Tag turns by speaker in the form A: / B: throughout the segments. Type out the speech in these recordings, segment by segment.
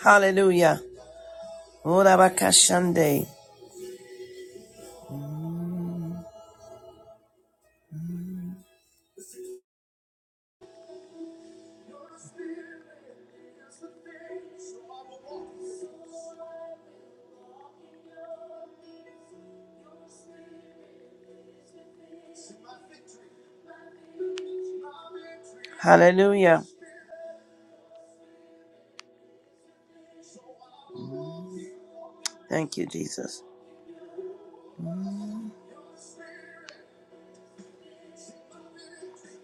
A: Hallelujah. Urabakashande. Hallelujah. Thank you, Jesus.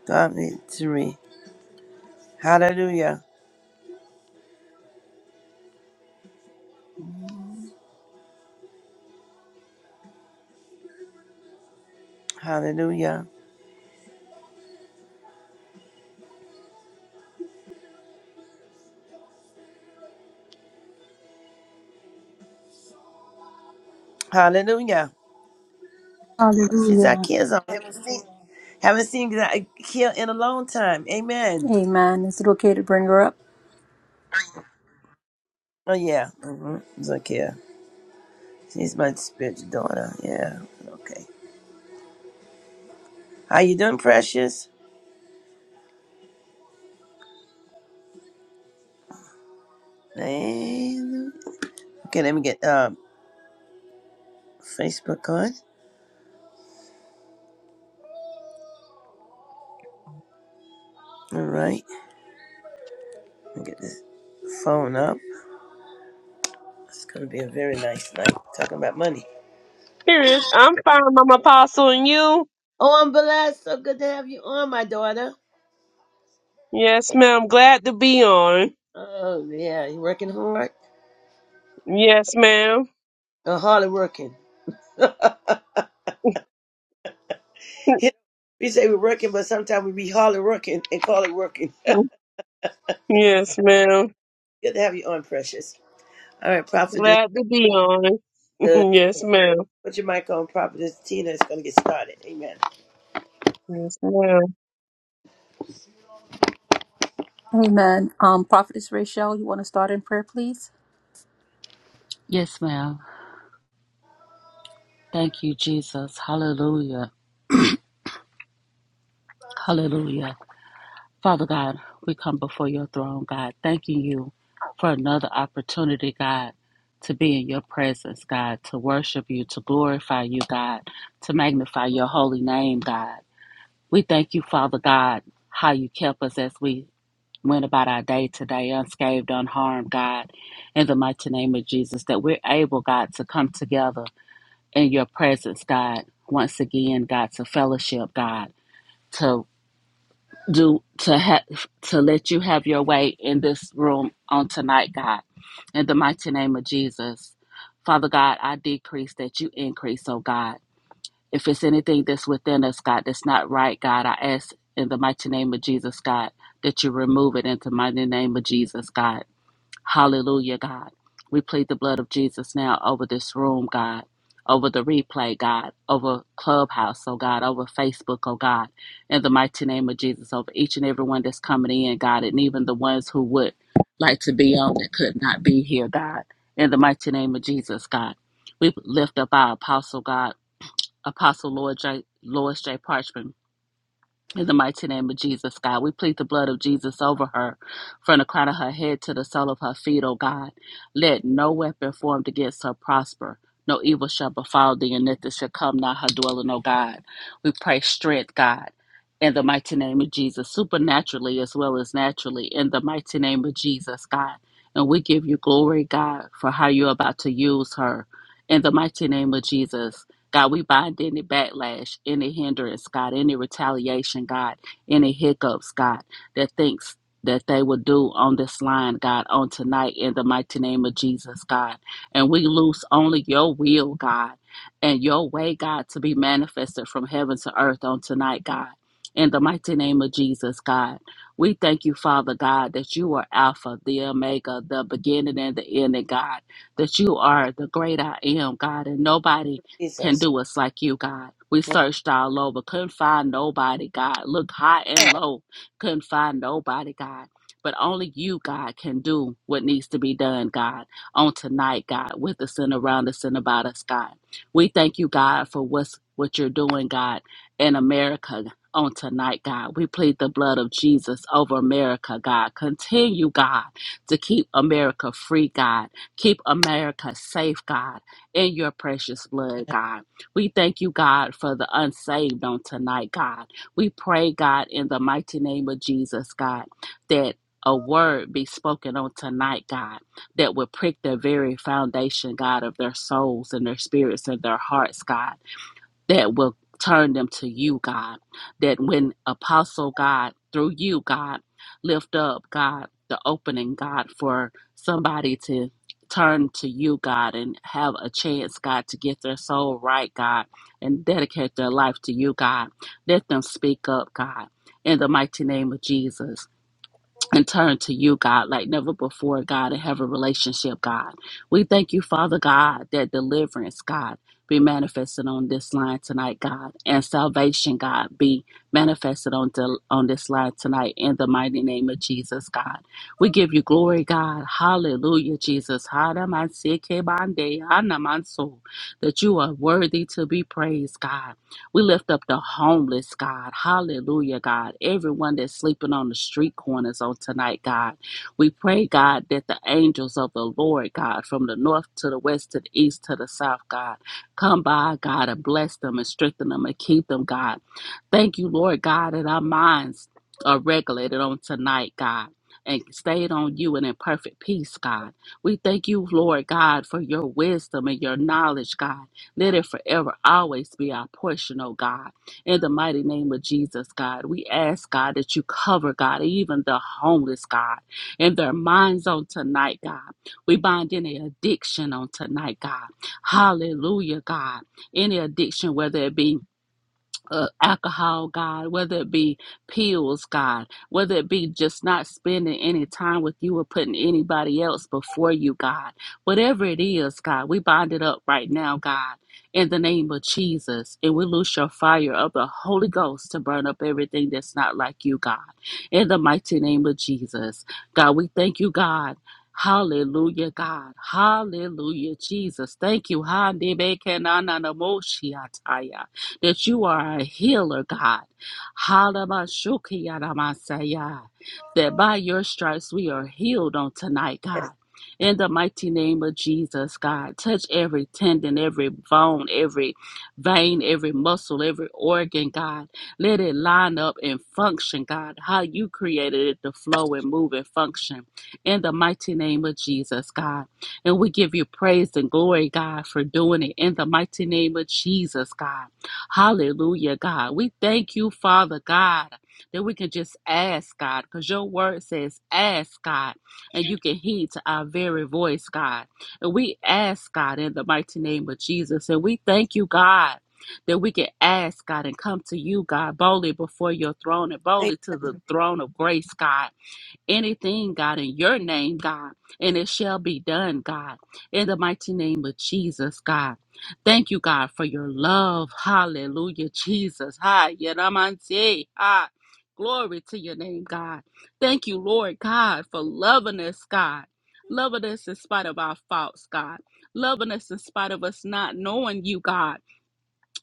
A: God victory. Hallelujah. Hallelujah. Hallelujah. I see
B: Hallelujah.
A: Zacchaeus. I haven't seen, haven't seen Zacchaeus in a long time. Amen.
B: Amen. Is it okay to bring her up?
A: Oh, yeah. hmm Zacchaeus. She's my spiritual daughter. Yeah. Okay. How you doing, precious? Hallelujah. Okay, let me get uh, Facebook on. All right. Let me get this phone up. It's going to be a very nice night. Talking about money.
C: Period. I'm fine, Mama apostle, and you?
A: Oh, I'm blessed. So good to have you on, my daughter.
C: Yes, ma'am. Glad to be on.
A: Oh, yeah. You working hard?
C: Yes, ma'am.
A: Or hardly working? You know, we say we're working, but sometimes we be hardly working and call it working.
C: Yes, ma'am.
A: good to have you on, precious. All right, prophetess.
C: Glad to be on.
A: Good.
C: Yes, ma'am.
A: Put your mic on, prophetess. Tina is going to get started. Amen.
C: Yes, ma'am.
B: Amen. Um, Prophetess Rachel, you want to start in prayer, please?
D: Yes, ma'am. Thank you, Jesus. Hallelujah. Hallelujah. Father God, we come before your throne, God, thanking you for another opportunity, God, to be in your presence, God, to worship you, to glorify you, God, to magnify your holy name, God. We thank you, Father God, how you kept us as we went about our day today, unscathed, unharmed, God, in the mighty name of Jesus, that we're able, God, to come together in your presence, God. Once again, God, to fellowship, God, to do to have to let you have your way in this room on tonight, God. In the mighty name of Jesus. Father God, I decrease that you increase, oh God. If it's anything that's within us, God, that's not right, God, I ask in the mighty name of Jesus, God, that you remove it in the mighty name of Jesus, God. Hallelujah, God. We plead the blood of Jesus now over this room, God, over the replay, God, over Clubhouse, oh God, over Facebook, oh God, in the mighty name of Jesus, over each and everyone that's coming in, God, and even the ones who would like to be on that could not be here, God, in the mighty name of Jesus, God. We lift up our apostle, God, Apostle Lord J. Lois J. Parchman in the mighty name of Jesus, God, we plead the blood of Jesus over her from the crown of her head to the sole of her feet, O God. Let no weapon formed against her prosper. No evil shall befall thee, and nothing shall come nigh her dwelling, O God. We pray strength, God, in the mighty name of Jesus, supernaturally as well as naturally, in the mighty name of Jesus, God. And we give you glory, God, for how you're about to use her. In the mighty name of Jesus, God, we bind any backlash, any hindrance, God, any retaliation, God, any hiccups, God, that thinks that they will do on this line, God, on tonight in the mighty name of Jesus, God. And we loose only your will, God, and your way, God, to be manifested from heaven to earth on tonight, God. In the mighty name of Jesus, God. We thank you, Father God, that you are Alpha, the Omega, the beginning and the ending, God. That you are the great I am, God, and nobody can
A: Jesus.
D: do us like you, God. We searched all over, couldn't find nobody, God. Looked high and low, couldn't find nobody, God. But only you, God, can do what needs to be done, God, on tonight, God, with us and around us and about us, God. We thank you, God, for what's what you're doing, God, in America on tonight, God. We plead the blood of Jesus over America, God. Continue, God, to keep America free, God. Keep America safe, God in your precious blood, God. We thank you, God, for the unsaved on tonight, God. We pray, God, in the mighty name of Jesus, God, that a word be spoken on tonight, God, that will prick the very foundation, God, of their souls and their spirits and their hearts, God that will turn them to you, God. That when Apostle God, through you, God, lift up, God, the opening, God, for somebody to turn to you, God, and have a chance, God, to get their soul right, God, and dedicate their life to you, God. Let them speak up, God, in the mighty name of Jesus and turn to you, God, like never before, God, and have a relationship, God. We thank you, Father God, that deliverance, God, be manifested on this line tonight, God, and salvation, God, be manifested on, del- on this line tonight in the mighty name of Jesus, God. We give you glory, God. Hallelujah, Jesus. Hadamansikebande, anamanso, That you are worthy to be praised, God. We lift up the homeless, God. Hallelujah, God. Everyone that's sleeping on the street corners on tonight, God. We pray, God, that the angels of the Lord, God, from the north to the west to the east to the south, God, come by, God, and bless them and strengthen them and keep them, God. Thank you, Lord God, that our minds are regulated on tonight, God. And stayed on you and in perfect peace, God. We thank you, Lord God, for your wisdom and your knowledge, God. Let it forever always be our portion, oh God. In the mighty name of Jesus, God, we ask, God, that you cover, God, even the homeless, God, and their minds on tonight, God. We bind any addiction on tonight, God. Hallelujah, God. Any addiction, whether it be uh, alcohol, God, whether it be pills, God, whether it be just not spending any time with you or putting anybody else before you, God, whatever it is, God, we bind it up right now, God, in the name of Jesus, and we loose your fire of the Holy Ghost to burn up everything that's not like you, God, in the mighty name of Jesus, God, we thank you, God. Hallelujah, God. Hallelujah, Jesus. Thank you. Ha, de, be, ke, na, na, na, mo, shi, ah, ta, ya that you are a healer, God. Halabashukiyadamasaya. That by your stripes we are healed on tonight,
A: Yes.
D: God. In the mighty name of Jesus, God, touch every tendon, every bone, every vein, every muscle, every organ, God. Let it line up and function, God, how you created it to flow and move and function. In the mighty name of Jesus, God. And we give you praise and glory, God, for doing it. In the mighty name of Jesus, God. Hallelujah, God. We thank you, Father God, that we can just ask, God, because your word says, ask, God, and you can heed to our very voice, God. And we ask, God, in the mighty name of Jesus. And we thank you, God. That we can ask God and come to you, God, boldly before your throne and boldly to the throne of grace, God anything, God, in your name, God, and it shall be done, God, in the mighty name of Jesus, God. Thank you, God, for your love. Hallelujah, Jesus. Hi, Yeramante. Hi. Glory to your name, God. Thank you, Lord God, for loving us, God. Loving us in spite of our faults, God. Loving us in spite of us not knowing you, God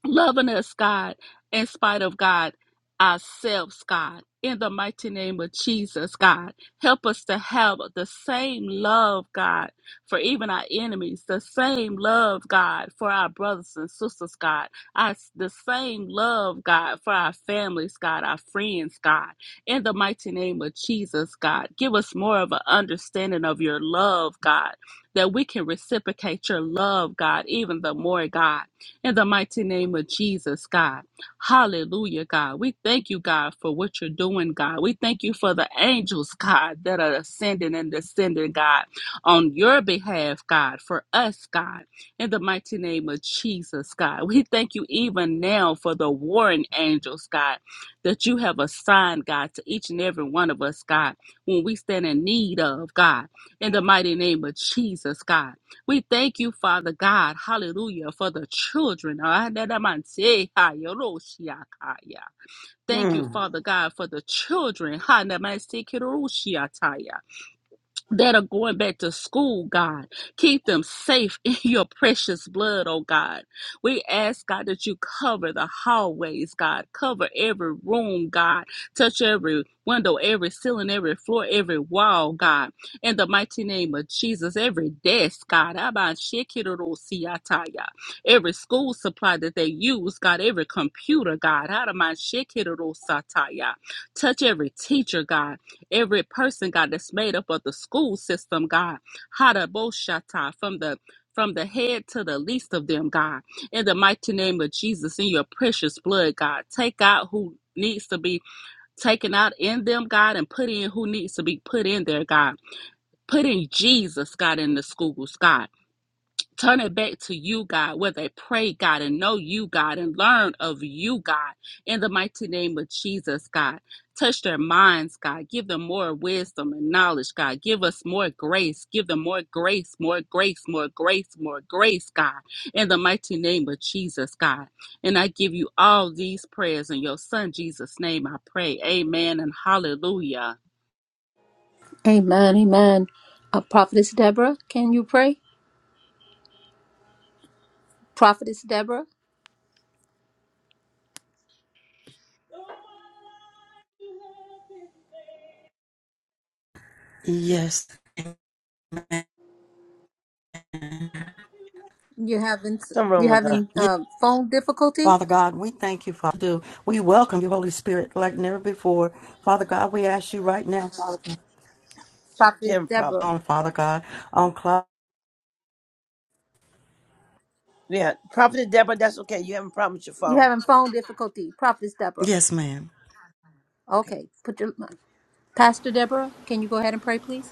D: loving us, God, in spite of God, ourselves, God, in the mighty name of Jesus, God. Help us to have the same love, God, for even our enemies, the same love, God, for our brothers and sisters, God, our, the same love, God, for our families, God, our friends, God, in the mighty name of Jesus, God. Give us more of an understanding of your love, God, that we can reciprocate your love, God, even the more, God. In the mighty name of Jesus, God. Hallelujah, God. We thank you, God, for what you're doing, God. We thank you for the angels, God, that are ascending and descending, God, on your behalf, God, for us, God. In the mighty name of Jesus, God. We thank you even now for the warring angels, God, that you have assigned, God, to each and every one of us, God, when we stand in need of, God. In the mighty name of Jesus, God. We thank you, Father God, hallelujah, for the children. Ah, da, da, man, say, hi, yo, ro, shi, ah, ka, ya. Thank you,
A: Hmm.
D: Father God, for the children. Ha, na, man, say, ki, ro, ro, shi, ah, ta, ya that are going back to school, God. Keep them safe in your precious blood, oh God. We ask, God, that you cover the hallways, God. Cover every room, God. Touch every window, every ceiling, every floor, every wall, God. In the mighty name of Jesus, every desk, God. Abba, Shekinah, Siataya. Every school supply that they use, God. Every computer, God. Out of my Sataya. Touch every teacher, God Every person, God, that's made up of the school system, God, Hadaboshata, from the from the head to the least of them, God. In the mighty name of Jesus, in your precious blood, God, take out who needs to be taken out in them, God, and put in who needs to be put in there, God. Put in Jesus, God, in the schools, God. Turn it back to you, God, where they pray, God, and know you, God, and learn of you, God, in the mighty name of Jesus, God. Touch their minds, God. Give them more wisdom and knowledge, God. Give us more grace. Give them more grace, more grace, more grace, more grace, God, in the mighty name of Jesus, God. And I give you all these prayers in your son Jesus' name. I pray. Amen and hallelujah.
B: Amen. Amen. Uh, Prophetess Deborah, can you pray? Prophetess Deborah,
E: Yes. Amen.
B: you having
A: Something wrong
B: you
A: with her.
B: having
E: Yes,
B: uh, phone difficulty?
E: Father God, we thank you, Father. Do we welcome you, Holy Spirit, like never before, Father God? We ask you right now, Father
A: She
B: Prophetess
A: having a
B: Deborah,
A: problem.
E: on Father God, on cloud.
A: Yeah. Prophetess Deborah, that's okay. You having a problem with your
B: you
A: phone.
B: having phone difficulty? Prophetess Deborah.
E: Yes, ma'am.
A: Okay.
B: Okay, put your Pastor Deborah, can you go ahead and pray, please?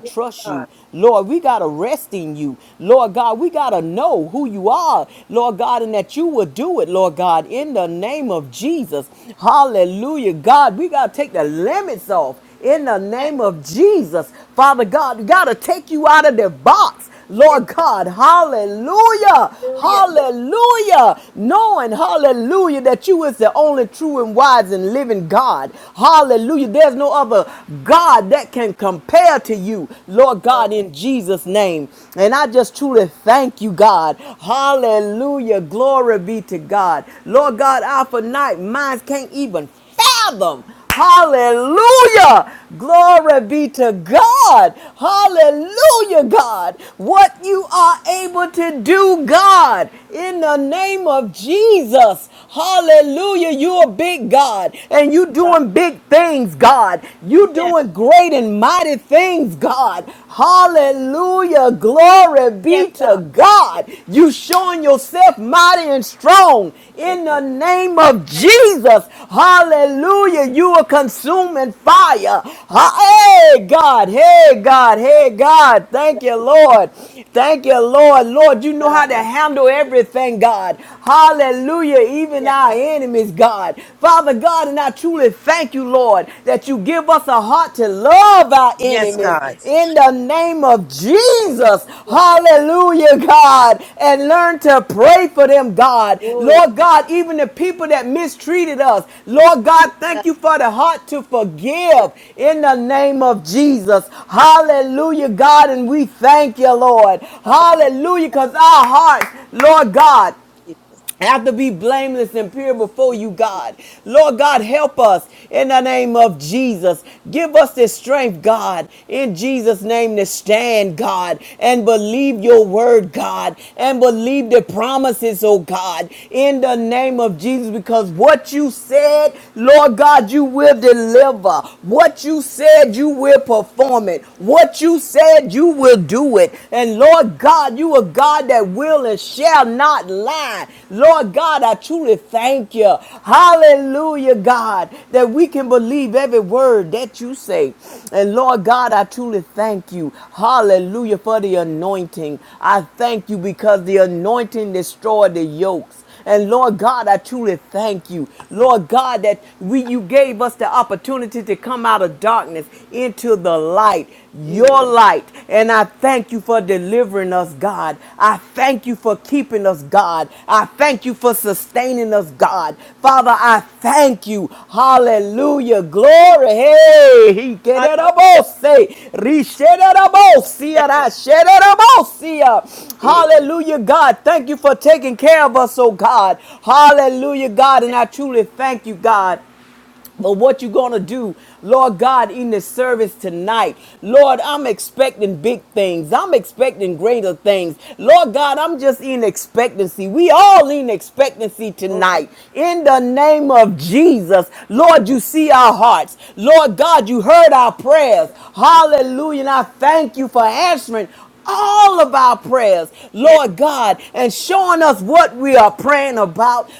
A: Yes, God. Yes. Yes. Hallelujah. Yes, yes, God. Thank thank- thank you, Jesus. That I- Yes, yes, God. Yes. Oh, that- that- yeah, that- that- that- that- yeah. Mm. Hallelujah. That- eh, yeah. Oh, God. yeah. Yes.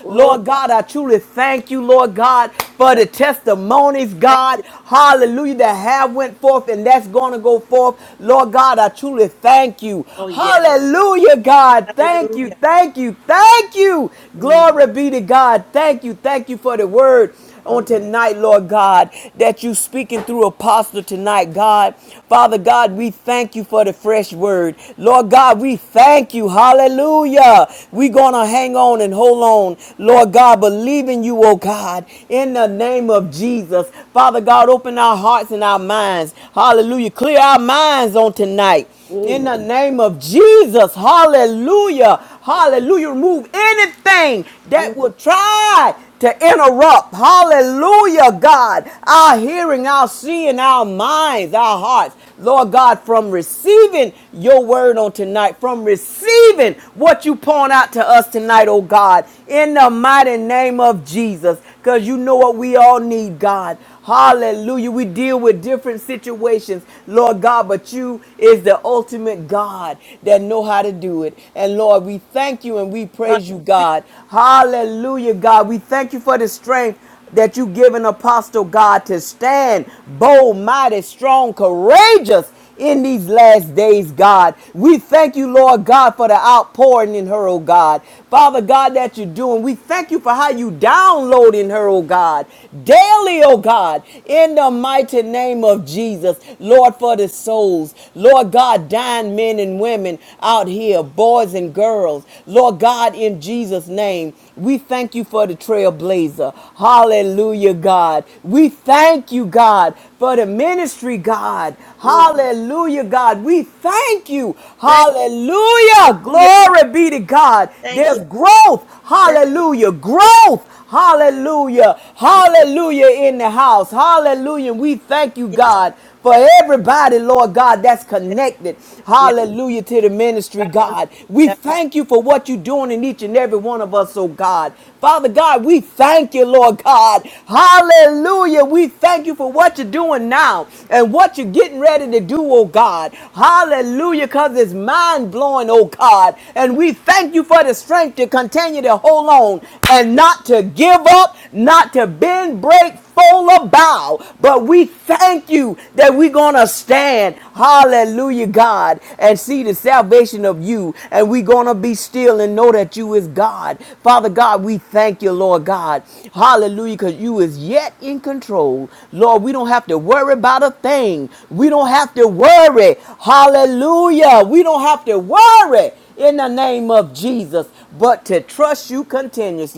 A: Oh, God. Thank you. Oh, yes. Hallelujah. Mm, mm, mm, mm. Hallelujah. Mm. Thank you. yeah. Thank you. Thank you. Yes. Thank you. Yeah. that- that-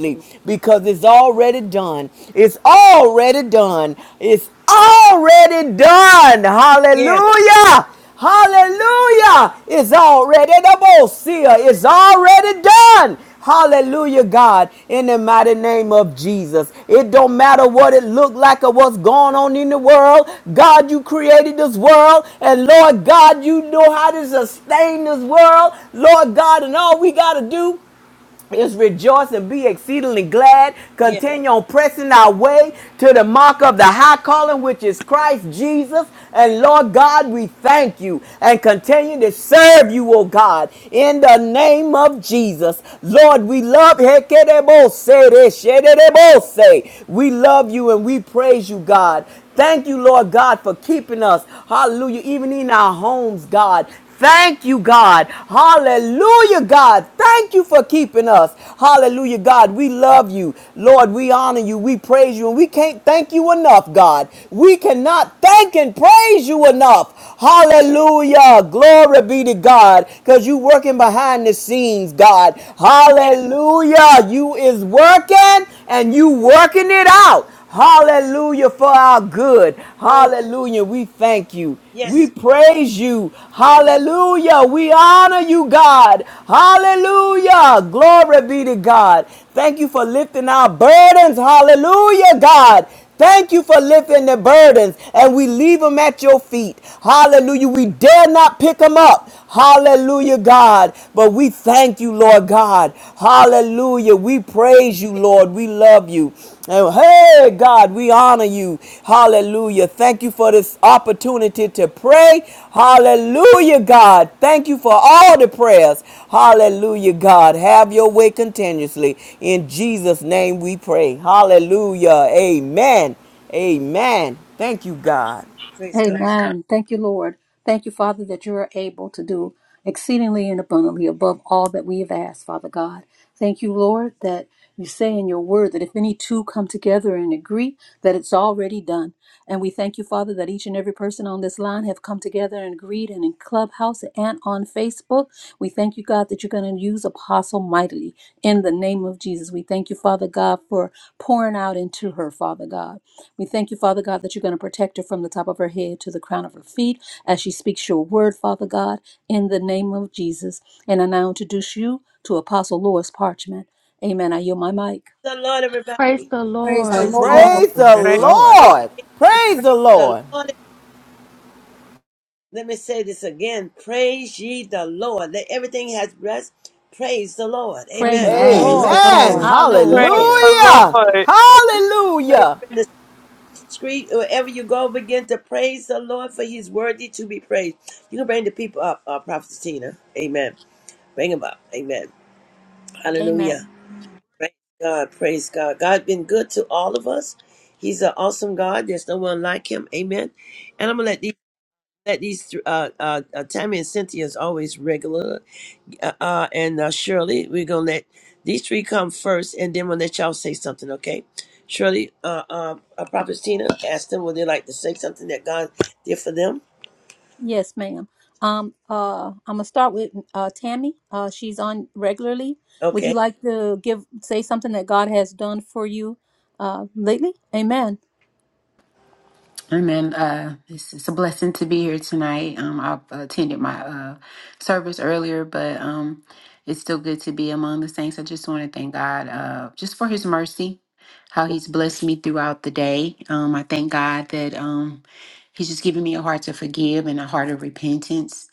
A: mm. Yes. Yes. Yes. Oh, yes, God. Yes. Oh, praise God.
B: Amen. Thank you, Lord. Thank you, Father, that you are able to do exceedingly and abundantly above all that we have asked, Father God. Thank you, Lord, that you say in your word that if any two come together and agree, that it's already done. And we thank you, Father, that each and every person on this line have come together and agreed and in Clubhouse and on Facebook. We thank you, God, that you're going to use Apostle mightily in the name of Jesus. We thank you, Father God, for pouring out into her, Father God. We thank you, Father God, that you're going to protect her from the top of her head to the crown of her feet as she speaks your word, Father God, in the name of Jesus. And I now introduce you to Apostle Lois Parchment. Amen. I yield my mic.
A: The Lord,
D: Praise
A: everybody.
D: the
B: Praise the
D: Lord.
E: Praise the
B: Lord.
E: Lord.
F: Praise
C: Praise,
F: the Lord.
C: the-
A: Praise the Lord. Let me say this again. Praise ye the Lord. Let everything has breath. Praise the Lord.
B: Praise the
A: Amen.
E: Praise
D: Amen.
E: the
B: Lord.
A: Praise
B: Praise
E: Lord.
B: the
C: praise
B: Lord.
D: Hallelujah.
C: the Lord.
A: the Lord. Praise in the street, wherever you go, begin to praise the Lord, for He's worthy to be praised. You can bring the people up, uh, Prophet Tina. Amen. Bring them up. Amen. Hallelujah.
B: Amen.
A: Praise God. Praise God. God's been good to all of us. He's an awesome God. There's no one like Him. Amen. And I'm gonna let these. that these th- uh, uh, uh, Tammy and Cynthia is always regular, uh, uh, and uh, Shirley. We're gonna let these three come first, and then we'll let y'all say something. Okay, Shirley, uh, uh, uh, Prophet Tina asked them would they like to say something that God did for them.
B: Yes, ma'am. Um, uh, I'm gonna start with uh, Tammy. Uh, she's on regularly. Would you
A: Okay,
B: like to give say something that God has done for you uh, lately? Amen.
G: And then uh, it's, it's a blessing to be here tonight. Um, I attended my uh, service earlier, but um, it's still good to be among the saints. I just want to thank God uh, just for His mercy, how He's blessed me throughout the day. Um, I thank God that um, He's just given me a heart to forgive and a heart of repentance.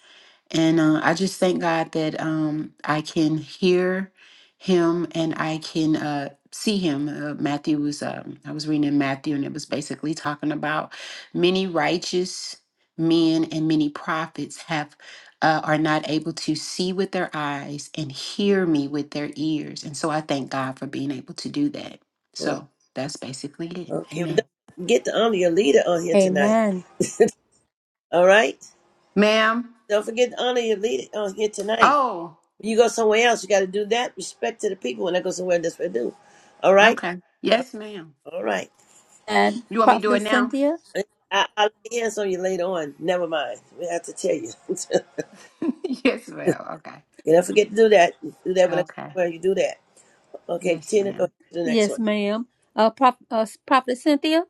G: And uh, I just thank God that um, I can hear him and I can uh, see him. Uh, Matthew was, um, I was reading in Matthew, and it was basically talking about many righteous men and many prophets have. Uh, are not able to see with their eyes and hear me with their ears. And so I thank God for being able to do that. So that's basically it.
A: okay. Well,
G: Amen.
A: don't get to honor your leader on here tonight.
B: Amen.
A: All right.
G: Ma'am.
A: Don't forget to honor your leader on here tonight.
G: Oh,
A: When you go somewhere else, you got to do that. Respect to the people when I go somewhere. That's what I do. All right.
G: okay. Yes, ma'am.
A: All right.
B: And
G: You want me to do
B: Prophet
G: it now?
B: Cynthia?
A: I, I'll lay hands on you later on. Never mind. We have to tell you.
G: yes, ma'am. Okay.
A: you don't forget to do that. Do that when I-
G: Okay.
A: when you do that. Okay,
G: Yes,
A: Tina, go
G: ma'am.
A: ahead to the next
B: Yes,
A: one.
B: ma'am. Uh, Prop, uh, Prophet Cynthia,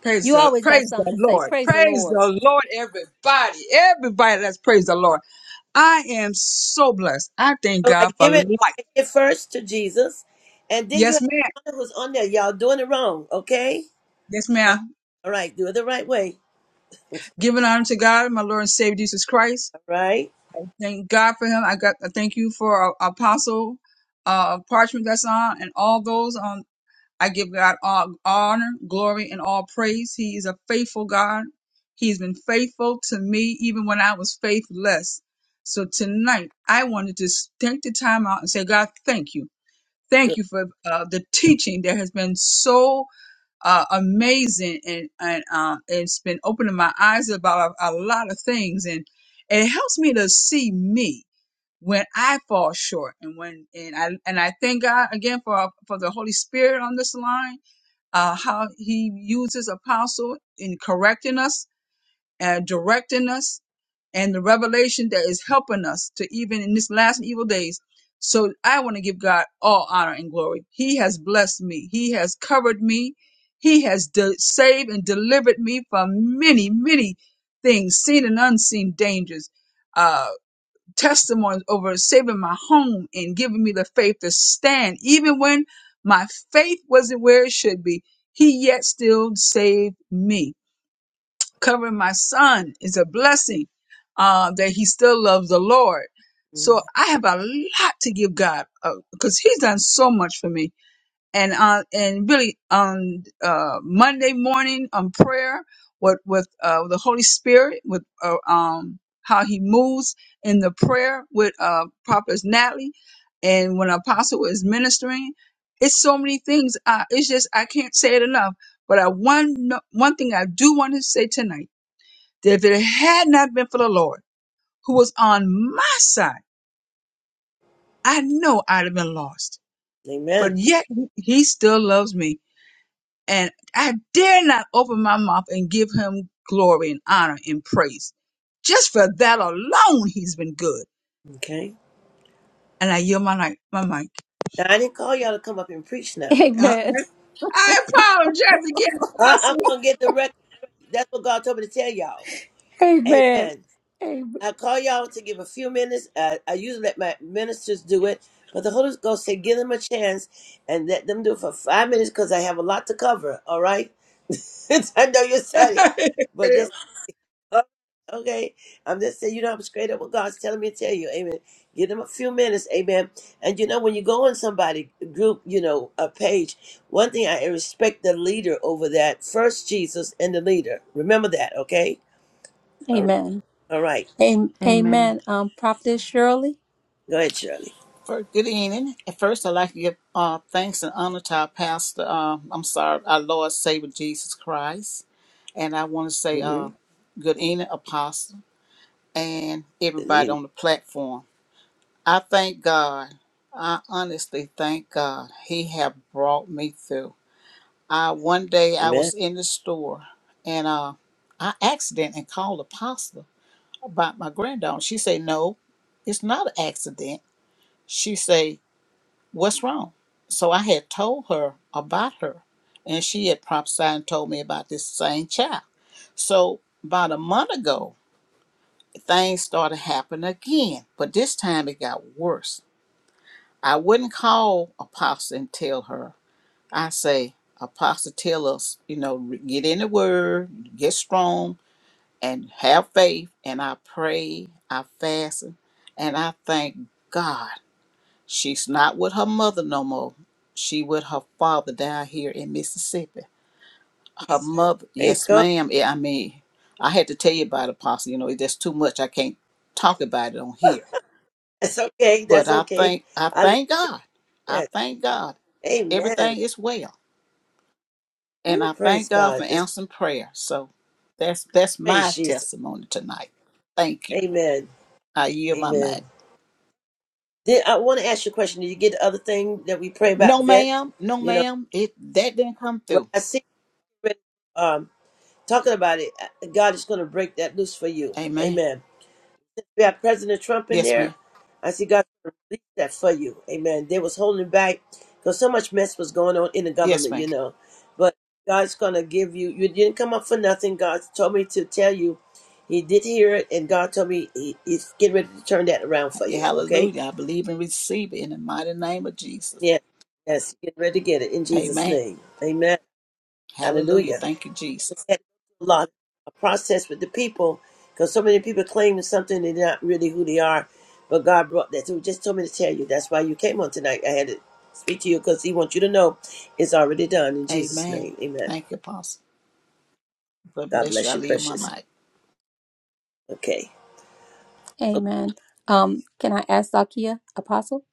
H: Praise
B: you
H: the
B: always got
H: praise the
B: something to say.
H: Lord.
B: Praise the
H: Praise
B: Lord.
H: the Lord, everybody. Everybody, let's praise the Lord. I am so blessed. I thank
A: All right,
H: God for
A: give
H: life.
A: it, okay, give it first to Jesus, and then you
H: Yes,
A: have
H: ma'am.
A: to honor who's on there. Y'all doing it wrong, okay?
H: Yes,
A: All right,
H: ma'am.
A: all right, do it the right way. All
H: Giving honor to God, my Lord and Savior Jesus Christ.
A: right,
H: Thank God for him. I got I thank you for uh, Apostle uh Parchment that's on and all those. on. I give God all honor, glory, and all praise. He is a faithful God. He's been faithful to me even when I was faithless. So tonight, I wanted to s- take the time out and say, God, thank you. Thank you for uh, the teaching that has been so uh, amazing and, and uh, it's been opening my eyes about a, a lot of things. And it helps me to see me when I fall short and when and I and I thank God again for for the Holy Spirit on this line uh, how he uses apostle in correcting us and directing us and the revelation that is helping us to even in this last and evil days. So I want to give God all honor and glory. He has blessed me. He has covered me. He has de- saved and delivered me from many, many things, seen and unseen dangers. Uh, testimonies over saving my home and giving me the faith to stand. Even when my faith wasn't where it should be, he yet still saved me. Covering my son is a blessing uh, that he still loves the Lord. So
A: Mm,
H: I have a lot to give God because he's done so much for me and uh, and really on uh, Monday morning on prayer with with uh, the Holy Spirit with uh, um how He moves in the prayer with uh, Prophet Natalie, and when Apostle is ministering, it's so many things. Uh, it's just I can't say it enough. But I one no- one thing I do want to say tonight that if it had not been for the Lord who was on my side, I know I'd have been lost. But
A: Amen.
H: yet He He still loves me and I dare not open my mouth and give him glory and honor and praise. Just for that alone, he's been good.
A: Okay.
H: And I yield my mic. My mic.
A: Now I didn't call y'all to come up and preach. Now
H: Uh,
B: Amen.
H: I apologize
A: I, I'm
H: again,
A: gonna get the record. straight. That's what God told me to tell y'all.
B: Amen.
A: Amen.
B: Amen.
A: I call y'all to give a few minutes. I, I usually let my ministers do it, but the Holy Ghost said, give them a chance and let them do it for five minutes because I have a lot to cover. All right? I know you said it,
H: Apostle.
A: but that's okay. I'm just saying, you know, I'm straight up what God's telling me to tell you. Amen. Give them a few minutes. Amen. And you know, when you go on somebody group, you know, a page, one thing I respect the leader over that. First, Jesus and the leader. Remember that, okay? All right.
B: Amen.
A: All right.
B: Am-
D: Amen.
B: Amen. Um, Prophet Shirley.
A: Go ahead, Shirley.
I: First, good evening. At first, I'd like to give uh, thanks and honor to our pastor. Uh, I'm sorry, our Lord Savior Jesus Christ. And I want to say uh, good evening, Apostle, and everybody
A: Amen.
I: on the platform. I thank God. I honestly thank God. He have brought me through. I one day I
A: Amen.
I: was in the store and uh, I accident and called Apostle about my granddaughter. She said, "No, it's not an accident." She said. what's wrong? So I had told her about her, and she had prophesied and told me about this same child. So about a month ago, things started happening again, but this time it got worse. I wouldn't call Apostle and tell her. I say, Apostle, tell us, you know, get in the word, get strong, and have faith. And I pray, I fast, and I thank God. She's not with her mother no more. She with her father down here in Mississippi. Her mother,
A: Praise
I: yes,
A: God.
I: ma'am. Yeah, I mean, I had to tell you about it, Pastor. You know, there's too much. I can't talk about it on here.
A: That's okay.
I: But
A: That's
I: I
A: okay.
I: thank, I
A: I love
I: thank God. I
A: that.
I: thank God.
A: Amen.
I: Everything is well, and
A: Ooh,
I: I
A: praise
I: thank God for
A: God. That's
I: answering prayer. So that's that's
A: praise
I: my
A: Jesus.
I: testimony tonight. Thank you.
A: Amen.
I: I yield my
A: Amen.
I: mic.
A: Then I want to ask you a question. Did you get the other thing that we pray about,
I: No,
A: vet?
I: ma'am. No,
A: You know,
I: ma'am. It that didn't come
A: well,
I: through.
A: I see um talking about it. uh, God is going to break that loose for you.
I: Amen.
A: Amen. we got President Trump in
I: Yes,
A: there.
I: ma'am.
A: I see God release that for you. Amen. They was holding back because so much mess was going on in the
I: Yes,
A: government,
I: ma'am.
A: you know. But God's gonna give you. You didn't come up for nothing. God told me to tell you. He did hear it, and God told me he, He's getting ready to turn that around for you. Okay.
I: Hallelujah. I believe and receive it in the mighty name of Jesus.
A: Yes. Yes. Get ready to get it in Jesus'
I: Amen.
A: name. Amen.
I: Hallelujah.
A: Hallelujah.
I: Thank you,
A: They
I: Jesus.
A: had to go through a lot a process with the people because so many people claiming something they're not really who they are. But God brought that. So He just told me to tell you. That's why you came on tonight. I had to speak to you because He wants you to know it's already done in Jesus'
I: Amen.
A: name. Amen.
I: Thank you, Apostle. God
A: God
I: bless you.
A: bless
I: I
A: you,
I: leave my
A: precious.
I: mic.
A: Okay. Of
B: Amen. Um, can I ask Zakia, Apostle?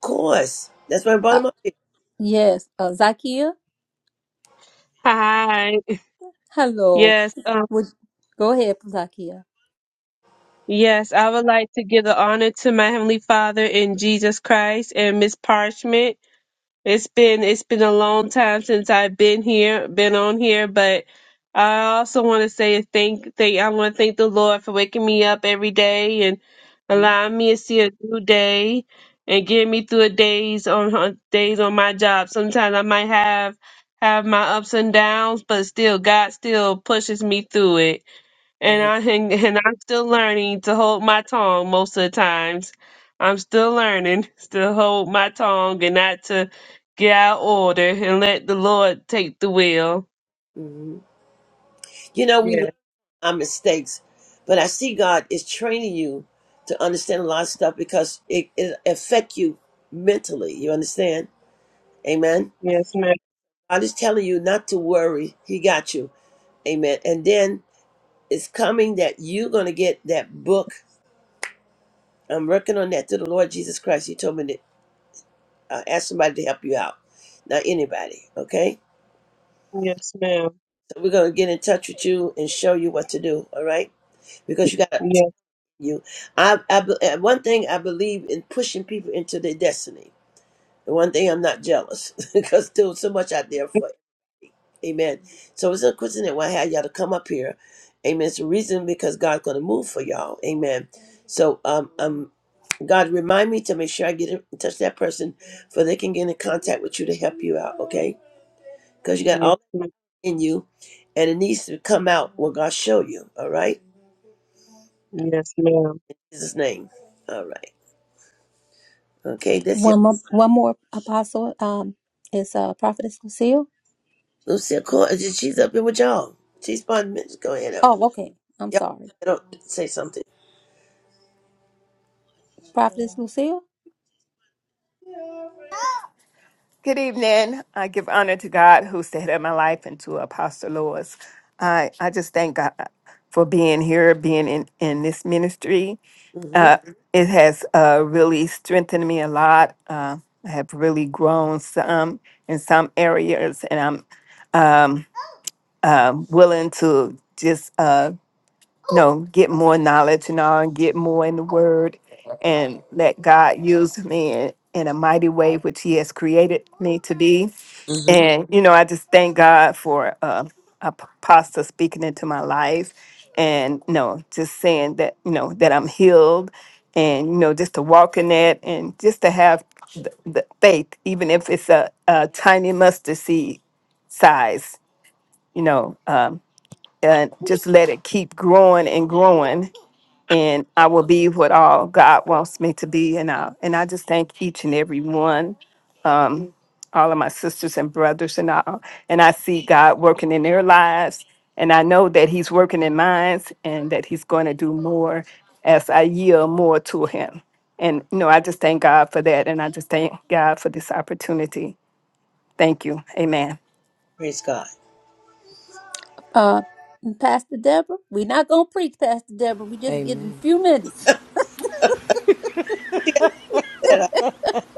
A: course. That's why I brought
B: Uh,
A: him up here.
B: yes. Uh, Zakia.
C: Hi.
B: Hello.
C: Yes, um,
B: Would go ahead, Zakia.
C: yes, I would like to give the honor to my Heavenly Father in Jesus Christ and Miss Parchment It's been it's been a long time since I've been here, been on here, but I also want to say thank thank I want to thank the Lord for waking me up every day and
A: hmm
C: allowing me to see a new day and getting me through a days on on- days on my job. Sometimes I might have have my ups and downs, but still God still pushes me through it and I and, and I'm still learning to hold my tongue most of the times. I'm still learning to hold my tongue and not to get out of order and let the Lord take the wheel.
A: hmm You know, we learn
C: Yes,
A: our mistakes, but I see God is training you to understand a lot of stuff because it, it affect you mentally. You understand? Amen.
C: yes, ma'am.
A: God is telling you not to worry. He got you. Amen. And then it's coming that you're going to get that book. I'm working on that through the Lord Jesus Christ. He told me to uh, ask somebody to help you out, not anybody. Okay?
C: Yes, ma'am.
A: So we're going to get in touch with you and show you what to do. All right? Because you got to tell
C: Yes,
A: you. I, I, be- and one thing I believe in pushing people into their destiny. The one thing I'm not jealous because there's so much out there for Amen. So it's a question that why I had y'all to come up here. Amen. It's a reason because God's gonna move for y'all. Amen. So um um God remind me to make sure I get in touch with that person for they can get in contact with you to help you out, okay? Because you got
C: yes,
A: all
C: ma'am.
A: in you and it needs to come out what God show you, all right?
C: Yes, ma'am.
A: In Jesus' name. All right. Okay, that's it.
B: One more. One more, Apostle. Um, is uh, Prophetess Lucille.
A: Lucia Cor- she's up here with y'all. She's fun. Just us Go ahead out.
B: Oh, okay. I'm
A: Y'all
B: sorry,
A: don't say something.
B: Prophetess Lucille.
F: Good evening. I give honor to God who's the head of my life and to Apostle Lois. I, I just thank God for being here, being in, in this ministry.
A: Mm-hmm.
F: Uh, it has uh, really strengthened me a lot. Uh, I have really grown some in some areas, and I'm um, uh, willing to just uh, no, get more knowledge and all, and get more in the word and let God use me in, in a mighty way, which He has created me to be.
A: hmm
F: And, you know, I just thank God for uh, a p- pastor speaking into my life and, you know, just saying that, you know, that I'm healed and, you know, just to walk in that and just to have the, the faith, even if it's a, a tiny mustard seed size, you know, um, and just let it keep growing and growing and I will be what all God wants me to be. And I, and I just thank each and every one, um, all of my sisters and brothers, and all. And I see God working in their lives, and I know that He's working in mine, and that He's going to do more as I yield more to Him. And you know, I just thank God for that, and I just thank God for this opportunity. Thank you. Amen.
A: Praise God.
B: Uh, Pastor Deborah, we're not going to preach, Pastor Deborah. We're just getting a few minutes.
A: She got that. Uh,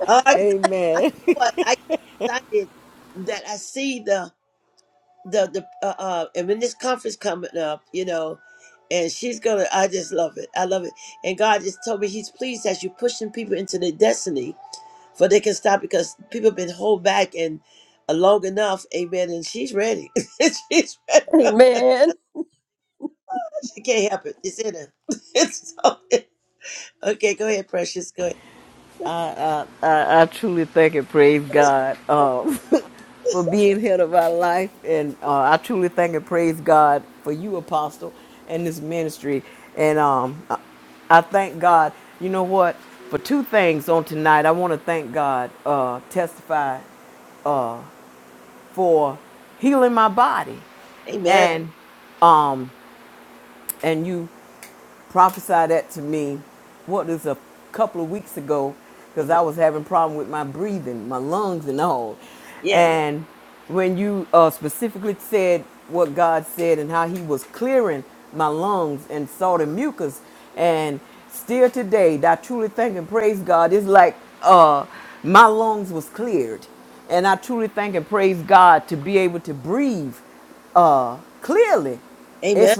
A: oh, I can, I know what I get excited that I see the the the uh, uh and when this conference coming up, you know, and she's gonna. I just love it. I love it. And God just told me He's pleased that you're pushing people into their destiny, for they can stop because people have been hold back and. uh, Long enough, amen. And she's ready. she's ready.
B: Amen.
A: She can't help it. It's in her. It's so- okay, go ahead, precious. Go ahead. Amen. Amen. Yeah. Amen.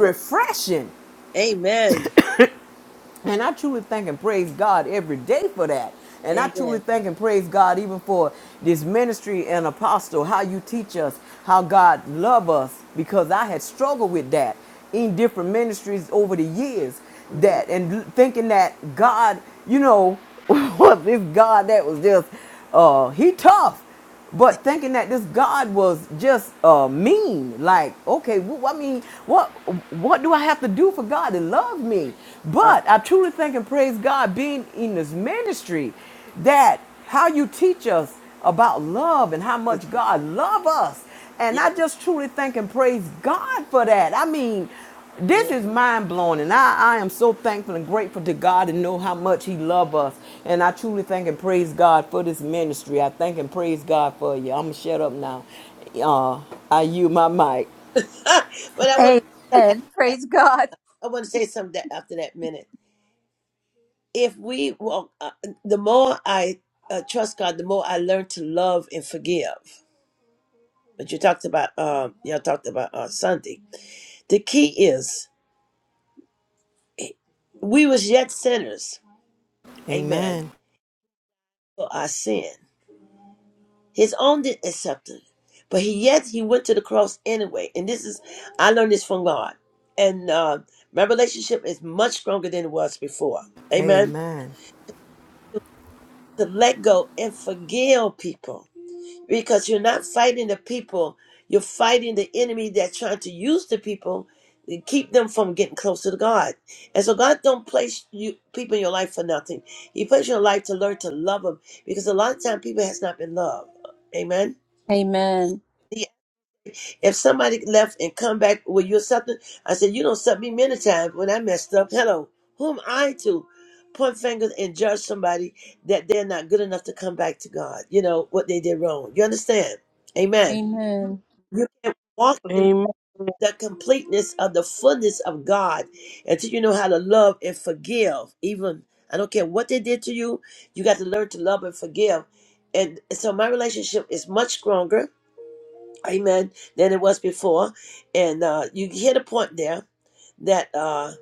A: Amen. Amen. hmm Uh, yeah. man. but I want to say something
B: Amen.
A: after that.
B: Praise God.
A: I want to say something that after that minute. If we walk, uh, the more I uh, trust God, the more I learn to love and forgive. but you talked about uh, y'all talked about uh, Sunday. The key is eh, we was yet sinners, amen, for our sin. His own didn't accept it, but he yet he went to the cross anyway. And this is I learned this from God, and uh, my relationship is much stronger than it was before, amen. To let go and forgive people. because you're not fighting the people you're fighting the enemy that's trying to use the people to keep them from getting close to god and so god don't place you people in your life for nothing he placed your life to learn to love them because a lot of time people has not been loved amen
B: Amen.
A: Yeah. if somebody left and come back with you or something i said you don't accept me many times when i messed up hello who am i to point fingers and judge somebody that they're not good enough to come back to god you know what they did wrong you understand amen
B: Amen.
A: you can't walk in
C: Amen.
A: the completeness of the fullness of God until you know how to love and forgive. Even I don't care what they did to you, you got to learn to love and forgive. And so my relationship is much stronger, amen, than it was before. And uh, you hit a point there that uh,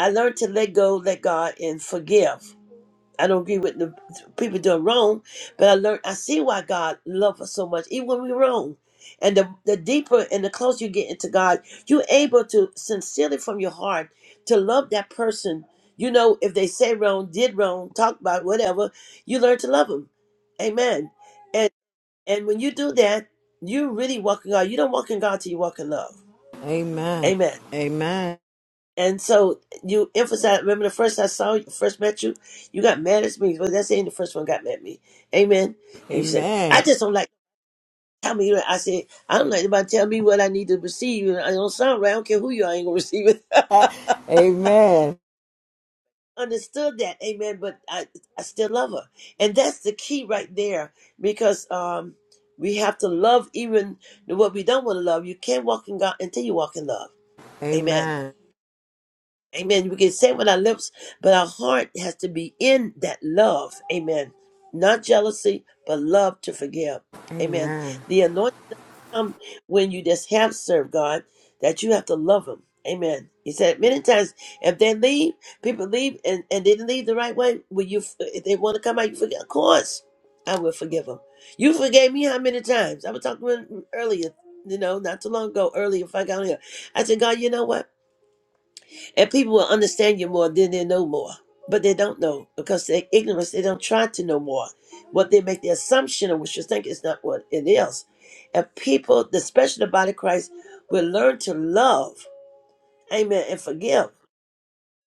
A: I learned to let go, let God, and forgive. I don't agree with the people doing wrong, but I learned I see why God loved us so much, even when we are wrong. And the, the deeper and the closer you get into God, you're able to sincerely from your heart to love that person. You know, if they say wrong, did wrong, talk about whatever, you learn to love them. Amen. And and when you do that, you really walk in God. You don't walk in God till you walk in love. Amen. And so you emphasize. Remember the first I saw you, first met you, you got mad at me. Well, that's ain't the first one got mad at me. Amen. And you said, I just don't like. Tell me. I said, I don't like anybody tell me what I need to receive. And I don't sound right. I don't care who you are. I ain't gonna receive it. Understood that. Amen. But I, I still love her, and that's the key right there because um, we have to love even what we don't want to love. You can't walk in God until you walk in love. Amen. Amen. We can say it with our lips, but our heart has to be in that love. Amen. Not jealousy, but love to forgive. Amen. The anointing come when you just have served God, that you have to love Him. Amen. He said many times, if they leave, people leave and, and they didn't leave the right way, will you, if they want to come out, you forgive. Of course, I will forgive them. You forgave me how many times? I was talking earlier, you know, not too long ago, earlier, if I got on here. I said, God, you know what? And people will understand you more than they know more. But they don't know because they're ignorant. They don't try to know more. What they make the assumption of what you think is not what it is. And people, especially the body of Christ, will learn to love, amen, and forgive.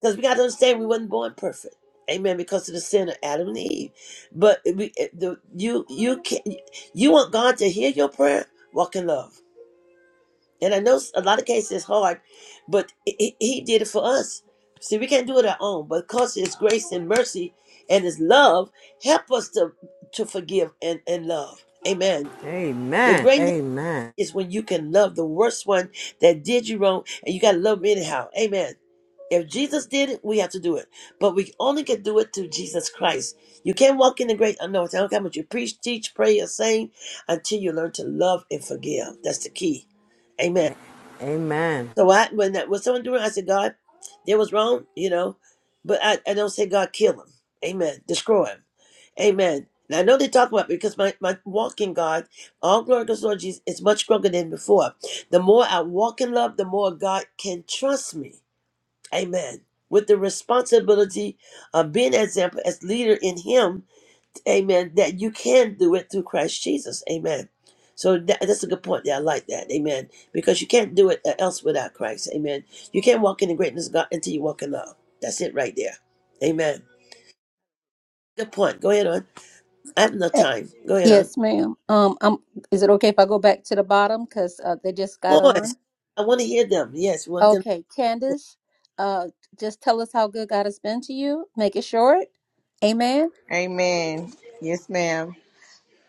A: Because we got to understand we wasn't born perfect. Amen. Because of the sin of Adam and Eve. But we, eh, the, you, you can, you want God to hear your prayer? Walk in love. And I know s- a lot of cases it's hard, but i- i- he did it for us. See, we can't do it our own, but because his grace and mercy and his love help us to to forgive and, and love. Amen. The greatness is when you can love the worst one that did you wrong and you gotta love them anyhow. Amen. If Jesus did it, we have to do it. But we only can do it through Jesus Christ. You can't walk in the great unknown. I don't care what you preach, teach, pray, or sing until you learn to love and forgive. That's the key. Amen. So I, when that, when someone do it, I said, God, there was wrong, you know, but I, I don't say God kill him. Amen. Destroy him. Amen. And I know they talk about it because my, my walk in God, all glory goes to the Lord Jesus, is much stronger than before. The more I walk in love, the more God can trust me. Amen. With the responsibility of being an example as leader in Him Amen. That you can do it through Christ Jesus. Amen. So that, that's a good point there. I like that. Amen. Because you can't do it uh, else without Christ. Amen. You can't walk in the greatness of God until you walk in love. That's it right there. Amen. Good point. Go ahead on. I have no
B: Eh,
A: time. Go ahead on.
B: Yes, ma'am. Um, I'm, is it okay if I go back to the bottom because uh, they just got
A: Boys,
B: on?
A: I want to hear them. Yes, we want them.
B: Okay, Candace, uh, just tell us how good God has been to you. Make it short. Amen.
J: Amen. Yes, ma'am.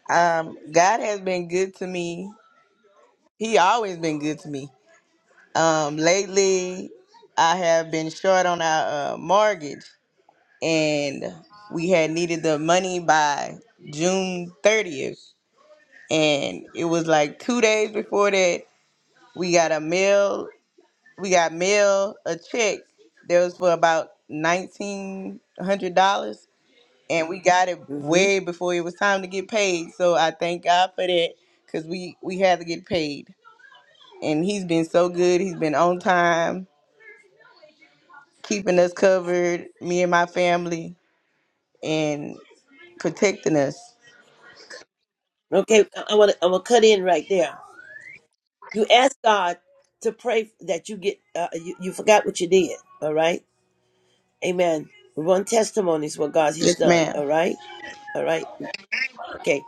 J: Um, God has been good to me. He always been good to me. Um, lately, I have been short on our uh, mortgage, and we had needed the money by June thirtieth, and it was like two days before that we got a mail. We got mail a check that was for about nineteen hundred dollars, and we got it
A: hmm
J: way before it was time to get paid. So I thank God for that because we we had to get paid, and he's been so good. He's been on time, keeping us covered, me and my family, and protecting us.
A: Okay, I I want to. I'm gonna cut in right there. You ask God to pray that you get. Uh, you, you forgot what you did. All right. Amen. We want testimonies what God has
J: Yes,
A: done.
J: ma'am.
A: All right. All right. Okay.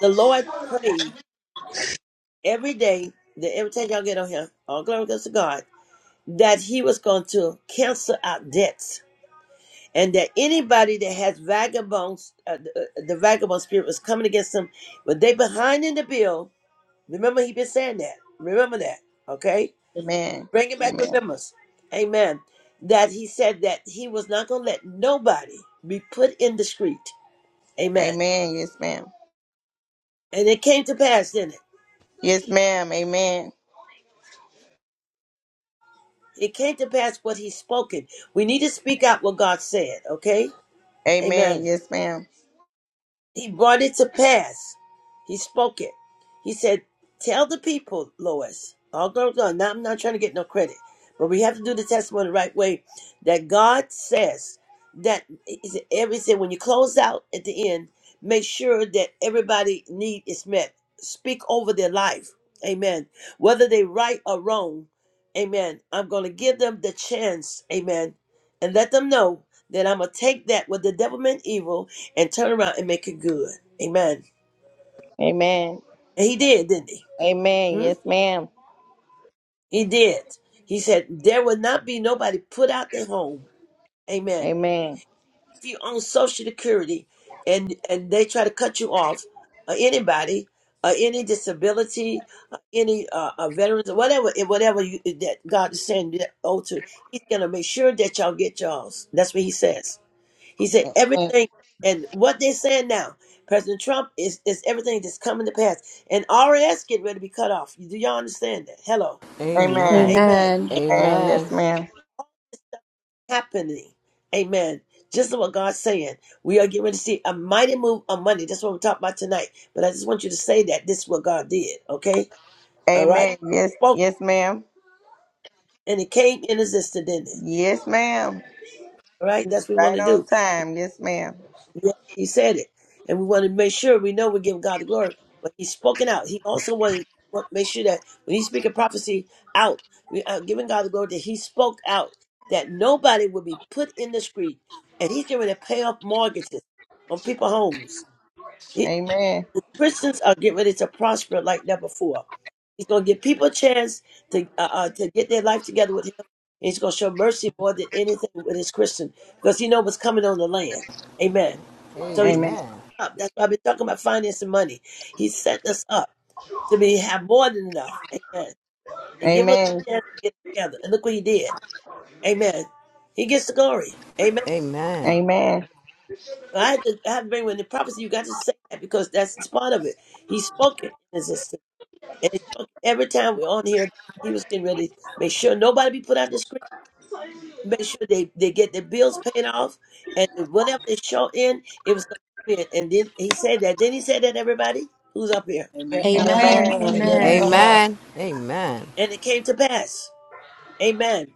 A: The Lord prayed every day that every time y'all get on here, all glory goes to God, that he was going to cancel out debts. And that anybody that has vagabonds, uh, the, uh, the vagabond spirit was coming against them, but they behind in the bill. Remember, he been saying that. Remember that. Okay,
J: Amen.
A: bring it back.
J: Amen.
A: Remembrance. Amen. That he said that he was not going to let nobody be put in the street. Amen.
J: Amen. Yes, ma'am.
A: And it came to pass, didn't it?
J: Yes, ma'am. Amen.
A: It came to pass what he's spoken. We need to speak out what God said, okay?
J: Amen.
A: Amen.
J: Yes, ma'am.
A: He brought it to pass. He spoke it. He said, Tell the people, Lois. Oh, no, no, no, I'm not trying to get no credit. But we have to do the testimony the right way that God says that he said, every he said when you close out at the end, make sure that everybody need is met. Speak over their life. Amen. Whether they right or wrong, amen. I'm gonna give them the chance, amen, and let them know that I'm gonna take that what the devil meant evil and turn around and make it good. Amen.
J: Amen.
A: And he did, didn't he?
J: Amen.
A: Hmm?
J: Yes, ma'am.
A: He did. He said, There will not be nobody put out their home. Amen.
J: Amen.
A: If you own Social Security and, and they try to cut you off, or anybody, or any disability, or any uh, uh, veterans, or whatever, eh, whatever you, eh, that God is saying that owe to, He's going to make sure that y'all get yours. That's what He says. He said everything, and what they're saying now, President Trump is is everything that's coming to pass. And RS get ready to be cut off. Do y'all understand that? Hello,
J: Amen.
A: Amen.
B: Amen.
J: Amen. Yes, ma'am.
A: Happening, Amen. Just like what God's saying, we are getting ready to see a mighty move on Monday. That's what we're talking about tonight. But I just want you to say that this is what God did. Okay, all right.
J: Amen. Yes.
A: Spoke
J: Yes, ma'am.
A: and it came in existence, didn't it?
J: Yes, ma'am.
A: All right,
J: You
A: that's
J: was
A: what we want
J: Right
A: to do.
J: on time. Yes, ma'am.
A: Yeah, he said it. And we want to make sure we know we give God the glory. But he's spoken out. He also wanted to make sure that when he speak a prophecy out, we are giving God the glory that he spoke out, that nobody would be put in the street. And he's getting ready to pay off mortgages on people's homes. He-
J: Amen.
A: Christians are getting ready to prosper like never before. He's going to give people a chance to uh, uh, to get their life together with him. And he's going to show mercy more than anything with his Christian because he knows what's coming on the land. Amen. So he
J: Amen.
A: up. That's why I've been talking about finance and money. He set us up to be have more than enough. Amen. And give us
J: Amen.
A: a chance to get together. And look what he did. Amen. He gets the glory. Amen.
J: Amen.
A: So I had to, I had to bring when the prophecy, you got to say that because that's it's part of it. He spoke it in existence. And he spoke it every time we're on here. He was getting ready to make sure nobody be put out the screen. Make sure they, they get their bills paid off and whatever they show in, it was going to come in. And then he said that. Then he said that everybody who's up here.
H: Yeah,
I: Amen.
B: Amen.
H: Amen.
J: Amen. Yes,
I: Amen.
B: Amen.
H: Amen.
J: ma'am.
A: And it came to pass. Amen.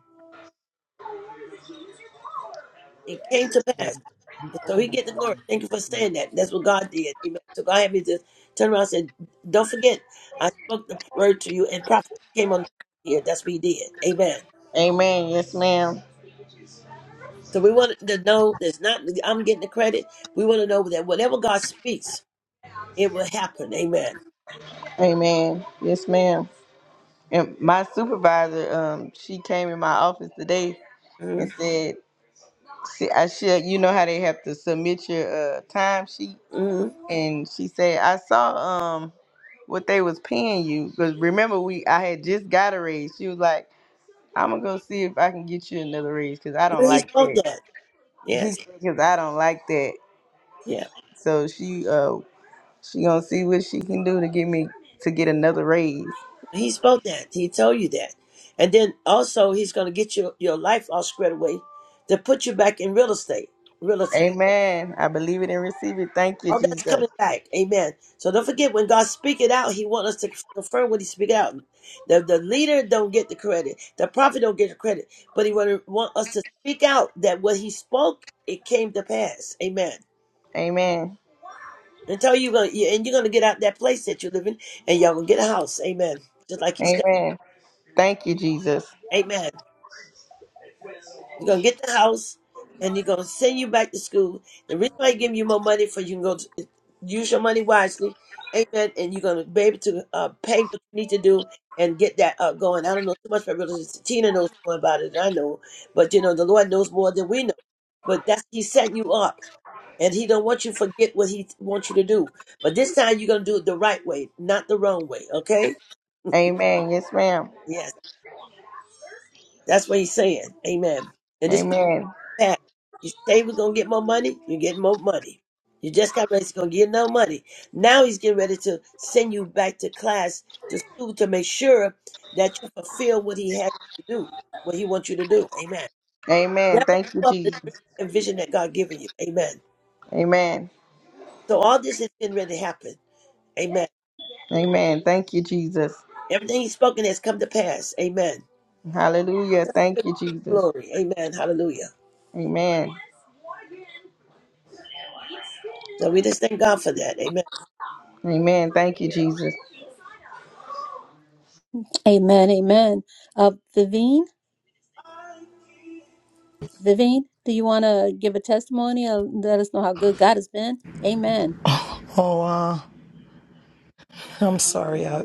A: It came to
K: that
A: pass.
K: we
A: And so
K: all
A: he get the
K: have
A: glory.
K: about
A: Thank you for
K: this.
A: saying that. That's what God did. Amen. So God had me to turn around and said, Don't forget, I spoke the word to you and prophet came on here. That's what he did. Amen.
J: Amen. Yes, ma'am.
A: So we wanted to know it's not I'm getting the credit. We want to know that whatever God speaks, it will happen. Amen.
J: Amen. Yes, ma'am. And my supervisor, um, she came in my office today and said, "See, I should, you know how they have to submit your uh time sheet."
A: Mm-hmm.
J: And she said, "I saw um what they was paying you because remember we I had just got a raise." She was like. I'm gonna go see if I can get you another raise because I don't
A: He
J: like
A: spoke
J: that.
A: that. Yes.
J: Because I don't like that.
A: yes.
J: So she uh she gonna see what she can do to get me to get another raise.
A: He spoke that. He told you that. And then also he's gonna get your, your life all squared away to put you back in real estate. Real estate.
J: Amen. I believe it and receive it. Thank you,
A: All that's
J: Jesus.
A: coming back. Amen. So don't forget when God speak it out, he want us to confirm what he speak out. The the leader don't get the credit. The prophet don't get the credit. But he want, want us to speak out that what he spoke, it came to pass. Amen.
J: Amen.
A: And tell you gonna you- and you're gonna get out that place that you live in and y'all gonna get a house. Amen. Just like you said.
J: Amen. Thank you, Jesus.
A: Amen. You're gonna get the house, and you are gonna send you back to school. The reason why I give you more money for you can go to, use your money wisely, amen. And you're gonna be able to uh, pay what you need to do and get that uh, going. I don't know too much about real estate. Tina knows more about it than I know, but you know the Lord knows more than we know. But that's He setting you up, and He don't want you to forget what He wants you to do. But this time you're gonna do it the right way, not the wrong way. Okay?
J: Amen. Yes, ma'am.
A: Yes, that's what He's saying. Amen. And this.
J: Amen.
A: that. You say we're gonna get more money, you get more money. You just got ready to gonna get no money. Now he's getting ready to send you back to class to school to make sure that you fulfill what he had you to do, what he wants you to do. Amen.
J: Amen.
A: Never
J: Thank you,
A: give up the dream
J: Jesus.
A: and vision that God given you. Amen.
J: Amen.
A: So all this is getting ready to happen. Amen.
J: Amen. Thank you, Jesus.
A: Everything he's spoken has come to pass. Amen.
J: Hallelujah. Thank you, Jesus.
A: Glory. Amen. Hallelujah.
J: Amen.
A: So we just thank God for that. Amen.
J: Amen. Thank you, Jesus.
B: Amen. Amen. Uh, Vivine, Vivine, do you want to give a testimony or let us know how good God has been? Amen.
L: Oh, uh, I'm sorry. I,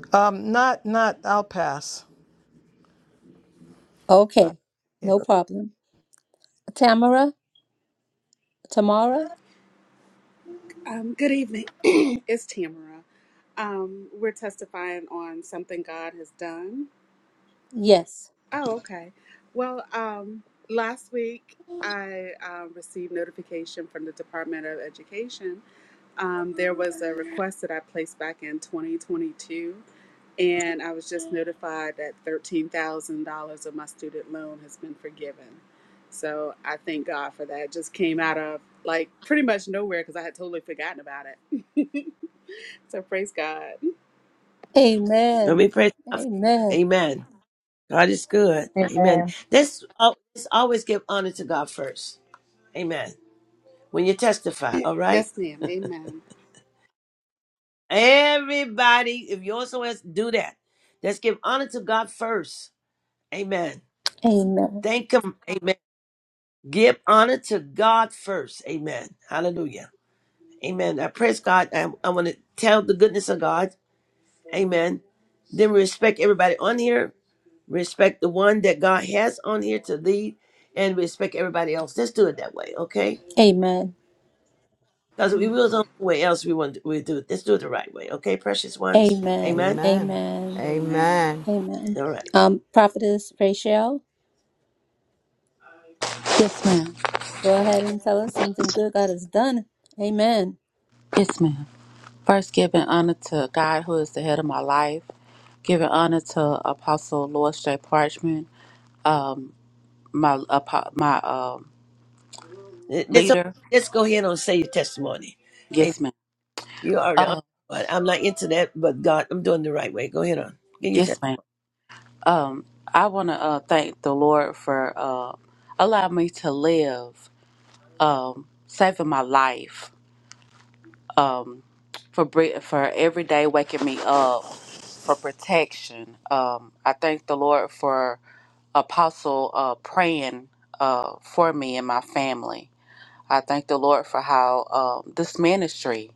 L: um, not, not. I'll pass. Sorry.
B: Okay,
L: Yeah.
B: no problem. Tamara, Tamara,
M: Um, good evening. it's Tamara. Um, we're testifying on something God has done.
B: yes.
M: Oh, okay. Well, um, last week I um, received notification from the Department of Education. Um, there was a request that I placed back in 2022, and I was just notified that $13,000 of my student loan has been forgiven. So I thank God for that. It just came out of like pretty much nowhere because I had totally forgotten about it. So praise God.
A: And
B: Amen.
A: we praise God for that.
B: Amen.
A: Amen. God is good. Amen.
J: Amen.
A: This al- this always give honor to God first. Amen. When you testify, all right?
M: Yes, ma'am. Amen.
A: Everybody, if you also has do that. Let's give honor to God first. Amen.
B: Amen.
A: Thank him. Amen. Give honor to God first. Amen. Hallelujah. Amen. I praise God. I, I want to tell the goodness of God. Amen. Then respect everybody on here. Respect the one that God has on here to lead and respect everybody else. Let's do it that way, okay?
B: Amen.
A: Because
M: Amen.
A: we will know the way else we want to we do it. Let's do it the right way. Okay, precious ones?
B: Amen.
A: Amen.
B: Amen.
H: Amen.
B: Amen.
A: All right.
B: Um, Prophetess Rachel.
D: Yes, ma'am.
B: Go ahead and tell us something good God has done. Amen.
D: Yes, ma'am. First, giving honor to God, who is the head of my life. Giving honor to Apostle Lord J. Parchman, um, my apo- my um,
A: Let's,
D: leader.
A: let's go ahead and say your testimony. Amen.
D: Yes, ma'am.
A: You already on,
D: Uh,
A: but I'm not into that, but God, I'm doing the right way. Go ahead on. Give your
D: yes,
A: testimony.
D: ma'am. Um, I want to uh, thank the Lord for uh, allowing me to live, um, saving my life, um, for bre- for every day waking me up, for protection. Um, I thank the Lord for. Apostle uh, praying uh, for me and my family. I thank the Lord for how um, this ministry.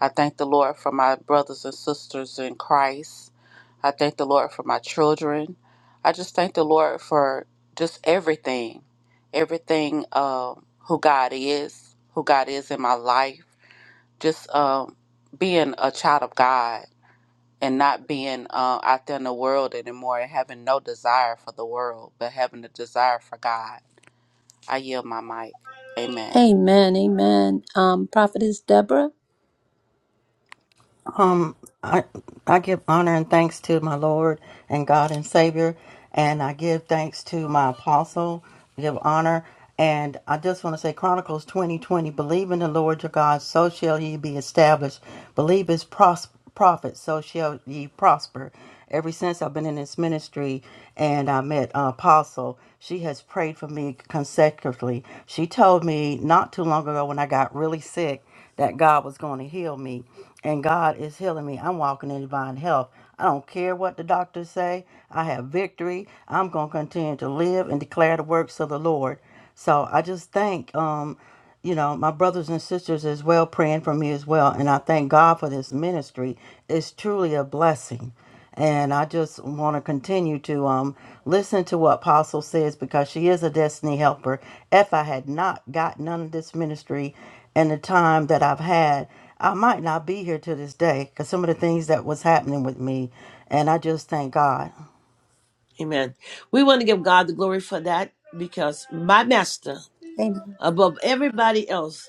D: I thank the Lord for my brothers and sisters in Christ. I thank the Lord for my children. I just thank the Lord for just everything, everything um, who God is, who God is in my life, just um, being a child of God and not being uh, out there in the world anymore and having no desire for the world, but having a desire for God. I yield my mic. Amen.
B: Amen. Amen. Um, Prophetess Deborah.
E: Um, I I give honor and thanks to my Lord and God and Savior, and I give thanks to my apostle. Give honor, and I just want to say Chronicles twenty twenty. Believe in the Lord your God, so shall ye be established. Believe his pros- prophets, so shall ye prosper. Ever since I've been in this ministry, and I met uh, Apostle, she has prayed for me consecutively. She told me not too long ago when I got really sick that God was going to heal me. And God is healing me. I'm walking in divine health. I don't care what the doctors say. I have victory. I'm going to continue to live and declare the works of the Lord. So I just thank, um, you know, my brothers and sisters as well praying for me as well. And I thank God for this ministry. It's truly a blessing. And I just want to continue to um, listen to what Apostle says because she is a destiny helper. If I had not got none of this ministry and the time that I've had, I might not be here to this day because some of the things that was happening with me. And I just thank God.
A: Amen. We want to give God the glory for that because my master,
B: Amen.
A: above everybody else,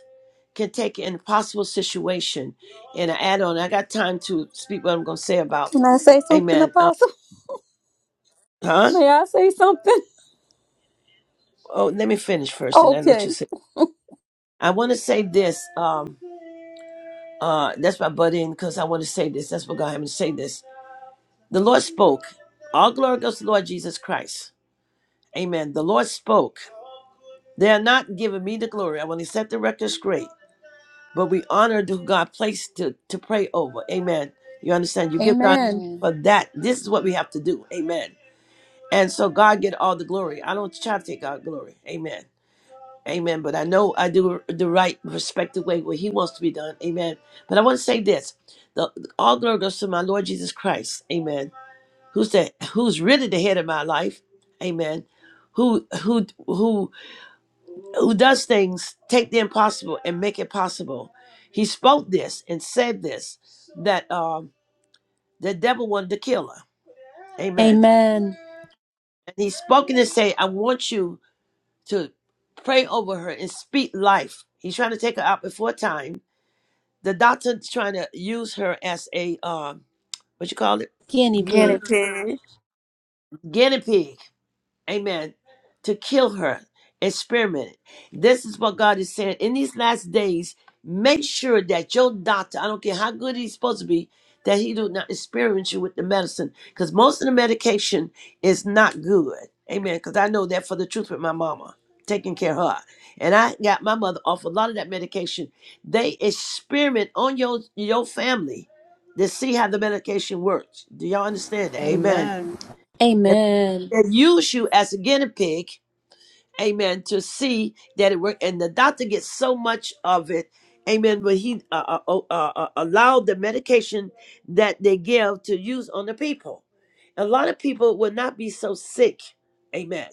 A: can take an impossible situation and I add on. I got time to speak what I'm going to say about,
B: Can I say something,
A: amen. Uh,
B: Apostle?
A: huh?
B: May I say something?
A: Oh, let me finish first and then let
B: Okay.
A: you say. I want to say this. Um, uh, that's my butt in because I want to say this. That's what God had me to say this. The Lord spoke. All glory goes to the Lord Jesus Christ. Amen. The Lord spoke. They are not giving me the glory. I want to set the record straight. But we honor who God placed to, to pray over. Amen. You understand? You give God
B: Amen.
D: Amen.
A: for that. This is what we have to do. Amen. And so God get all the glory. I don't try to take God glory. Amen. Amen. But I know I do the right respective way where He wants to be done. Amen. But I want to say this: the all glory goes to my Lord Jesus Christ. Amen. Who's the who's really the head of my life? Amen. Who who who who does things, take the impossible and make it possible. He spoke this and said this that um the devil wanted to kill her. Amen.
B: Amen.
A: And he spoke and said, I want you to pray over her and speak life. He's trying to take her out before time. The doctor's trying to use her as a um, what you call it,
B: Guinea pig.
E: Okay.
A: guinea pig amen, to kill her, experiment. This is what God is saying. In these last days, make sure that your doctor, I don't care how good he's supposed to be, that he do not experiment you with the medicine. Because most of the medication is not good. Amen. Because I know that for the truth with my mama, taking care of her. And I got my mother off a lot of that medication. They experiment on your your family to see how the medication works. Do y'all understand that? Amen.
D: Amen.
B: Amen.
A: They use you as a guinea pig, amen, to see that it worked. And the doctor gets so much of it, amen, but he uh, uh, oh, uh, uh, allowed the medication that they give to use on the people. A lot of people would not be so sick, amen.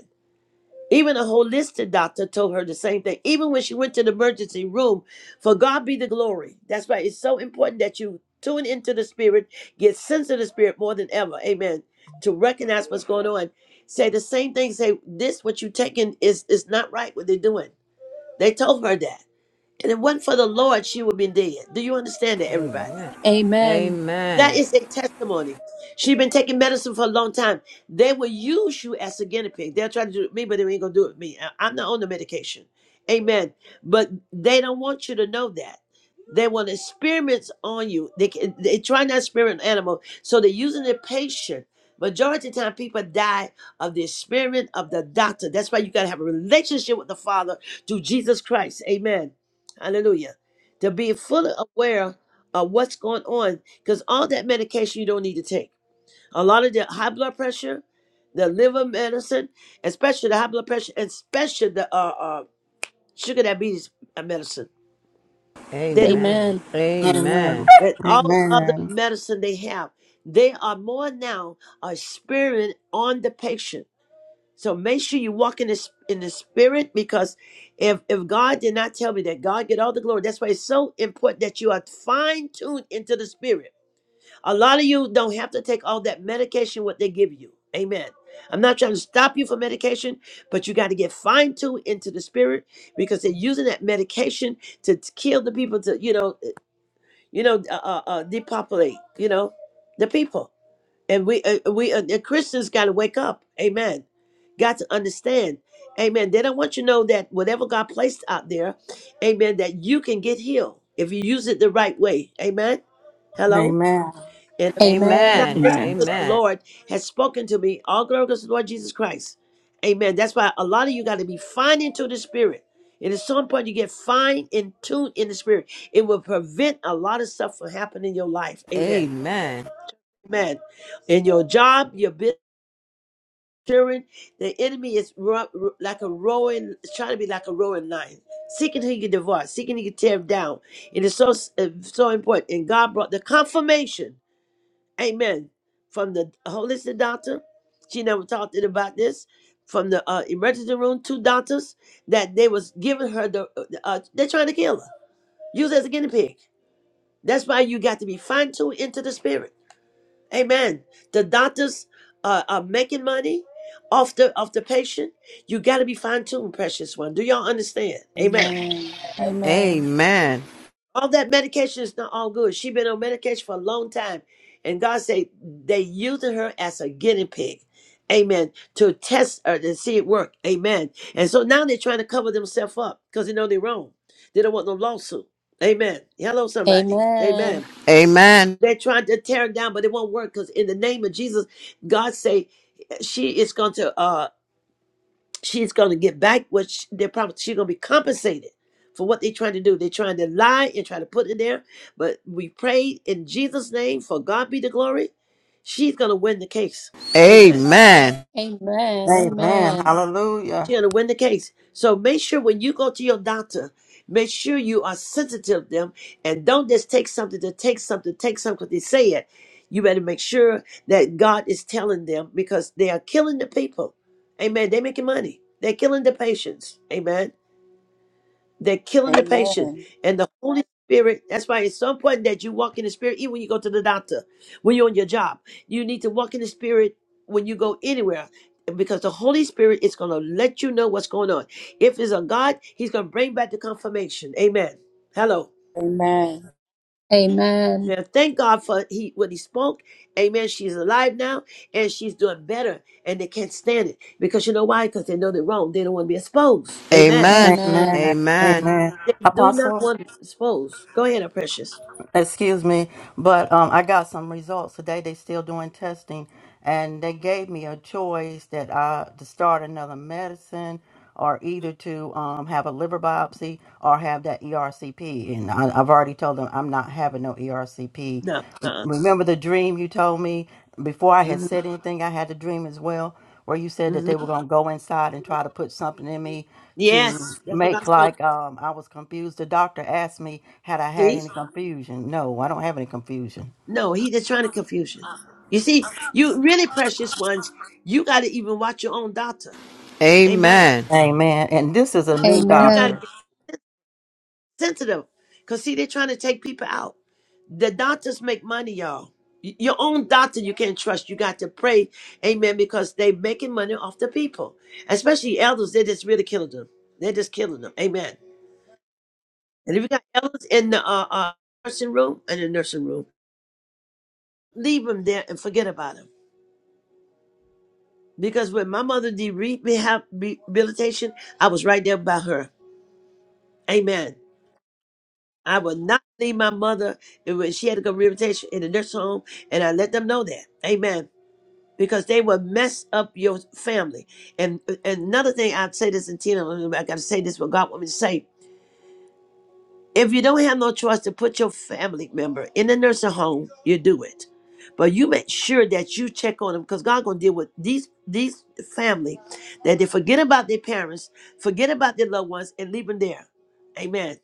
A: Even a holistic doctor told her the same thing. Even when she went to the emergency room, for God be the glory. That's why it's so important that you tune into the spirit, get sense of the spirit more than ever. Amen. To recognize what's going on. Say the same thing. Say, this what you taking is is not right what they're doing. They told her that. And if it wasn't for the Lord, she would be dead. Do you understand that, everybody?
B: Amen.
A: That is a testimony. She's been taking medicine for a long time. They will use you as a guinea pig. They'll try to do it with me, but they ain't gonna do it with me. I- I'm not on the medication. Amen. But they don't want you to know that. They want experiments on you. They can, they try not to experiment on animal, so they're using the patient. Majority of the time, people die of the experiment of the doctor. That's why you gotta have a relationship with the Father through Jesus Christ. Amen. Hallelujah. To be fully aware of what's going on because all that medication you don't need to take. A lot of the high blood pressure, the liver medicine, especially the high blood pressure, and especially the uh, uh, sugar diabetes uh, medicine. They the
B: Amen.
E: Amen.
A: and all other
E: Amen.
A: medicine they have, they are more now a spirit on the patient. So make sure you walk in this in the spirit because if if God did not tell me that God get all the glory, that's why it's so important that you are fine tuned into the spirit A lot of you don't have to take all that medication what they give you. Amen. I'm not trying to stop you from medication, but you got to get fine tuned into the spirit because they're using that medication to, to kill the people to you know uh, you know uh, uh, uh, depopulate you know the people and we uh, we uh, the Christians got to wake up. Amen. Got to understand. Amen. They don't want you to know that whatever God placed out there, amen, that you can get healed if you use it the right way. Amen. Hello.
E: Amen.
A: And if I did not
B: Amen.
A: listen
F: Amen.
A: to the Lord has spoken to me, all glory goes to the Lord Jesus Christ. Amen. That's why a lot of you got to be fine into the spirit. And at some point you get fine and tuned in the spirit. It will prevent a lot of stuff from happening in your life. Amen. Amen. In your job, your business, children, the enemy is ro- ro- like a roaring, it's trying to be like a roaring lion, seeking who you can divorce, seeking who you can tear down. It is so so important. And God brought the confirmation. Amen. From the holistic doctor, she never talked it about this. From the uh, emergency room, two doctors that they was giving her the uh, they're trying to kill her. Use her as a guinea pig. That's why you got to be fine tuned into the spirit. Amen. The doctors uh, are making money off the off the patient. You got to be fine tuned, precious one. Do y'all understand? Amen.
D: Amen. Amen.
A: All that medication is not all good. She been on medication for a long time. And God said they using her as a guinea pig. Amen. To test her to see it work. Amen. And so now they're trying to cover themselves up because they know they're wrong. They don't want no lawsuit. Amen. Hello, somebody.
B: Amen.
A: Amen. They're trying to tear it down, but it won't work because in the name of Jesus, God say she is going to. Uh, she's going to get back what sh they're probably she's going to be compensated for what they're trying to do. They're trying to lie and try to put it there, but we prayed in Jesus' name for God be the glory. She's going to win the case. Amen.
B: Amen.
E: Amen.
B: Amen.
E: Hallelujah.
A: She's going to win the case. So make sure when you go to your doctor, make sure you are sensitive to them and don't just take something to take something, take something because they say it. You better make sure that God is telling them because they are killing the people. Amen. They're making money. They're killing the patients. Amen. They're killing the patient.
D: Amen.
A: And the Holy Spirit, that's why it's so important that you walk in the Spirit, even when you go to the doctor, when you're on your job. You need to walk in the Spirit when you go anywhere because the Holy Spirit is going to let you know what's going on. If it's a God, He's going to bring back the confirmation. Amen. Hello.
D: Amen.
B: Amen.
A: Now, thank God for he when he spoke. Amen. She's alive now and she's doing better. And they can't stand it. Because you know why? Because they know they're wrong. They don't want to be exposed. Amen.
B: Amen.
E: Amen. Amen.
A: They do not
E: Apostle.
A: want to be exposed. Go ahead, our precious.
E: excuse me, but um, I got some results today. They still doing testing, and they gave me a choice that I to start another medicine or either to um, have a liver biopsy or have that ERCP. And I, I've already told them I'm not having no ERCP.
A: No. Uh-uh.
E: Remember the dream you told me before I had
A: hmm
E: said anything? I had a dream as well where you said that
A: hmm
E: they were going to go inside and try to put something in me to
A: Yes, that's what God
E: make
A: showed.
E: like um, I was confused. The doctor asked me, had I had
A: me. See?
E: any confusion? No, I don't have any confusion.
A: No, he just trying to confuse you. You see, you really precious ones, you got to even watch your own doctor. Amen.
E: Amen. And this is a new
A: You got to
B: Amen.
E: doctor.
A: get sensitive. Because, see, they're trying to take people out. The doctors make money, y'all. Y- Your own doctor you can't trust. You got to pray, amen, because they making money off the people. Especially elders, they're just really killing them. They're just killing them. Amen. And if you got elders in the uh, uh, nursing room, in the nursing room, leave him there and forget about him. Because when my mother did rehab rehabilitation, I was right there by her. Amen. I would not leave my mother and when she had to go rehabilitation in the nurse home, and I let them know that. Amen. Because they will mess up your family. And, and another thing, I'd say this in Tina, I got to say this what God want me to say. If you don't have no choice to put your family member in the nursing home, you do it. But you make sure that you check on them because God gonna deal with these these family that they forget about their parents, forget about their loved ones, and leave them there. Amen.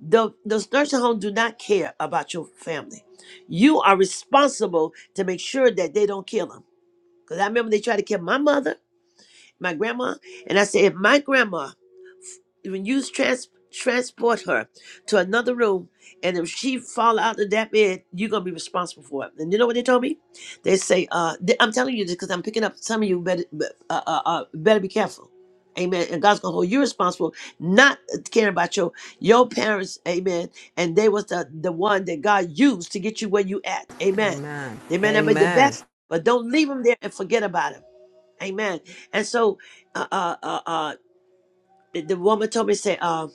A: The those nursing home do not care about your family. You are responsible to make sure that they don't kill them. Because I remember they tried to kill my mother, my grandma, and I said, if my grandma when you trans- transport her to another room, and if she fall out of that bed, you're gonna be responsible for it. And you know what they told me? They say, uh, th- I'm telling you this because I'm picking up some of you better, be- uh, uh, uh, better be careful. Amen. And God's gonna hold you responsible, not caring about your your parents. Amen. And they was the the one that God used to get you where you at. Amen. They may not make the best, but don't leave them there and forget about them. Amen. And so, uh, uh, uh, uh, the, the woman told me say uh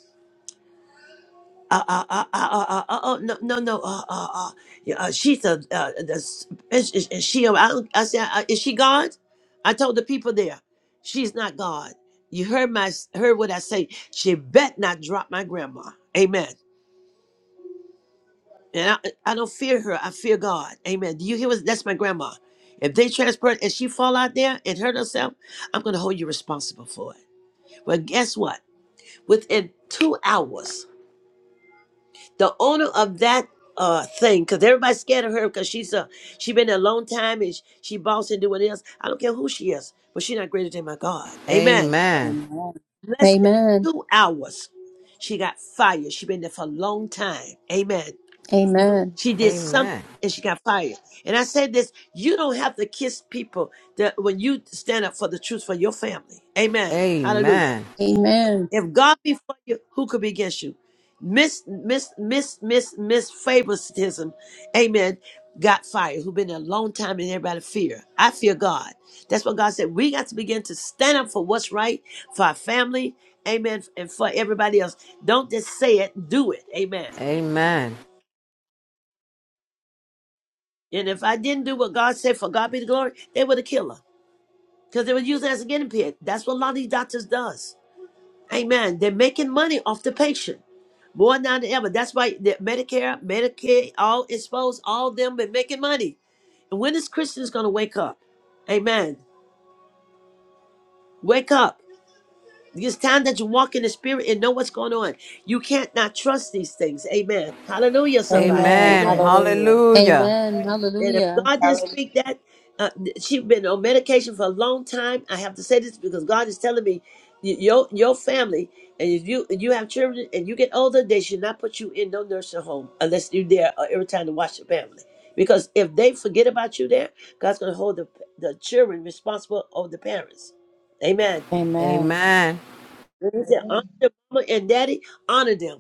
A: uh uh uh uh uh, uh uh, oh no no no uh uh uh yeah, uh, she's a uh, the, s- is, is, is she a- I, don't- I said uh, is she God? I told the people there she's not God. You heard my heard what I say. She bet not drop my grandma. Amen. And I, I don't fear her. I fear God. Amen. Do you hear what? That's my grandma. If they transport and she fall out there and hurt herself, I'm gonna hold you responsible for it. Well, guess what? Within two hours. the owner of that uh thing because everybody's scared of her because she's a she been there a long time and she, she boss and doing else i don't care who she is but she not greater than my god amen
D: Amen.
A: less than two hours she got fired she been there for a long time amen
B: Amen. Amen.
A: she did something and she got fired and i said this you don't have to kiss people that when you stand up for the truth for your family amen hallelujah
B: Amen.
A: if God be for you, who could be against you? Miss, miss, miss, miss, miss favoritism, amen, got fired, who been there a long time and everybody fear. I fear God. That's what God said. We got to begin to stand up for what's right, for our family, amen, and for everybody else. Don't just say it, do it, amen. And if I didn't do what God said for God be the glory, they would have killed her because they were using it as a guinea pig. That's what a lot of these doctors does. Amen. They're making money off the patient more now than ever. That's why the Medicare, Medicaid, all exposed, all them been making money. And when is Christians going to wake up? Amen. Wake up. It's time that you walk in the spirit and know what's going on. You can't not trust these things. Amen. Hallelujah, somebody.
D: Amen.
A: Amen.
D: Hallelujah.
B: Amen.
A: And if
B: Hallelujah.
A: God didn't
J: Hallelujah.
A: speak that, uh, she's been on medication for a long time. I have to say this because God is telling me, y- your your family, and if you you have children and you get older, they should not put you in no nursing home unless you're there uh, every time to watch your family. Because if they forget about you there, God's going to hold the, the children responsible of the parents. Amen.
D: Amen.
A: When he said, honor the mama and daddy, honor them.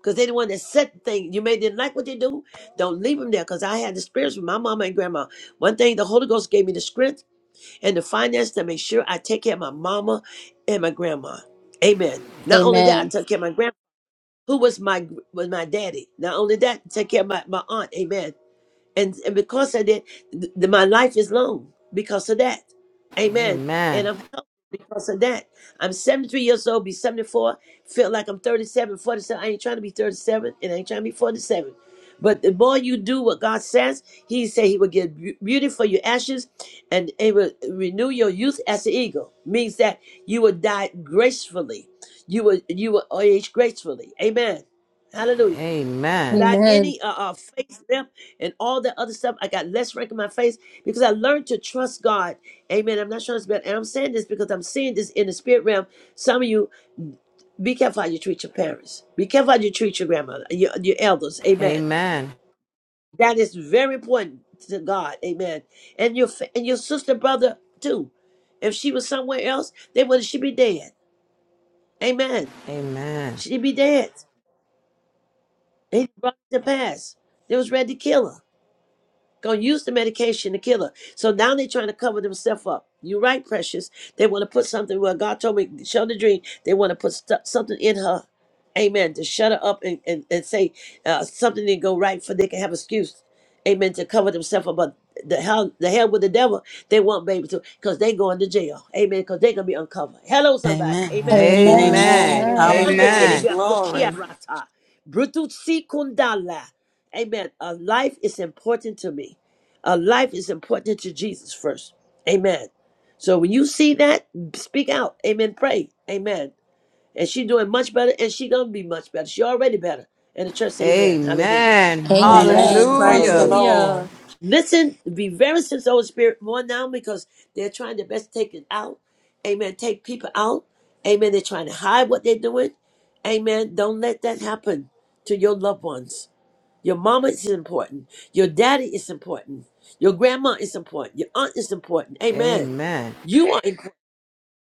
A: Because they're the one that set the thing. You may didn't like what they do. Don't leave them there. Because I had the spirits with my mama and grandma. One thing, the Holy Ghost gave me the strength and the finance to make sure I take care of my mama and my grandma. Amen. Not only that, I
B: Amen.
A: took care of my grandma, who was my was my daddy. Not only that, take care of my, my aunt. Amen and and because of that, th- th- my life is long because of that. Amen. And I'm healthy because of that. I'm 73 years old, be 74. Feel like I'm 37, 47. I ain't trying to be 37, and I ain't trying to be 47. But the more you do what God says, He say He will give beau- beauty for your ashes, and it will renew your youth as an eagle. Means that you will die gracefully. You will you will age gracefully. Amen. Hallelujah without
B: Amen.
A: any uh, uh face lift and all that other stuff. I got less rank in my face because I learned to trust God. Amen. I'm not trying to spell, and I'm saying this because I'm seeing this in the spirit realm. Some of you, be careful how you treat your parents. Be careful how you treat your grandmother, your, your elders. Amen. That is very important to God. Amen. And your fa- and your sister, brother too. If she was somewhere else, they would she be dead. Amen. She'd be dead. They brought it to pass. They was ready to kill her. Gonna use the medication to kill her. So now they're trying to cover themselves up. You're right, precious. They want to put something where God told me, show the dream. They want to put stu something in her. Amen. To shut her up and, and, and say uh, something didn't go right for they can have excuse. Amen. To cover themselves up. But the hell the hell with the devil, they want baby to because they going to jail. Amen. Because they gonna be uncovered. Hello, somebody.
E: Amen.
A: Amen.
B: Amen.
E: Amen.
B: Amen.
A: Sunday
E: Hallelujah.
A: Keribia
E: Glory.
A: Koshia Rata. Brututsi Kundala. Amen. A life is important to me. A life is important to Jesus first. Amen. So when you see that, speak out. Amen. Pray. Amen. And she doing much better, and she gonna be much better. She already better. And the church, say Amen. Hallelujah.
D: Amen.
E: Amen.
B: Amen.
E: Praise the
D: Hallelujah.
E: Lord.
B: Hallelujah.
A: Listen, be very sensitive to the Holy Spirit more now because they're trying their best to take it out. Amen. Take people out. Amen. They're trying to hide what they're doing. Amen. Don't let that happen to your loved ones. Your mama is important. Your daddy is important. Your grandma is important. Your aunt is important. Amen. You are important.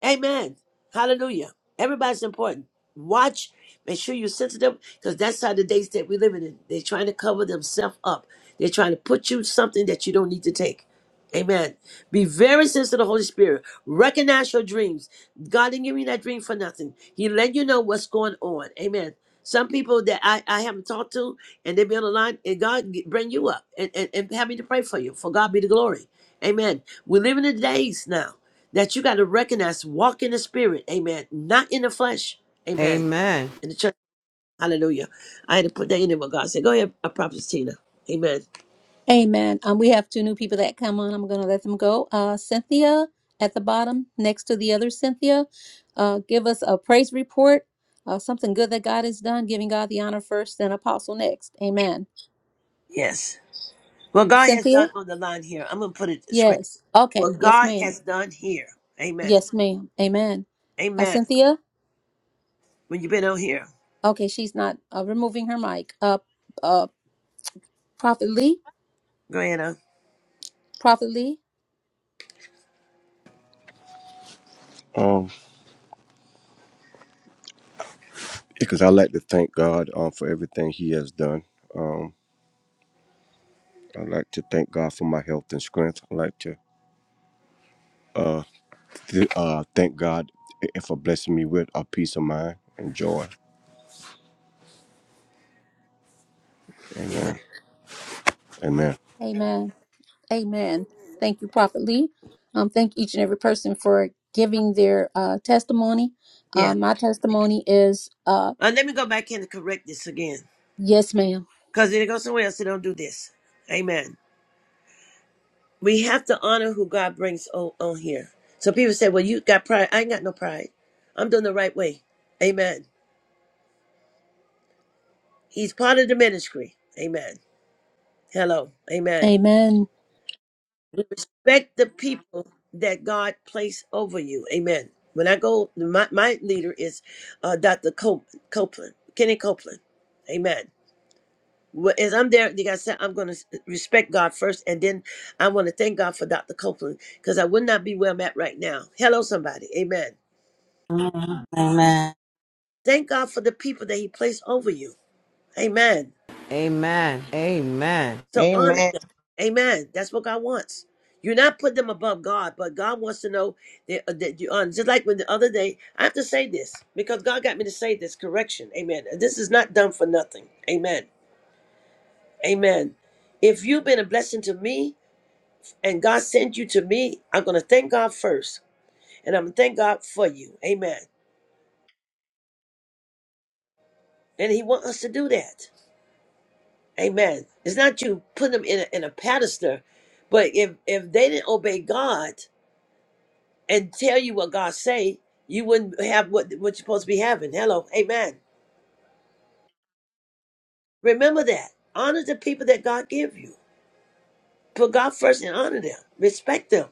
A: Amen. Hallelujah. Everybody's important. Watch. Make sure you're sensitive because that's how the days that we're living in. They're trying to cover themselves up. They're trying to put you something that you don't need to take. Amen. Be very sensitive to the Holy Spirit. Recognize your dreams. God didn't give you that dream for nothing. He let you know what's going on. Amen. Some people that I, I haven't talked to and they be on the line and God g- bring you up and, and, and have me to pray for you. For God be the glory. Amen. We're living in the days now that you got to recognize walk in the spirit amen not in the flesh amen in the church hallelujah i had to put that in there what god said go ahead a prophet tina amen
B: Amen. Um, we have two new people that come on. I'm going to let them go. Uh, Cynthia at the bottom, next to the other Cynthia, uh, give us a praise report, uh, something good that God has done, giving God the honor first, then Apostle next. Amen.
A: yes what god has
B: Cynthia?
A: done on the line here i'm gonna put it straight
B: Yes. Okay.
A: what
B: Yes,
A: god
B: ma'am.
A: has done here amen
B: Yes, ma'am. Amen. Uh,
A: amen
B: Cynthia?
A: when you've been on here
B: Okay, she's not uh, removing her mic. Uh, uh, Prophet Lee?
A: go ahead huh?
B: Prophet Lee?
N: Um, because I like to thank God um, for everything He has done. Um, I like to thank God for my health and strength. I like to uh, th- uh, thank God i- for blessing me with a peace of mind and joy.
A: amen
N: Amen. Amen.
B: Amen. Amen. Thank you, Prophet Lee. Um, thank each and every person for giving their uh, testimony. Uh,
A: yeah
B: my testimony is uh,
A: uh, let me go back in and correct this again
B: yes, ma'am.
A: because it goes somewhere else they don't do this amen we have to honor who God brings on, on here. So people say, well, you got pride. I ain't got no pride. I'm doing the right way. Amen. He's part of the ministry. Amen. Hello. Amen.
B: Amen.
A: We respect the people that God placed over you. Amen. When I go, my, my leader is uh, Dr. Cop- Copeland, Kenny Copeland. Amen. Well, As I'm there, like I said, I'm going to respect God first, and then I want to thank God for Dr. Copeland because I would not be where I'm at right now. Hello, somebody. Amen.
E: Mhm. Amen.
A: Thank God for the people that He placed over you. Amen. So honor
J: Amen.
A: them. Amen. That's what God wants. You're not putting them above God, but God wants to know that, uh, that you honor. Just like when the other day, I have to say this because God got me to say this correction. Amen. And This is not done for nothing. Amen. Amen. If you've been a blessing to me and God sent you to me, I'm going to thank God first. And I'm going to thank God for you. Amen. And He wants us to do that. Amen. It's not you put them in a, in a pedestal, but if if they didn't obey God and tell you what God say, you wouldn't have what what you're supposed to be having. Hello, Amen. Remember that. Honor the people that God give you. Put God first and honor them. Respect them.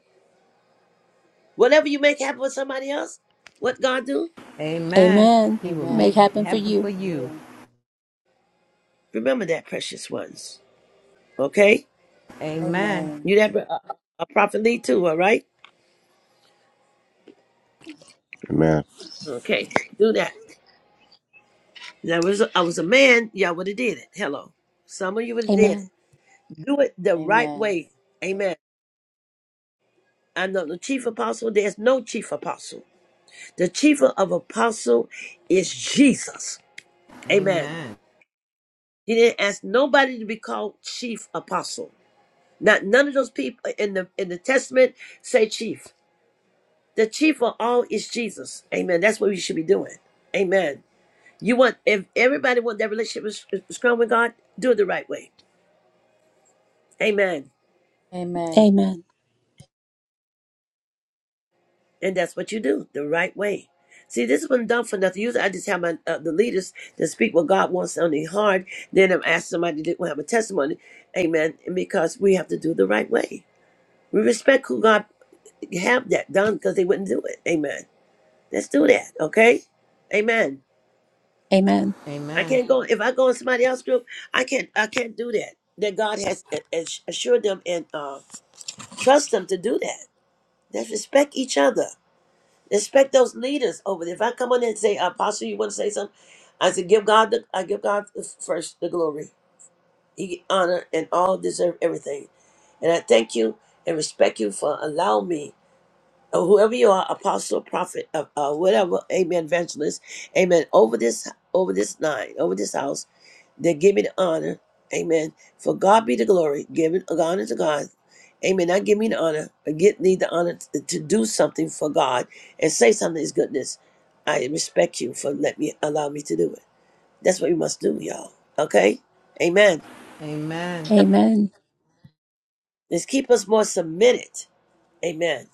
A: Whatever you make happen with somebody else, what God do?
B: Amen.
D: Amen.
B: Make happen for
D: Amen.
B: you.
D: For you.
A: Remember that, precious ones. Okay,
D: Amen.
A: you have a, a a prophet lead too. All right.
N: Amen.
A: Okay, do that. There was I was a man. Y'all would have did it. Hello. Some of you would have did it.
B: Amen.
A: do it the right
D: Amen.
A: way. Amen. I know the chief apostle, there's no chief apostle. The chief of apostle is Jesus. Amen. He didn't ask nobody to be called chief apostle. Not none of those people in the in the testament say chief. The chief of all is Jesus. Amen. That's what we should be doing. Amen. You want if everybody want that relationship with, with with God, do it the right way. Amen.
D: Amen.
B: Amen.
A: And that's what you do the right way. See, this has been done for nothing. Usually, I just have my, uh, the leaders to speak what God wants on their heart. Then I'm asking somebody to have a testimony. Amen. And because we have to do the right way. We respect who God have that done because they wouldn't do it. Amen. Let's do that. Okay. Amen.
B: Amen.
A: I can't go if I go in somebody else's group. I can't. I can't do that. That God has a- a- assured them and uh, trust them to do that. Let's respect each other. Respect those leaders over there. If I come on there and say, Apostle, you want to say something? I said, give God the I give God the first the glory. He get honor and all deserve everything. And I thank you and respect you for allowing me, or whoever you are, apostle, prophet, uh, uh, whatever, amen, evangelist, amen. Over this over this line, over this house. They're giving honor. Amen. For God be the glory. Giving honor to God. Amen. Not give me the honor, but get need the honor to, to do something for God and say something is goodness. I respect you for let me allow me to do it. That's what we must do, y'all. Okay? Amen.
B: Amen.
A: Let's keep us more submitted. Amen.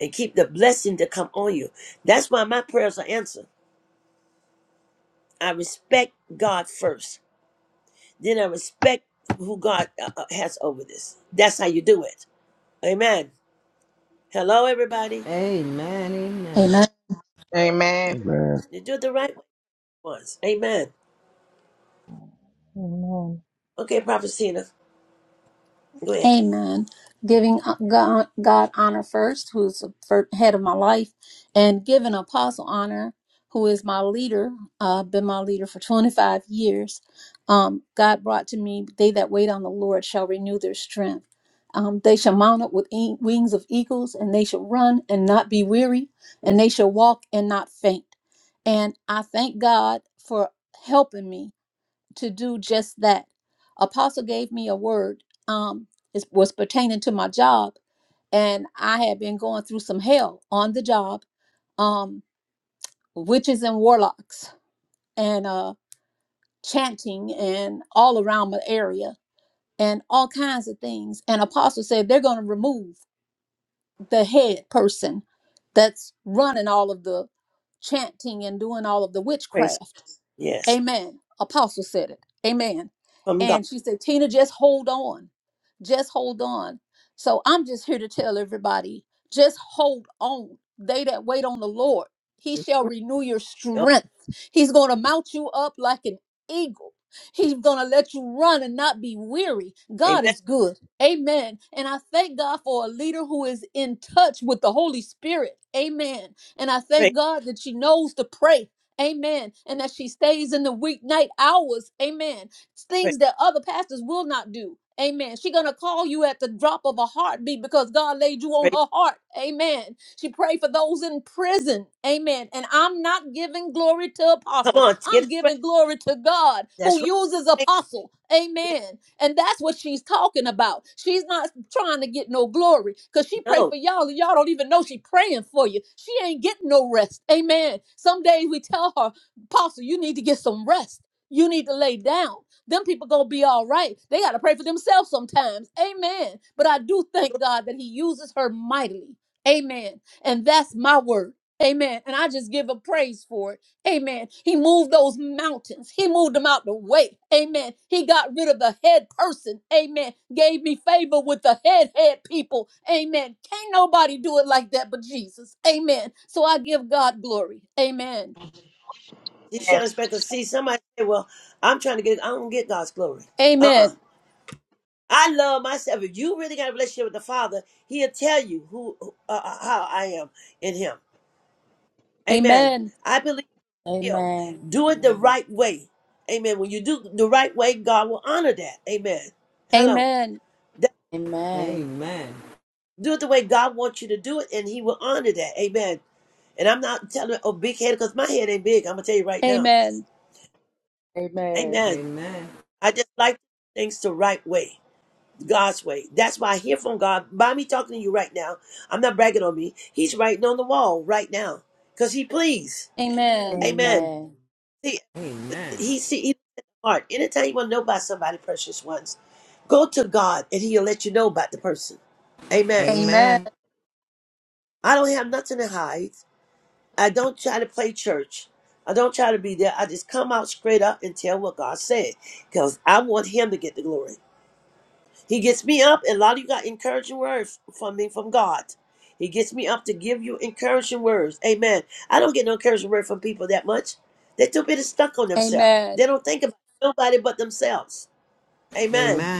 A: And keep the blessing to come on you. That's why my prayers are answered. I respect God first. Then I respect who God uh, uh, has over this. That's how you do it. Amen. Hello, everybody.
B: Amen.
J: Amen.
N: Amen.
A: You do it the right way once. Amen.
L: Amen.
A: Okay, Prophet Cena, go ahead.
B: Amen. Giving uh, God, God honor first, who's the fir- head of my life, and giving Apostle honor, who is my leader, uh, been my leader for 25 years. Um, God brought to me, they that wait on the Lord shall renew their strength. Um, they shall mount up with e- wings of eagles, and they shall run and not be weary, and
A: Mm,
B: they shall walk and not faint. And I thank God for helping me to do just that. Apostle gave me a word. Um, it was pertaining to my job, and I had been going through some hell on the job, um, witches and warlocks, and uh, chanting, and all around my area, and all kinds of things. And Apostle said they're going to remove the head person that's running all of the chanting and doing all of the
A: Praise.
B: witchcraft.
A: Yes,
B: Amen. Apostle said it. Amen.
A: from God.
B: And she said, Tina, just hold on. Just hold on. So I'm just here to tell everybody just hold on. They that wait on the Lord, he shall renew your
A: Oh,
B: strength. He's going to mount you up like an eagle. He's going to let you run and not be weary. God
A: Amen.
B: is good. Amen. And I thank God for a leader who is in touch with the Holy Spirit. Amen. And I
A: Praise,
B: thank God that she knows to pray. Amen. And that she stays in the weeknight hours. Amen
A: praise,
B: things that other pastors will not do. Amen. She's gonna call you at the drop of a heartbeat because God laid you on
A: praise.
B: her heart. Amen. She prayed for those in prison. Amen. And I'm not giving glory to
A: Come
B: apostle.
A: on, get
B: I'm
A: it straight.
B: giving glory to God
A: That's
B: who
A: right.
B: uses
A: Thank
B: apostle.
A: you.
B: Amen.
A: Yeah,
B: And that's what she's talking about. She's not trying to get no glory because she prayed
A: no,
B: for y'all and y'all don't even know she praying for you. She ain't getting no rest. Amen. Some days we tell her, apostle, you need to get some rest. You need to lay down. Them people gonna be all right. They gotta pray for themselves sometimes. Amen. But I do thank God that He uses her mightily. Amen. And that's my word. Amen. And I just give a praise for it. Amen. He moved those mountains. He moved them out the way. Amen. He got rid of the head person. Amen. Gave me favor with the head head people. Amen. Can't nobody do it like that but Jesus. Amen. So I give God glory. Amen.
A: she's trying to expect to see somebody say, "Well, I'm trying to get. I don't get God's glory." Uh uh
B: Amen.
A: I love myself. If you really got a relationship with the Father, He'll tell you who, who- uh, uh, how I am in Him. Amen.
B: Amen.
A: I believe. will.
D: Amen.
A: Do it the
D: Amen.
A: right way. Amen. When you do the right way, God will honor that. Amen. Hello.
B: Amen.
A: That,
D: Amen.
A: do it the way God wants you to do it, and He will honor that. Amen. And I'm not telling a big head because my head ain't big. I'm gonna tell you right now.
B: Amen.
D: Amen.
A: Amen. I just like things the right way, God's way. That's why I hear from God by me talking to you right now. I'm not bragging on me. He's writing on the wall right now because He pleased.
B: Amen.
A: Amen.
D: Amen.
A: He see he looks at the heart. Anytime you want to know about somebody, precious ones, go to God and He'll let you know about the person. Amen.
B: Amen.
A: I don't have nothing to hide. I don't try to play church. I don't try to be there. I just come out straight up and tell what God said because I want Him to get the glory. He gets me up, and a lot of you got encouraging words from me from God. He gets me up to give you encouraging words. Amen. I don't get no encouraging word from people that much. They're too busy stuck on themselves. They
B: Amen.
A: don't think about nobody but themselves. Amen.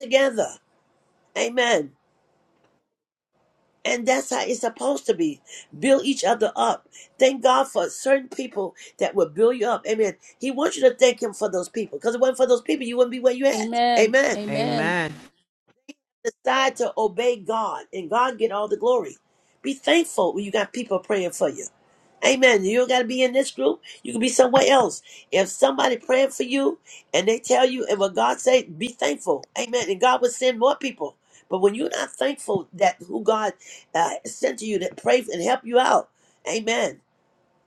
A: Together. Amen. And that's how it's supposed to be. Build each other up. Thank God for certain people that will build you up. Amen. He wants you to thank Him for those people. Because if it wasn't for those people, you wouldn't be where you at.
B: Amen.
A: Amen.
B: Amen.
A: Decide to obey God and God get all the glory. Be thankful when you got people praying for you. Amen. You don't got to be in this group. You can be somewhere else. If somebody praying for you and they tell you and what God say, be thankful. Amen. And God will send more people. But when you're not thankful that who God uh, sent to you that pray and help you out, amen,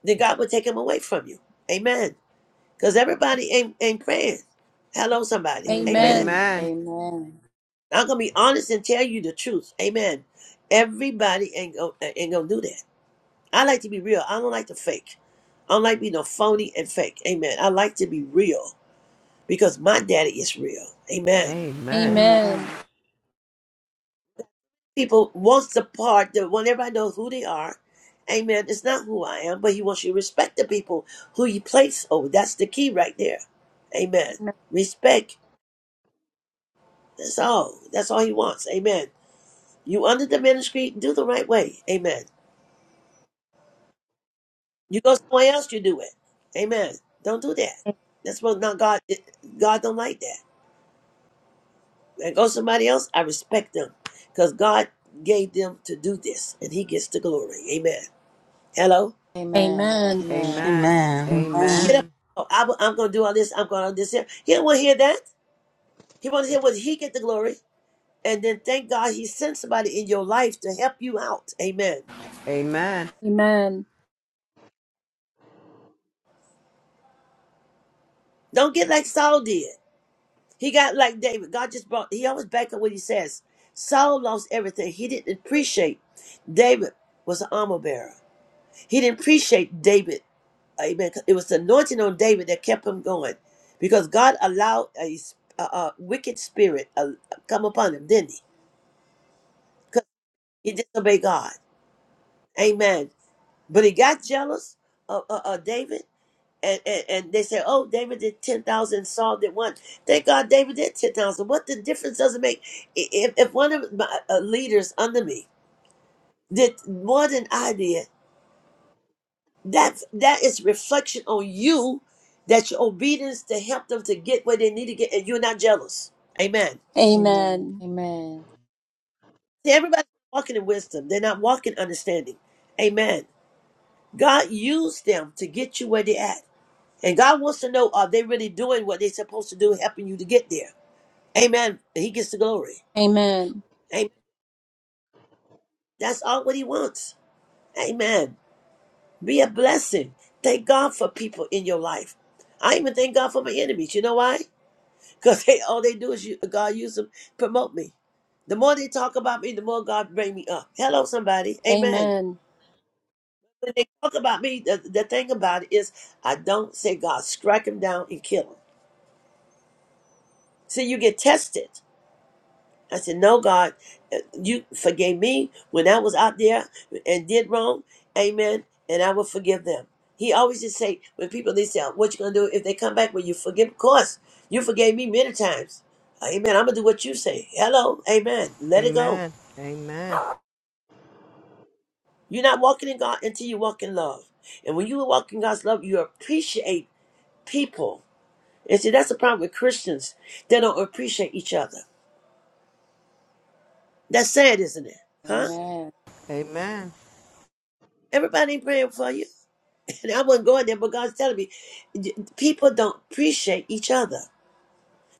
A: then God will take him away from you. Amen. Because everybody ain't, ain't praying. Hello, somebody. Amen.
D: Amen. Amen.
A: I'm going to be honest and tell you the truth. Amen. Everybody ain't going ain't gonna to do that. I like to be real. I don't like to fake. I don't like being no phony and fake. Amen. I like to be real because my daddy is real. Amen.
B: Amen.
D: Amen.
B: Amen.
A: People wants the part that when everybody knows who they are. Amen. It's not who I am, but he wants you to respect the people who you place over. That's the key right there. Amen. Respect. That's all. That's all he wants. Amen. You under the ministry, do the right way. Amen. You go somewhere else, you do it. Amen. Don't do that. That's what not God. God don't like that. There goes somebody else. I respect them because God gave them to do this, and He gets the glory. Amen. Hello.
D: Amen.
B: Amen.
D: Amen.
E: Amen. Amen.
A: Get up. Oh, I'm, I'm going to do all this. I'm going to do this. Here. He don't want to hear that. He want to hear what He get the glory, and then thank God He sent somebody in your life to help you out. Amen. Don't get like Saul did. He got like David. God just brought. He always back up what He says. Saul lost everything. He didn't appreciate David was an armor bearer. He didn't appreciate David Amen. It was the anointing on David that kept him going because God allowed a, s- a- a wicked spirit uh, come upon him, didn't he? Because he disobeyed God. Amen. But he got jealous of uh, uh, David. And, and, and they said, oh, David did 10,000, Saul did one. Thank God David did 10,000. What the difference does it make? I- If, if one of my uh, leaders under me did more than I did, That's that is reflection on you that your obedience to help them to get where they need to get, and you're not jealous. Amen.
D: Amen.
B: Amen. Amen.
D: Amen.
A: See, everybody's walking in wisdom. They're not walking in understanding. Amen. God used them to get you where they're at. And God wants to know are they really doing what they're supposed to do, helping you to get there? Amen. And he gets the glory.
B: Amen.
A: Amen. That's all what he wants. Amen. Be a blessing. Thank God for people in your life. I even thank God for my enemies. You know why? Because they all they do is you, God use them, promote me. The more they talk about me, the more God bring me up. Hello, somebody. Amen. When they talk about me, the, the thing about it is I don't say God, strike him down and kill him. See, you get tested. I said, No, God, uh, you forgave me when I was out there and did wrong. Amen. And I will forgive them. He always just say, when people they say, What you gonna do if they come back? Well, you forgive, of course. You forgave me many times. Amen. I'm gonna do what you say. Hello, amen. Let it go. You're not walking in God until you walk in love. And when you walk in God's love, you appreciate people. And see, that's the problem with Christians. They don't appreciate each other. That's sad, isn't it? Huh?
D: Amen.
A: Everybody ain't praying for you. And I wasn't going there, but God's telling me d- people don't appreciate each other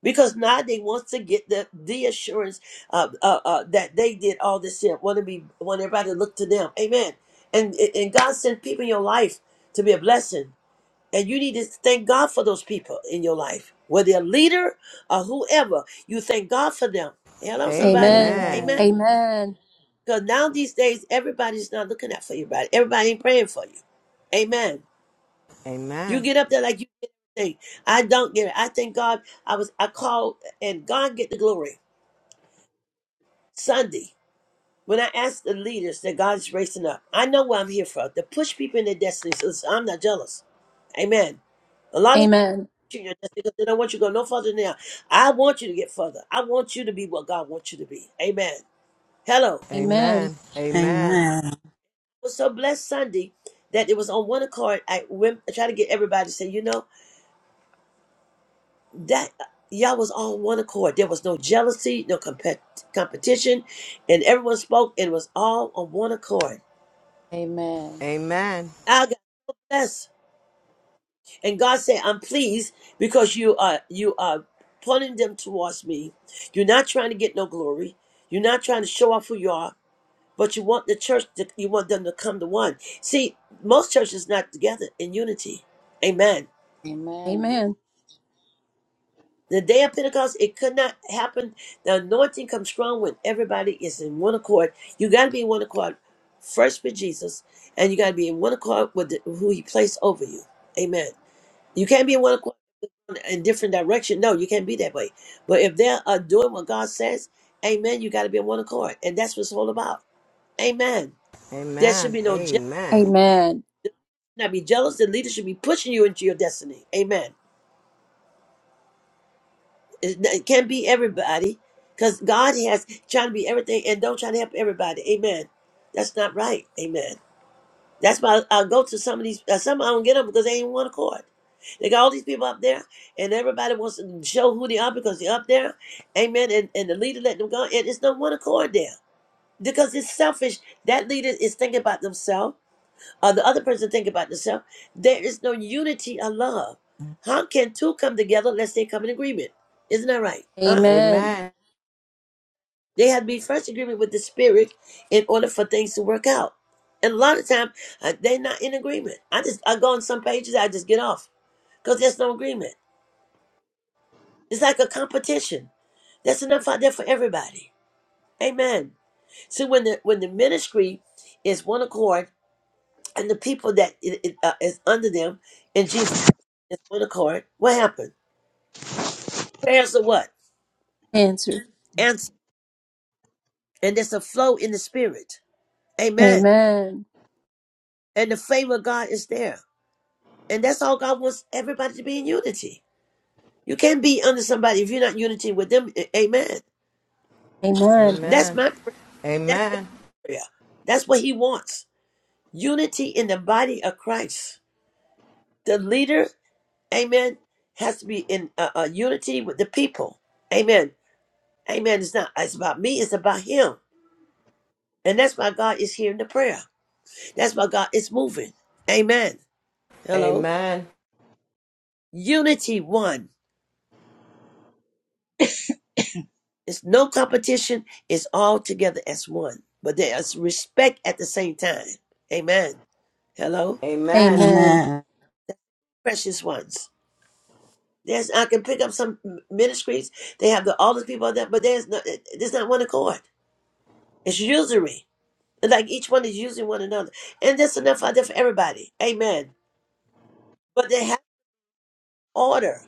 A: because now they want to get the the assurance uh, uh, uh, that they did all this here. Want to be want everybody to look to them. Amen. And and God sent people in your life to be a blessing, and you need to thank God for those people in your life, whether a leader or whoever. You thank God for them. Hello, somebody.
B: Amen.
A: Amen.
D: Amen.
B: Amen.
A: Because now these days, everybody's not looking out for everybody. Everybody ain't praying for you. Amen. You get up there like you get everything. I don't get it. I thank God I was I called and God get the glory. Sunday. When I asked the leaders that God is raising up, I know what I'm here for. To push people in their destiny. So it's- I'm not jealous. Amen. A lot of people treat your destiny because they don't want you to go no further than now. I want you to get further. I want you to be what God wants you to be. Amen. Hello. I
B: Amen. Amen.
E: Amen.
A: was so blessed Sunday that it was on one accord. I went I tried to get everybody to say, you know. that y'all was on one accord. There was no jealousy, no compet- competition, and everyone spoke and was all on one accord.
D: Amen.
A: I got so blessed, and God said, "I'm pleased because you are you are pointing them towards me. You're not trying to get no glory. You're not trying to show off who you are." But you want the church, to, you want them to come to one. See, most churches not together in unity. Amen.
B: Amen.
D: Amen.
B: Amen.
A: The day of Pentecost, it could not happen. The anointing comes strong when everybody is in one accord. You got to be in one accord first with Jesus, and you got to be in one accord with the, who He placed over you. Amen. You can't be in one accord in different direction. No, you can't be that way. But if they are doing what God says, Amen. You got to be in one accord, and that's what it's all about. Amen. There should be no jealousy.
B: Amen.
A: Not be jealous. The leader should be pushing you into your destiny. Amen. It it can't be everybody because God has trying to be everything and don't try to help everybody. Amen. That's not right. Amen. That's why I I go to some of these, uh, some I don't get them because they ain't one accord. They got all these people up there and everybody wants to show who they are because they're up there. Amen. And, and the leader let them go. And it's no one accord there because it's selfish. That leader is thinking about themselves or the other person thinking about themselves. There is no unity of love. How can two come together unless they come in agreement? Isn't that right? Huh?
B: Amen.
A: They have to be first agreement with the spirit in order for things to work out. And a lot of time uh, they're not in agreement. I just I go on some pages, I just get off because there's no agreement. It's like a competition. That's enough out there for everybody. Amen. So when the when the ministry is one accord and the people that it, it, uh, is under them in Jesus is one accord, what happened? Prayers are what
B: Answer.
A: answer, and there's a flow in the spirit. Amen.
B: Amen.
A: And the favor of God is there. And that's all God wants everybody to be in unity. You can't be under somebody if you're not in unity with them. A- Amen.
B: Amen.
A: That's my prayer. That's God's prayer. That's what He wants. Unity in the body of Christ. The leader, amen, has to be in uh, uh, unity with the people. Amen. Amen. It's not, it's about me, it's about Him. And that's why God is hearing the prayer. That's why God is moving. Amen. Hello. Unity one. It's no competition. It's all together as one. But there's respect at the same time. Amen. Hello?
B: Amen.
E: Amen.
A: Precious ones. There's I can pick up some m- ministries. They have the all the people on that, but there's no there's not one accord. It's usury. Like each one is using one another. And that's enough out there for everybody. Amen. But they have order.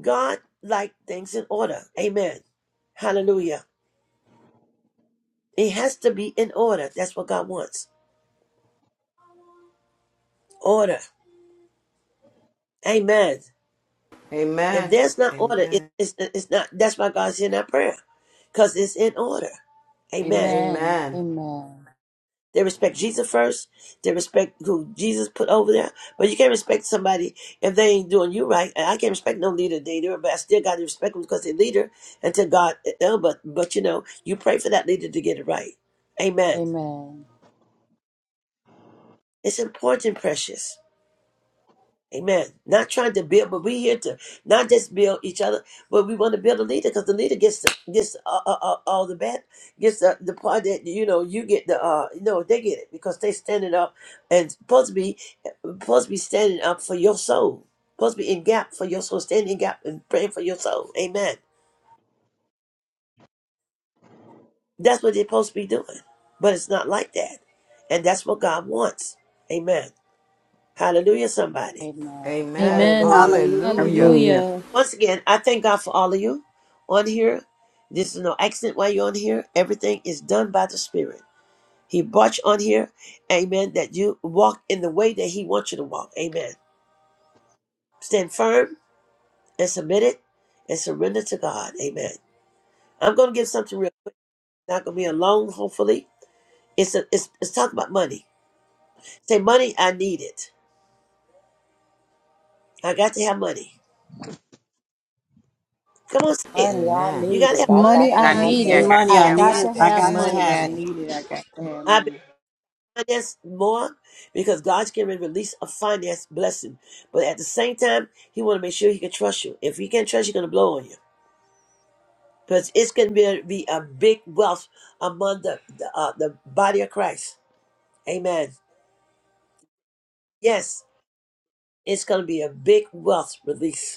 A: God likes things in order. Amen. Hallelujah. It has to be in order. That's what God wants. Order. Amen. If there's not order, it, it's, it's not. That's why God's hearing our prayer, because it's in order. Amen.
D: Amen. Amen.
A: They respect Jesus first. They respect who Jesus put over there. But you can't respect somebody if they ain't doing you right. And I can't respect no leader they do, but I still got to respect them because they're leader until God. uh, But but you know, you pray for that leader to get it right. Amen.
D: Amen.
A: It's important, precious. Amen. Not trying to build, but we here to not just build each other, but we want to build a leader because the leader gets the, gets all, all, all the bad, gets the, the part that you know you get the uh no they get it because they standing up and supposed to be supposed to be standing up for your soul, supposed to be in gap for your soul, standing in gap and praying for your soul. Amen. That's what they're supposed to be doing, but it's not like that, and that's what God wants. Amen. Hallelujah, somebody.
D: Amen.
B: Amen.
D: Hallelujah.
E: Hallelujah.
B: Hallelujah.
A: Once again, I thank God for all of you on here. This is no accident why you're on here. Everything is done by the Spirit. He brought you on here, amen, that you walk in the way that He wants you to walk, amen. Stand firm and submit it and surrender to God, amen. I'm going to give something real quick. It's not going to be a long, hopefully. It's, a, it's, it's talking about money. Say, money, I need it. I got to have money. Come on, say it.
D: Money I
A: You
D: need
A: got to
D: it. I
B: Money
D: got
B: I
D: to have
O: Lanita,
B: needed.
D: money.
E: Money
B: I
E: I need
O: goddamn
B: got
E: it.
B: to
E: I
B: have
E: got to
J: Money
B: money.
E: have
J: I
E: it.
J: needed, I got to have
A: have.
J: money.
A: finance more because God's going to release a finance blessing. But at the same time, He want to make sure He can trust you. If He can't trust you, He's going to blow on you because it's going to be a, be a big wealth among the the, uh, the body of Christ. Amen. Yes, it's going to be a big wealth release.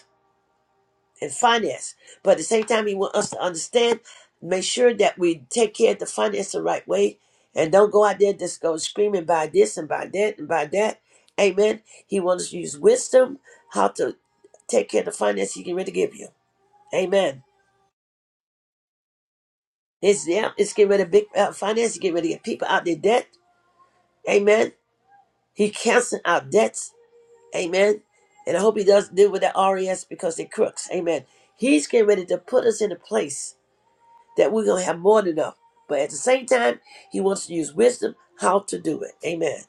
A: and finance. But at the same time, he want us to understand, make sure that we take care of the finance the right way and don't go out there and just go screaming by this and by that and by that. Amen. He wants us to use wisdom how to take care of the finance he can really give you. Amen. It's yeah, it's getting rid of big uh, finance, He's getting rid of get people out their debt. Amen. He canceling out debts. Amen. And I hope he does deal with that RES because they're crooks. Amen. He's getting ready to put us in a place that we're going to have more than enough. But at the same time, he wants to use wisdom how to do it. Amen.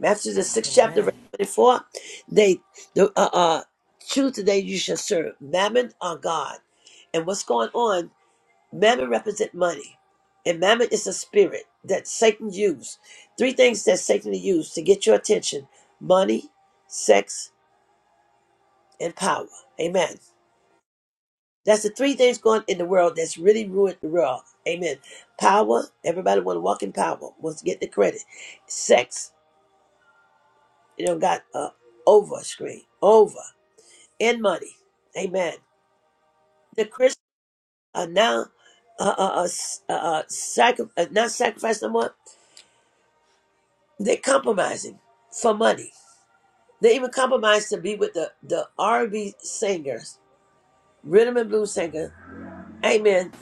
A: Matthew the sixth chapter, verse 24. They, the, uh, uh, choose today you shall serve mammon or God. And what's going on? Mammon represent money. And mammon is a spirit that Satan used. Three things that Satan used to get your attention money, sex, and power. Amen. That's the three things going in the world that's really ruined the world. Amen. Power. Everybody want to walk in power. Wants to get the credit. Sex. You know, got uh, over screen. Over. And money. Amen. The Christians are now uh, uh, uh, s- uh, uh, sacri- uh, not sacrificing no more. They're compromising for money. They even compromise to be with the, the R&B singers, rhythm and blues singer. Amen.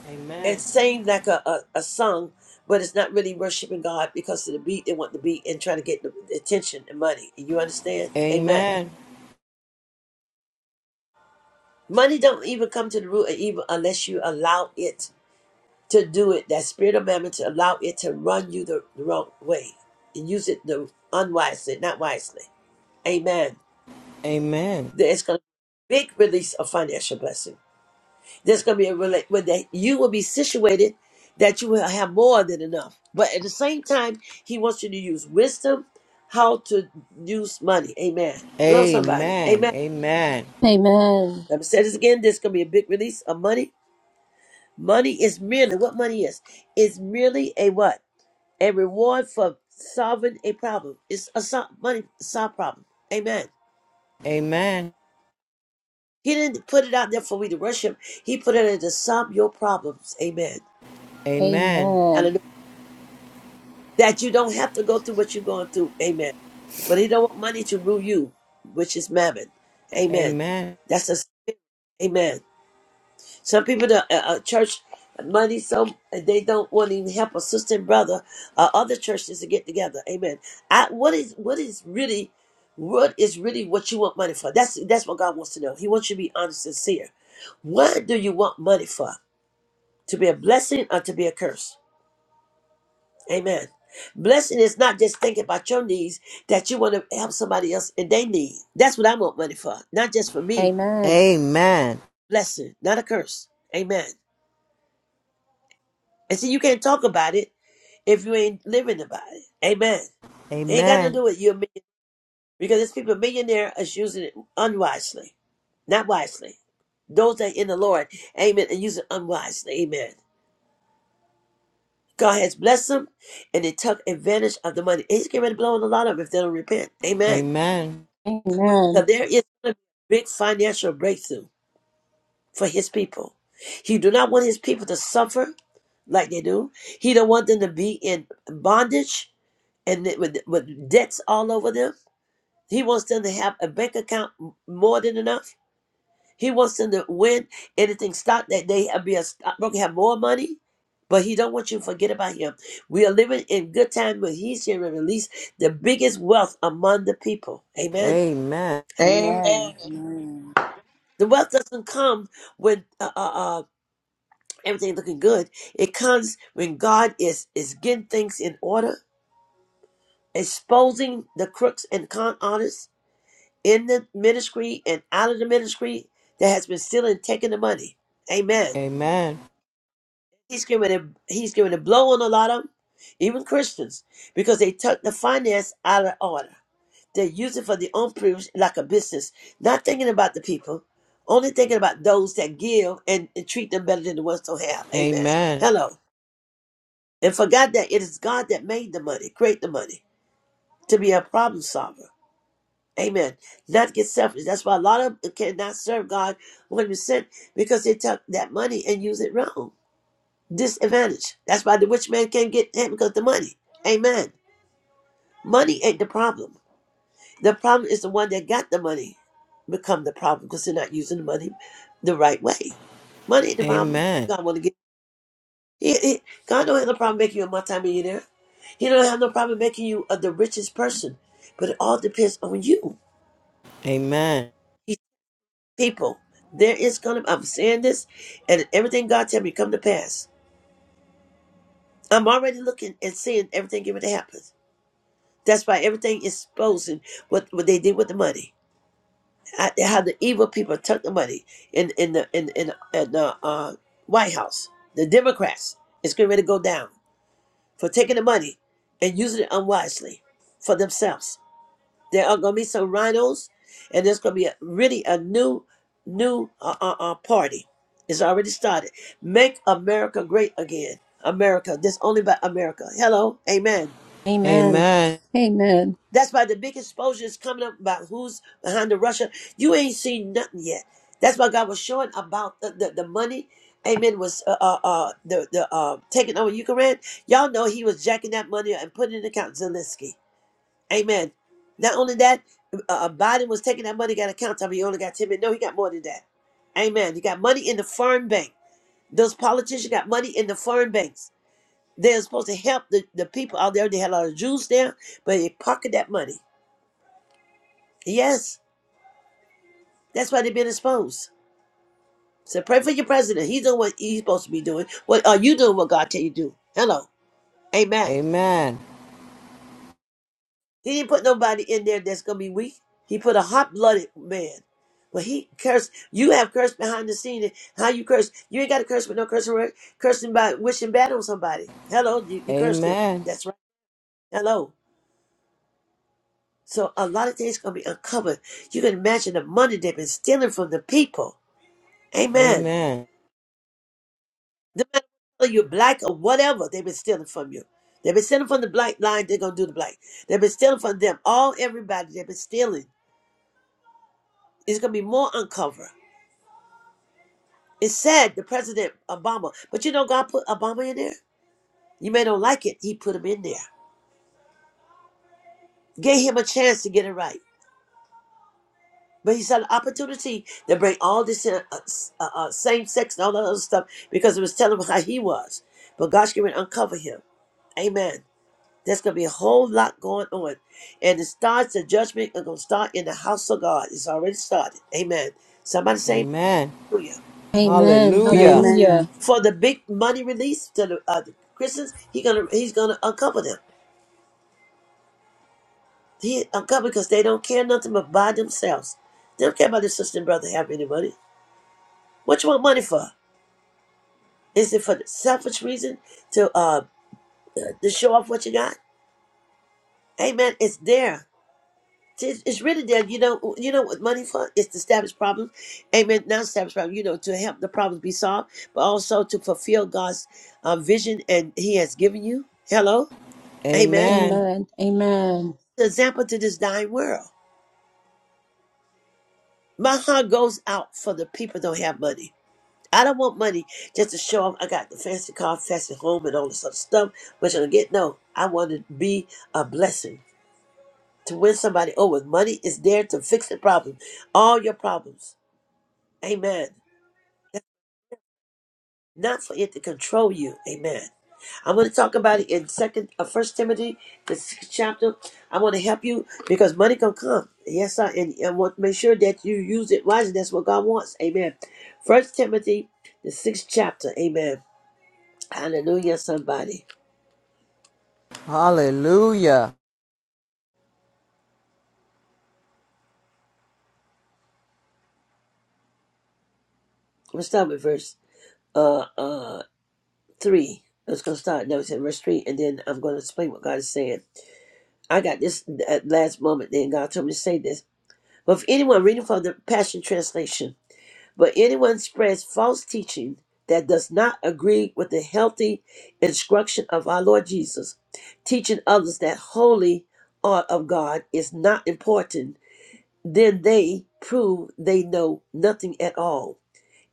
A: It seemed like a, a, a song, but it's not really worshiping God because of the beat they want the beat and trying to get the attention and money. You understand? Amen. Money don't even come to the root of evil unless you allow it to do it. That spirit of mammon to allow it to run you the, the wrong way and use it the unwisely, not wisely. Amen. There is going to be a big release of financial blessing. There's going to be a relate where that you will be situated that you will have more than enough. But at the same time, he wants you to use wisdom, how to use money. Amen. Hello, somebody. Amen.
B: Amen.
A: Let me say this again. There's going to be a big release of money. Money is merely what money is. It's merely a what? A reward for solving a problem. It's a sol- money solve problem. Amen. He didn't put it out there for we to worship. He put it there to solve your problems. Amen.
B: Amen.
A: that you don't have to go through what you're going through. Amen. But he don't want money to rule you, which is mammon. Amen. That's a spirit. Amen. Some people, the uh, uh, church money, so they don't want to even help a sister and brother or other churches to get together. Amen. I, what is what is really what is really what you want money for? That's that's what God wants to know. He wants you to be honest and sincere. What do you want money for? To be a blessing or to be a curse? Amen. Blessing is not just thinking about your needs, that you want to help somebody else and they need. That's what I want money for. Not just for me.
B: Amen.
A: Blessing, not a curse. Amen. And see, you can't talk about it if you ain't living about it. Amen. It ain't got nothing to do with you and me. Because there's people millionaire is using it unwisely. Not wisely. Those that in the Lord, amen, and use it unwisely. Amen. God has blessed them and they took advantage of the money. He's getting ready to blow on a lot of them if they don't repent. Amen.
B: Amen.
A: So there is a big financial breakthrough for his people. He do not want his people to suffer like they do. He don't want them to be in bondage and th- with, with debts all over them. He wants them to have a bank account m- more than enough. He wants them to win anything stock that they have, be a stockbroker, have more money. But he don't want you to forget about him. We are living in good time when he's here to release the biggest wealth among the people. Amen.
D: Amen.
J: Amen.
D: Amen.
A: The wealth doesn't come with everything looking good. It comes when God is is getting things in order, exposing the crooks and con artists in the ministry and out of the ministry that has been stealing, taking the money. Amen. He's giving a he's giving a blow on a lot of them, even Christians, because they took the finance out of order. They use it for their own privilege, like a business, not thinking about the people, only thinking about those that give and, and treat them better than the ones don't have. Amen. Hello. and forgot that it is God that made the money, create the money to be a problem solver. Amen. Not get selfish. That's why a lot of them cannot serve God 100% because they took that money and use it wrong. Disadvantage. That's why the rich man can't get him because of the money. Amen. Money ain't the problem. The problem is the one that got the money become the problem because they're not using the money the right way. Money ain't the problem. God want to give. He, he, God don't have no problem making you a multimillionaire. He don't have no problem making you uh, the richest person. But it all depends on you. He, people, there is gonna. I'm saying this, and everything God tell me come to pass. I'm already looking and seeing everything getting ready to happen. That's why everything is exposing what what they did with the money. I, how the evil people took the money in in the in in, in the uh, White House. The Democrats. It's getting ready to go down. for taking the money and using it unwisely for themselves. There are going to be some rhinos, and there's going to be a, really a new, new uh, uh, uh, party. It's already started. Make America great again. America. This only by America. Hello. Amen.
B: Amen. Amen.
A: That's why the big exposure is coming up about who's behind the Russia. You ain't seen nothing yet. That's why God was showing about the, the, the money. Amen. Was uh uh, uh the the uh taking over Ukraine. Y'all know he was jacking that money up and putting it in account Zelensky. Amen. Not only that, uh, uh, Biden was taking that money, got account time. He only got ten million. No, he got more than that. Amen. He got money in the foreign bank. Those politicians got money in the foreign banks. They're supposed to help the, the people out there. They had a lot of Jews there, but they pocket that money. Yes, that's why they've been exposed. So pray for your president. He's doing what he's supposed to be doing. What are you doing? What God tell you to do? Hello, Amen. He didn't put nobody in there that's gonna be weak. He put a hot-blooded man. But he cursed. You have cursed behind the scene. And How you curse? You ain't got to curse with no cursing word. Cursing by wishing bad on somebody. Hello, you, you cursed them. That's right. Hello. So a lot of things gonna be uncovered. You can imagine the money they've been stealing from the people. Amen. No matter whether you're black or whatever, they've been stealing from you. They've been stealing from the black line, they're gonna do the black. They've been stealing from them. All everybody, they've been stealing. It's gonna be more uncovered. It's sad the President Obama, but you know God put Obama in there? You may not like it, he put him in there. Gave him a chance to get it right. But he saw an opportunity to bring all this in, uh, uh, uh, same sex and all that other stuff because it was telling him how he was. But God's going to uncover him. Amen. There's gonna be a whole lot going on. And it starts the judgment is gonna start in the house of God. It's already started. Amen. Somebody say hallelujah.
B: Amen. Hallelujah.
E: Amen.
A: For the big money release to the, uh, the Christians, he gonna he's gonna uncover them. He uncover because they don't care nothing but by themselves. They don't care about their sister and brother having any money. What you want money for? Is it for the selfish reason to uh to show off what you got? Amen. It's there. It's, it's really that you know you know what money for is to establish problems, amen. Not establish problems, you know, to help the problems be solved, but also to fulfill God's uh, vision and He has given you. Hello, amen.
B: Amen. Amen.
A: The example to this dying world. My heart goes out for the people that don't have money. I don't want money just to show off. I got the fancy car, fancy home, and all this other stuff. Which I don't get no. I want to be a blessing to win somebody over. Money is there to fix the problem, all your problems. Amen. not for it to control you. Amen. I'm going to talk about it in second, uh, First Timothy, the sixth chapter. I want to help you because money can come. Yes, sir. And I want to make sure that you use it wisely. That's what God wants. Amen. First Timothy, the sixth chapter. Amen. Hallelujah. Somebody. I'm going to start with verse uh uh three. Let's go start. No, it's in verse three, and then I'm going to explain what God is saying. I got this at last moment. Then God told me to say this. But if anyone reading from the Passion Translation. But anyone spreads false teaching that does not agree with the healthy instruction of our Lord Jesus, teaching others that holy art of God is not important, then they prove they know nothing at all.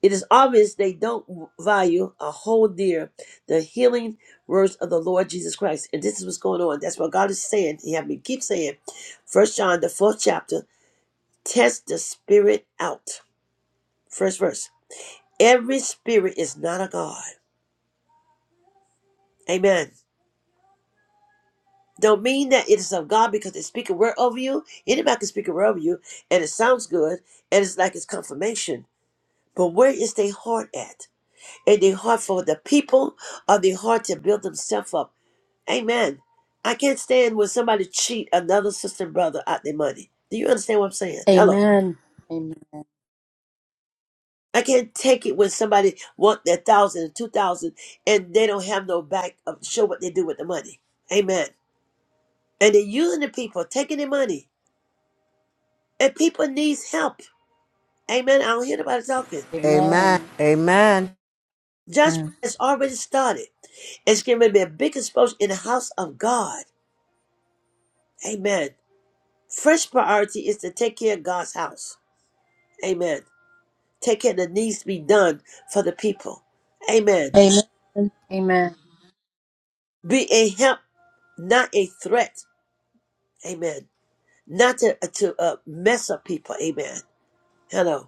A: It is obvious they don't value or hold dear the healing words of the Lord Jesus Christ. And this is what's going on. That's what God is saying. He had me keep saying. First John, the fourth chapter, test the spirit out. First verse. Every spirit is not of God. Amen. Don't mean that it is of God because it's speaking word over you. Anybody can speak a word over you, and it sounds good, and it's like it's confirmation. But where is their heart at? And their heart for the people, or their heart to build themselves up? Amen. I can't stand when somebody cheat another sister and brother out their money. Do you understand what I'm saying? Hello.
B: Amen.
D: Amen.
A: I can't take it when somebody want their thousand and two thousand and they don't have no back of show what they do with the money. Amen. And they're using the people, taking their money. And people needs help. Amen. I don't hear nobody talking.
D: Amen.
A: Judgment
E: Amen.
A: has already started. It's going to be a big explosion in the house of God. Amen. First priority is to take care of God's house. Amen. Take care of the needs to be done for the people. Amen.
B: Amen. Amen.
A: Be a help, not a threat. Amen. Not to, to uh, mess up people. Amen. Hello.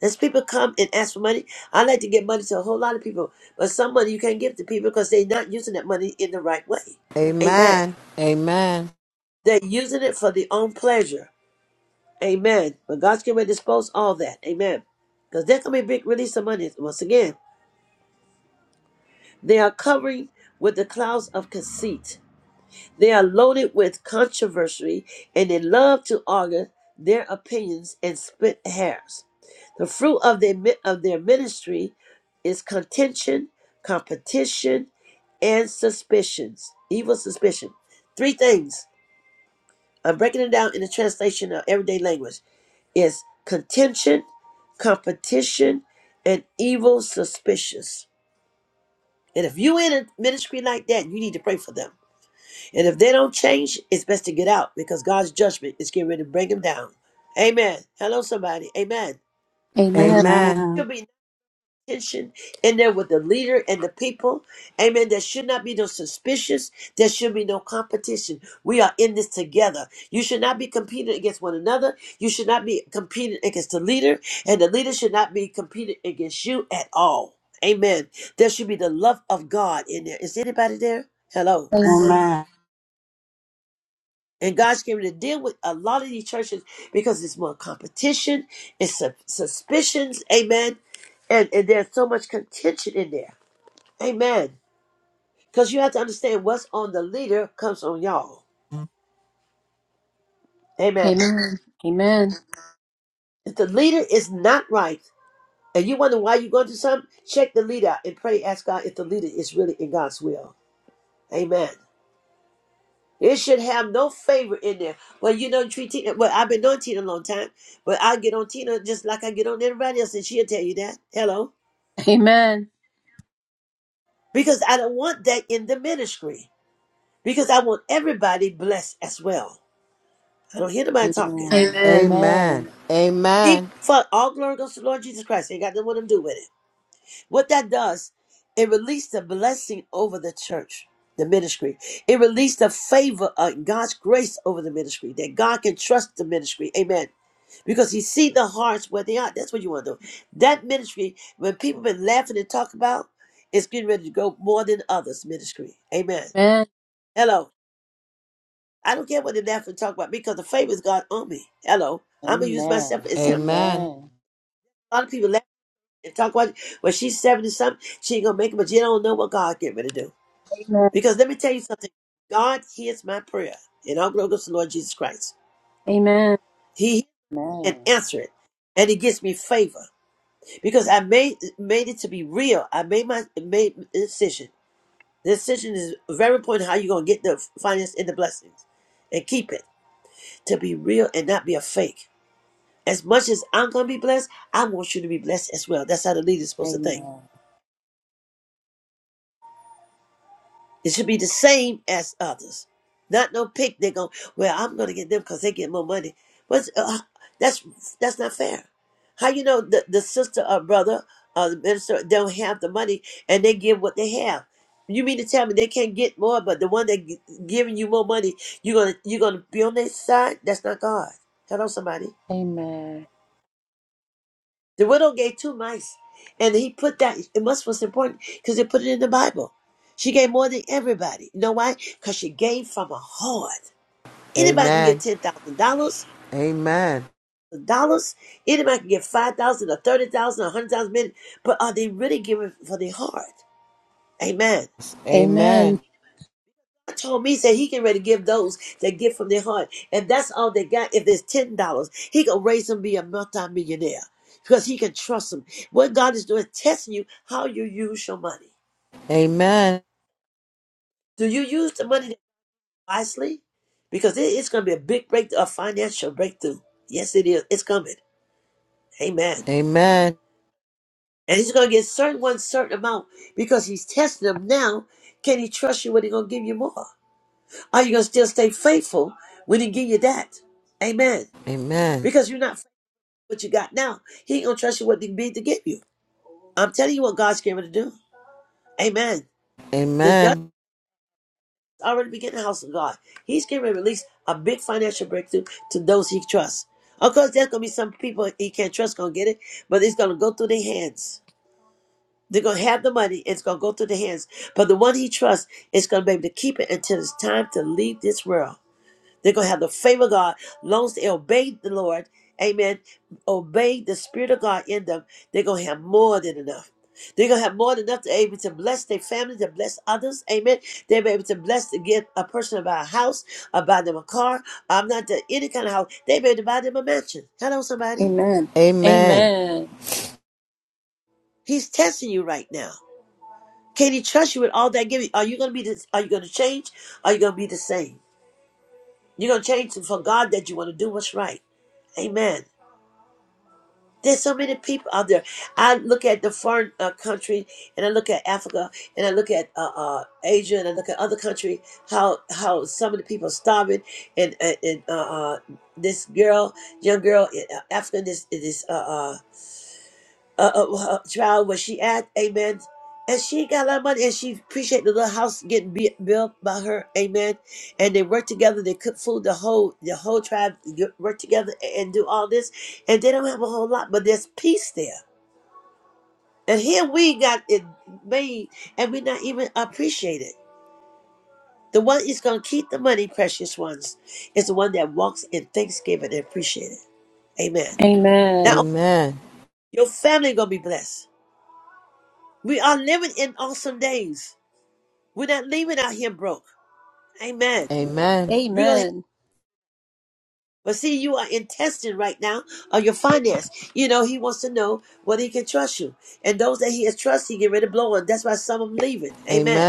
A: As people come and ask for money, I like to give money to a whole lot of people, but some money you can't give to people because they're not using that money in the right way. Amen. They're using it for their own pleasure. Amen. But God's going to dispose all that. Amen. Because there can be a big release of money. Once again, they are covering with the clouds of conceit. They are loaded with controversy and they love to argue their opinions and split hairs. The fruit of their, mi- of their ministry is contention, competition, and suspicions, evil suspicion. Three things. I'm breaking it down in the translation of everyday language. Is contention, competition, and evil suspicious. And if you in a ministry like that, you need to pray for them and if they don't change, it's best to get out because God's judgment is getting ready to bring them down. Amen. Hello, somebody. Amen.
B: Amen.
E: Amen.
A: There'll be no tension in there with the leader and the people. Amen. There should not be no suspicious. There should be no competition. We are in this together. You should not be competing against one another. You should not be competing against the leader, and the leader should not be competing against you at all. Amen. There should be the love of God in there. Is anybody there? Hello.
B: Amen.
E: Amen.
A: And God's getting to deal with a lot of these churches because it's more competition, it's su- suspicions, amen. And, and there's so much contention in there, amen. Because you have to understand what's on the leader comes on y'all, amen.
B: Amen.
A: If the leader is not right, and you wonder why you're going through something, check the leader out and pray, ask God if the leader is really in God's will, amen. It should have no favor in there. Well, you know, treat Tina. Well, I've been on Tina a long time, but I get on Tina just like I get on everybody else, and she'll tell you that. Hello,
B: Amen.
A: because I don't want that in the ministry. Because I want everybody blessed as well. I don't hear nobody talking.
B: Amen.
D: Amen.
A: Even for all glory goes to the Lord Jesus Christ. Ain't got nothing what to do with it. What that does, it released the blessing over the church, the ministry. It released the favor of God's grace over the ministry that God can trust the ministry. Amen. because he see the hearts where they are. That's what you want to do. That ministry, when people been laughing and talk about, it's getting ready to go more than others ministry. Amen.
B: Amen.
A: Hello. I don't care what they laugh and talk about because the favor is God on me. Hello. I'm gonna use myself
D: Amen.
A: as example.
D: Amen.
A: A lot of people laugh and talk about well, she's seventy something, she ain't gonna make it, but you don't know what God getting ready to do. Because let me tell you something, God hears my prayer, and I'm gonna the Lord Jesus Christ.
B: Amen. Amen. Amen.
A: He hears and
D: Amen.
A: answer it, and He gives me favor. because I made made it to be real. I made my made the decision. The decision is very important. How you gonna get the finance and the blessings, and keep it to be real and not be a fake. As much as I'm gonna be blessed, I want you to be blessed as well. That's how the leader's
D: Amen.
A: supposed to think.
D: Amen.
A: It should be the same as others. Not no picnic on, well, I'm going to get them because they get more money. What's, uh, uh, that's that's not fair. How you know the, the sister or brother or the minister don't have the money and they give what they have? You mean to tell me they can't get more, but the one that gi- giving you more money, you're gonna you're gonna be on their side? That's not God. Hello, somebody.
D: Amen.
A: The widow gave two mice, and he put that. It must was important because they put it in the Bible. She gave more than everybody. You know why? Because she gave from her heart. Anybody can get ten thousand dollars. Dollars. Anybody can get five thousand or thirty thousand or hundred thousand minutes. But are they really giving for their heart? Amen.
B: Amen. Amen. Amen. Amen.
A: God told me he said he can ready to give those that give from their heart. And that's all they got. If there's ten dollars, he can raise them to be a multi millionaire Because he can trust them. What God is doing is testing you how you use your money. Do you use the money wisely? Because it- it's going to be a big breakthrough, a financial breakthrough. Yes, it is. It's coming. Amen. And he's going to get certain one certain amount because he's testing them now. Can he trust you when he's going to give you more? Are you going to still stay faithful when he give you that? Amen. Because you're not faithful with what you got now. He ain't going to trust you what he be to give you. I'm telling you what God's going to do. Amen. The already beginning the house of God. He's going to release a big financial breakthrough to those he trusts. Of course, there's going to be some people he can't trust going to get it, but it's going to go through their hands. They're going to have the money. and It's going to go through their hands. But the one he trusts is going to be able to keep it until it's time to leave this world. They're going to have the favor of God. Long as they obey the Lord, amen, obey the Spirit of God in them, they're going to have more than enough. They're going to have more than enough to be able to bless their family, to bless others, amen. They'll be able to bless to give a person about a house, or buy them a car. I'm not the, any kind of house. They'll be able to buy them a mansion. Hello, somebody.
B: Amen.
A: He's testing you right now. Can he trust you with all that giving? Are you going to be this? Are you going to change? Are you going to be the same? You're going to change for God that you want to do what's right. Amen. There's so many people out there. I look at the foreign uh, country, and I look at Africa, and I look at uh, uh, Asia, and I look at other country. How how some of the people are starving, and and and, uh, uh, this girl, young girl in uh, Africa, this this uh, uh, uh, uh, trial where she at, amen. And she got a lot of money, and she appreciate the little house getting be- built by her, amen. And they work together, they cook food, the whole the whole tribe get- work together a- and do all this, and they don't have a whole lot, but there's peace there. And here we got it made, and we not even appreciate it. The one is gonna keep the money, precious ones, is the one that walks in thanksgiving and appreciate it, amen. Now your family gonna be blessed. We are living in awesome days. We're not leaving out here broke. Amen. We're gonna have, but see, you are in testing right now on your finance. You know, he wants to know whether he can trust you. And those that he is trusting, get ready to blow on. That's why some of them leaving. Amen.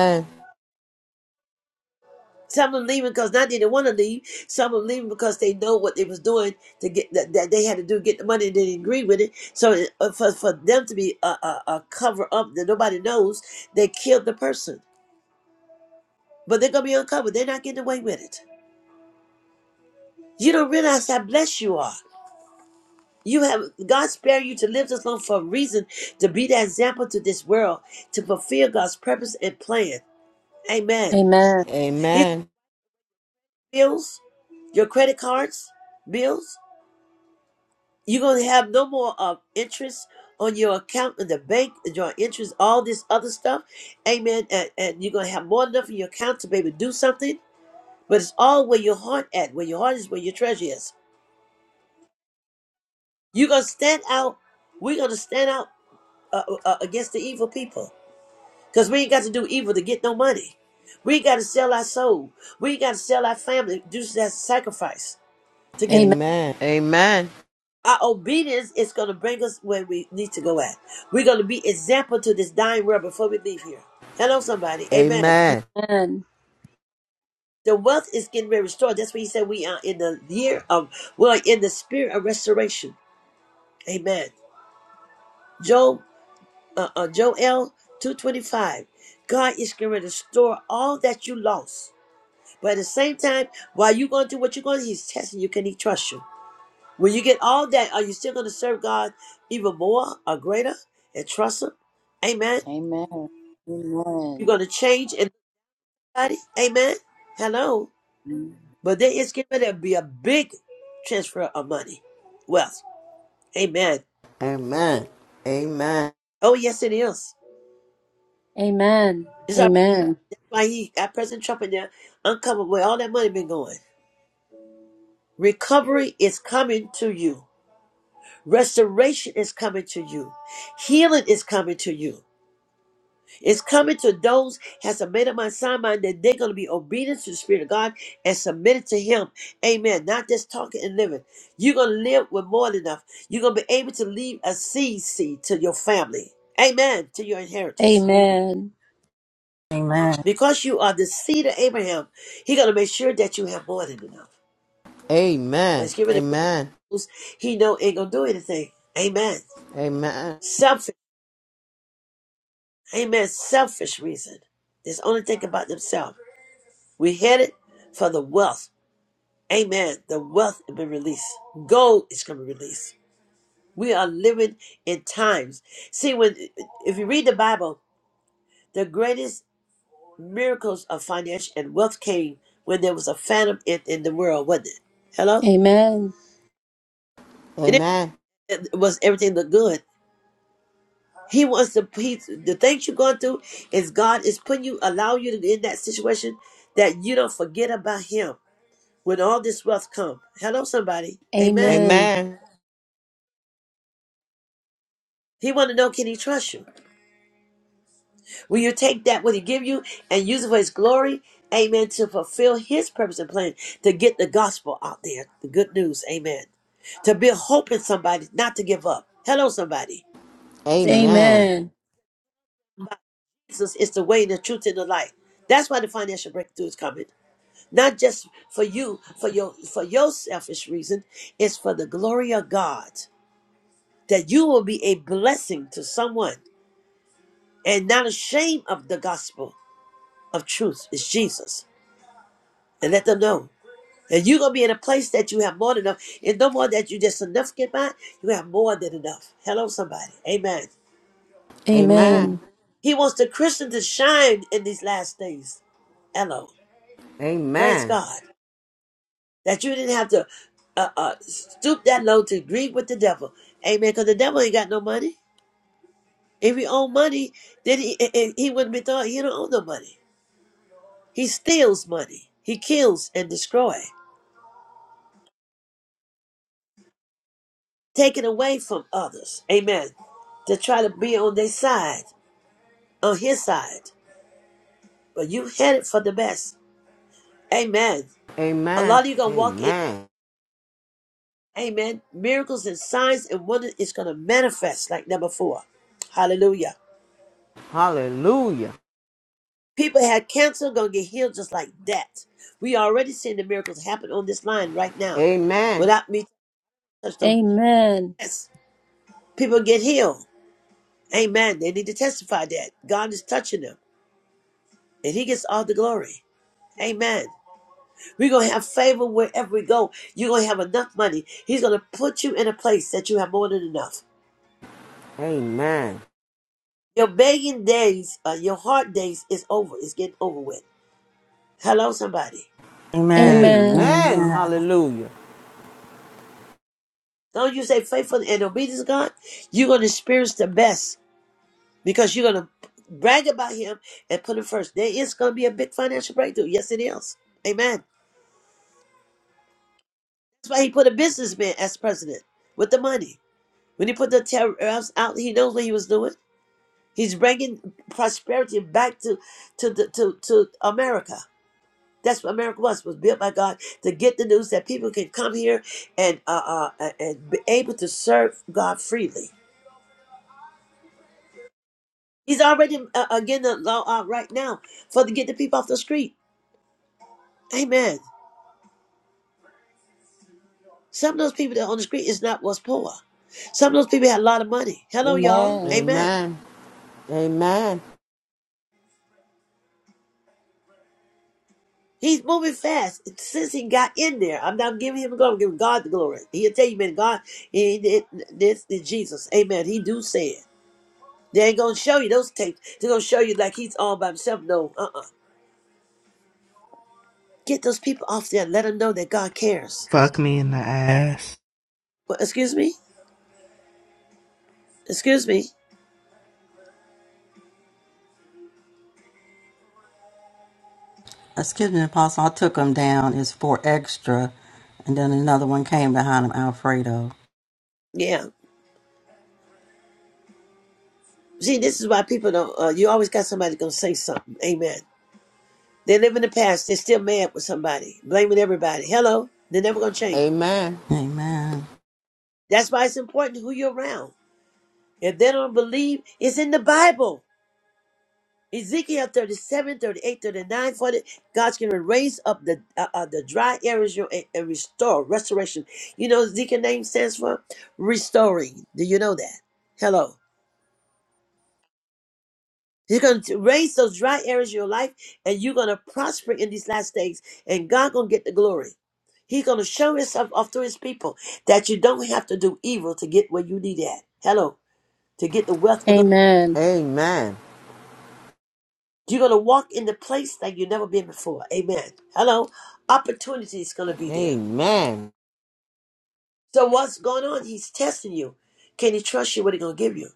A: Some of them leaving because not they didn't want to leave. Some of them leaving because they know what they was doing to get that, that they had to do to get the money and they didn't agree with it. So uh, for, for them to be a, a, a cover up that nobody knows, they killed the person. But they're gonna be uncovered. They're not getting away with it. You don't realize how blessed you are. You have God spared you to live this long for a reason, to be the example to this world, to fulfill God's purpose and plan. Amen. His bills, your credit cards, bills. You're gonna have no more of interest on your account in the bank, your interest, all this other stuff. Amen. And, and you're gonna have more than enough in your account to be able to do something. But it's all where your heart at. Where your heart is, where your treasure is. You're gonna stand out. We're gonna stand out uh, uh, against the evil people. Because we ain't got to do evil to get no money. We ain't got to sell our soul. We ain't got to sell our family, do that sacrifice to get our obedience is going to bring us where we need to go at. We're going to be example to this dying world before we leave here. Hello, somebody. Amen.
B: Amen.
A: The wealth is getting very restored. That's what he said. We are in the year of, we're in the spirit of restoration. Amen. Job, uh, uh, Joel 225. God is going to restore all that you lost. But at the same time, while you're going through what you're going through, he's testing you. Can he trust you? When you get all that, are you still going to serve God even more or greater and trust him? Amen.
D: Amen.
A: You're going
D: Amen.
A: to change in body. Amen. Hello. But there is going to be a big transfer of money, wealth. Amen. Oh, yes, it is.
B: Amen. Amen. Amen.
A: It's all- why he got President Trump in there uncovered where all that money been going. Recovery is coming to you. Restoration is coming to you. Healing is coming to you. It's coming to those has submitted my sign mind that they're going to be obedient to the Spirit of God and submitted to Him. Amen. Not just talking and living. You're going to live with more than enough. You're going to be able to leave a seed seed to your family. Amen. To your inheritance. Because you are the seed of Abraham, He's going to make sure that you have more than enough. But it's giving the those He know ain't going to do anything. Amen. Selfish. Amen. Selfish reason. There's only thinking about themselves. We headed for the wealth Amen. The wealth has been released. Gold is going to be released. We are living in times. See, when if you read the Bible, the greatest miracles of financial and wealth came when there was a phantom in, in the world, wasn't it? Hello?
B: Amen.
A: And It, it was everything looked good. He wants to he, the things you're going through is God is putting you, allow you to be in that situation that you don't forget about him when all this wealth come. Hello, somebody. Amen.
B: Amen.
A: He want to know, can he trust you? Will you take that what he give you and use it for his glory? Amen. To fulfill his purpose and plan to get the gospel out there, the good news. Amen. To be hope in somebody, not to give up. Hello, somebody.
B: Amen.
A: Jesus is the way, the truth, and the light. That's why the financial breakthrough is coming. Not just for you, for your for your selfish reason, it's for the glory of God. That you will be a blessing to someone and not ashamed of the gospel of truth It's Jesus. And let them know. And you're going to be in a place that you have more than enough. And no more that you just significant by, you have more than enough. Hello, somebody. Amen.
B: Amen.
A: He wants the Christian to shine in these last days. Hello. Praise God. That you didn't have to uh, uh, stoop that low to grieve with the devil. Amen. Because the devil ain't got no money. If he owned money, then he, eh, eh, he wouldn't be thought he don't own no money. He steals money. He kills and destroys. Taking away from others. Amen. To try to be on their side, on his side. but you headed for the best. Amen. A lot of you gonna walk in, amen. Miracles and signs and wonders is gonna manifest like never before. Hallelujah. People had cancer gonna get healed just like that. We already seeing the miracles happen on this line right now. Without me touching the
B: Amen.
A: yes. People get healed. Amen. They need to testify that. God is touching them. And he gets all the glory. Amen. We're gonna have favor wherever we go. You're gonna have enough money. He's gonna put you in a place that you have more than enough. Your begging days, uh, your hard days is over. It's getting over with. Hello, somebody.
E: Amen.
B: Amen.
E: Amen.
A: Don't you say faithful and obedience, God? You're going to experience the best because you're going to brag about Him and put Him first. There is going to be a big financial breakthrough. Yes, it is. Amen. That's why He put a businessman as president with the money. When He put the tariffs out, He knows what He was doing. He's bringing prosperity back to to the, to to America. That's what America was was built by God to get the news that people can come here and uh, uh and be able to serve God freely. He's already uh, uh, getting the law out right now for to get the people off the street. Amen. Some of those people that are on the street is not what's poor. Some of those people had a lot of money. Hello, y'all.
D: Amen.
A: Amen. He's moving fast since he got in there. I'm not giving him the glory. I'm giving God the glory. He'll tell you, man, God, he did this is Jesus. Amen. He do say it. They ain't gonna show you those tapes. They're gonna show you like he's all by himself. No, uh uh Get those people off there and let them know that God cares.
P: Fuck me in the ass.
A: Well, excuse me? Excuse me?
E: Excuse me, Apostle. I took them down. It's four extra. And then another one came behind him, Alfredo.
A: Yeah. See, this is why people don't, uh, you always got somebody gonna say something. Amen. They live in the past. They're still mad with somebody, blaming everybody. Hello? They're never gonna change.
E: Amen.
A: That's why it's important who you're around. If they don't believe, it's in the Bible. Ezekiel 37, 38, 39, 40. God's going to raise up the uh, uh, the dry areas you- and, and restore, restoration. You know Ezekiel name stands for? Restoring. Do you know that? Hello. He's going to raise those dry areas of your life and you're going to prosper in these last days and God going to get the glory. He's going to show himself off through his people that you don't have to do evil to get where you need at. Hello. To get the wealth of the
B: Amen.
A: You're going to walk in the place that you've never been before. Amen. Hello. Opportunity is going to be there. So what's going on? He's testing you. Can he trust you what he's going to give you?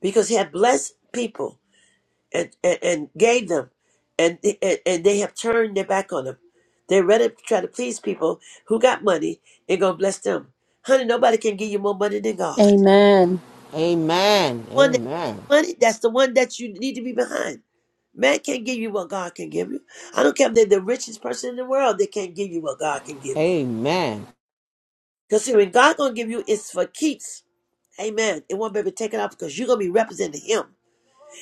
A: Because he had blessed people and, and, and gave them, and, and, and they have turned their back on him. They're ready to try to please people who got money and going to bless them. Honey, nobody can give you more money than God.
B: Amen.
A: One that money, that's the one that you need to be behind. Man can't give you what God can give you. I don't care if they're the richest person in the world, they can't give you what God can give you. Because see, when God gonna give you, it's for keeps. Amen. It won't be able to take it off because you're gonna be representing Him,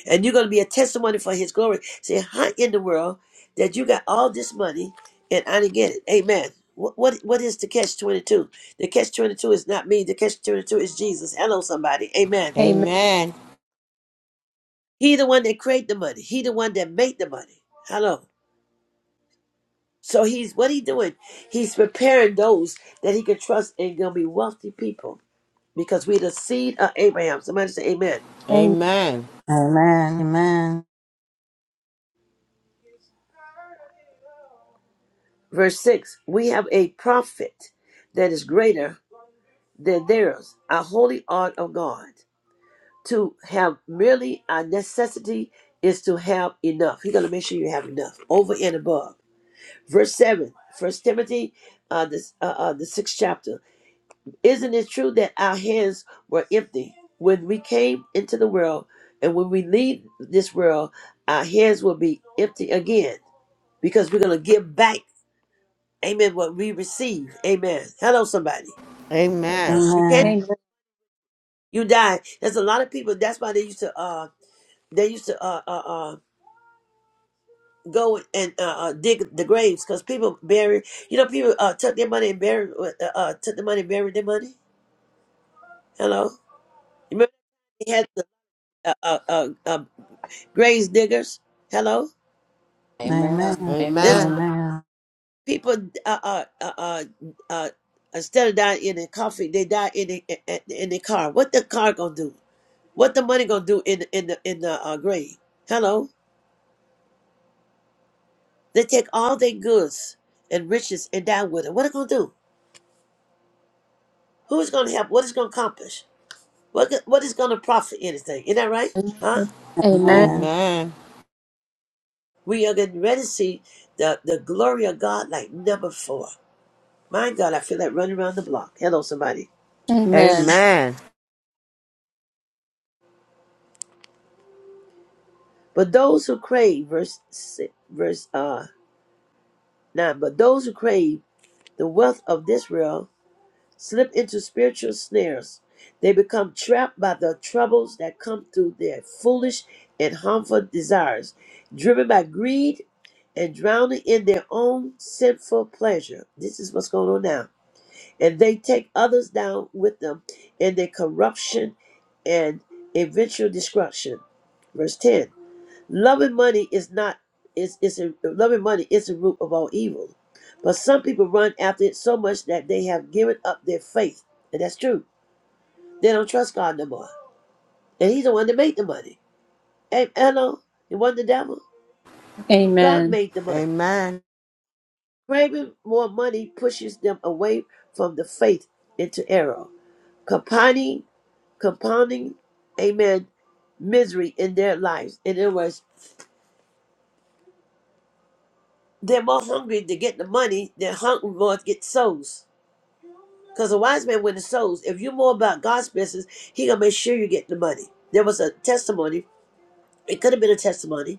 A: and you're gonna be a testimony for His glory. Say, how in the world that you got all this money and I didn't get it? Amen. What what, what is the catch twenty two? The catch twenty two is not me. The catch twenty two is Jesus. Hello, somebody. Amen.
B: Amen.
A: He the one that create the money. He the one that made the money. Hello. So he's what he doing? He's preparing those that he can trust and gonna be wealthy people because we are the seed of Abraham. Somebody say Amen.
E: Amen.
A: Verse six: We have a prophet that is greater than theirs, a holy art of God. To have merely a necessity is to have enough. He's gonna make sure you have enough over and above. Verse seven, First Timothy, uh, this uh, uh, the sixth chapter. Isn't it true that our hands were empty when we came into the world, and when we leave this world, our hands will be empty again because we're gonna give back, Amen, what we receive, Amen. Hello, somebody. You
B: Amen.
A: can't.
E: Amen. Amen.
B: Amen.
A: You die. There's a lot of people. That's why they used to. uh They used to uh uh, uh go and uh, uh dig the graves because people bury. You know, people uh took their money and buried uh, uh took the money and buried their money. Hello. Remember they had the uh, uh, uh, uh, Graves diggers. Hello.
D: Amen.
E: Amen.
A: There's
D: Amen.
E: Amen.
A: people uh, uh, uh, uh, uh, instead of dying in a coffee, they die in the in the car. What the car gonna do? What the money gonna do in in the in the uh, grave? Hello. They take all their goods and riches and die with it. What it gonna do? Who's gonna help? What is gonna accomplish? What what is gonna profit anything? Isn't that right? Huh?
B: Amen.
E: Amen.
A: We are getting ready to see the the glory of God like never before. My God, I feel like running around the block. Hello, somebody.
B: Amen. Amen.
A: But those who crave, verse si- verse uh, 9, but those who crave the wealth of this world slip into spiritual snares. They become trapped by the troubles that come through their foolish and harmful desires, driven by greed and drowning in their own sinful pleasure. This is what's going on now. And they take others down with them in their corruption and eventual destruction. Verse 10. Loving money is not is is a, loving money is the root of all evil. But some people run after it so much that they have given up their faith, and that's true. They don't trust God no more, and He's the one that made the money. And hello, it wasn't the devil. God
B: Amen.
A: made the money. Craving more money pushes them away from the faith into error, compounding, compounding, amen, misery in their lives. In other words, they're more hungry to get the money than hungry more to get souls. Because a wise man wins souls. If you're more about God's business, he gonna make sure you get the money. There was a testimony. It could have been a testimony.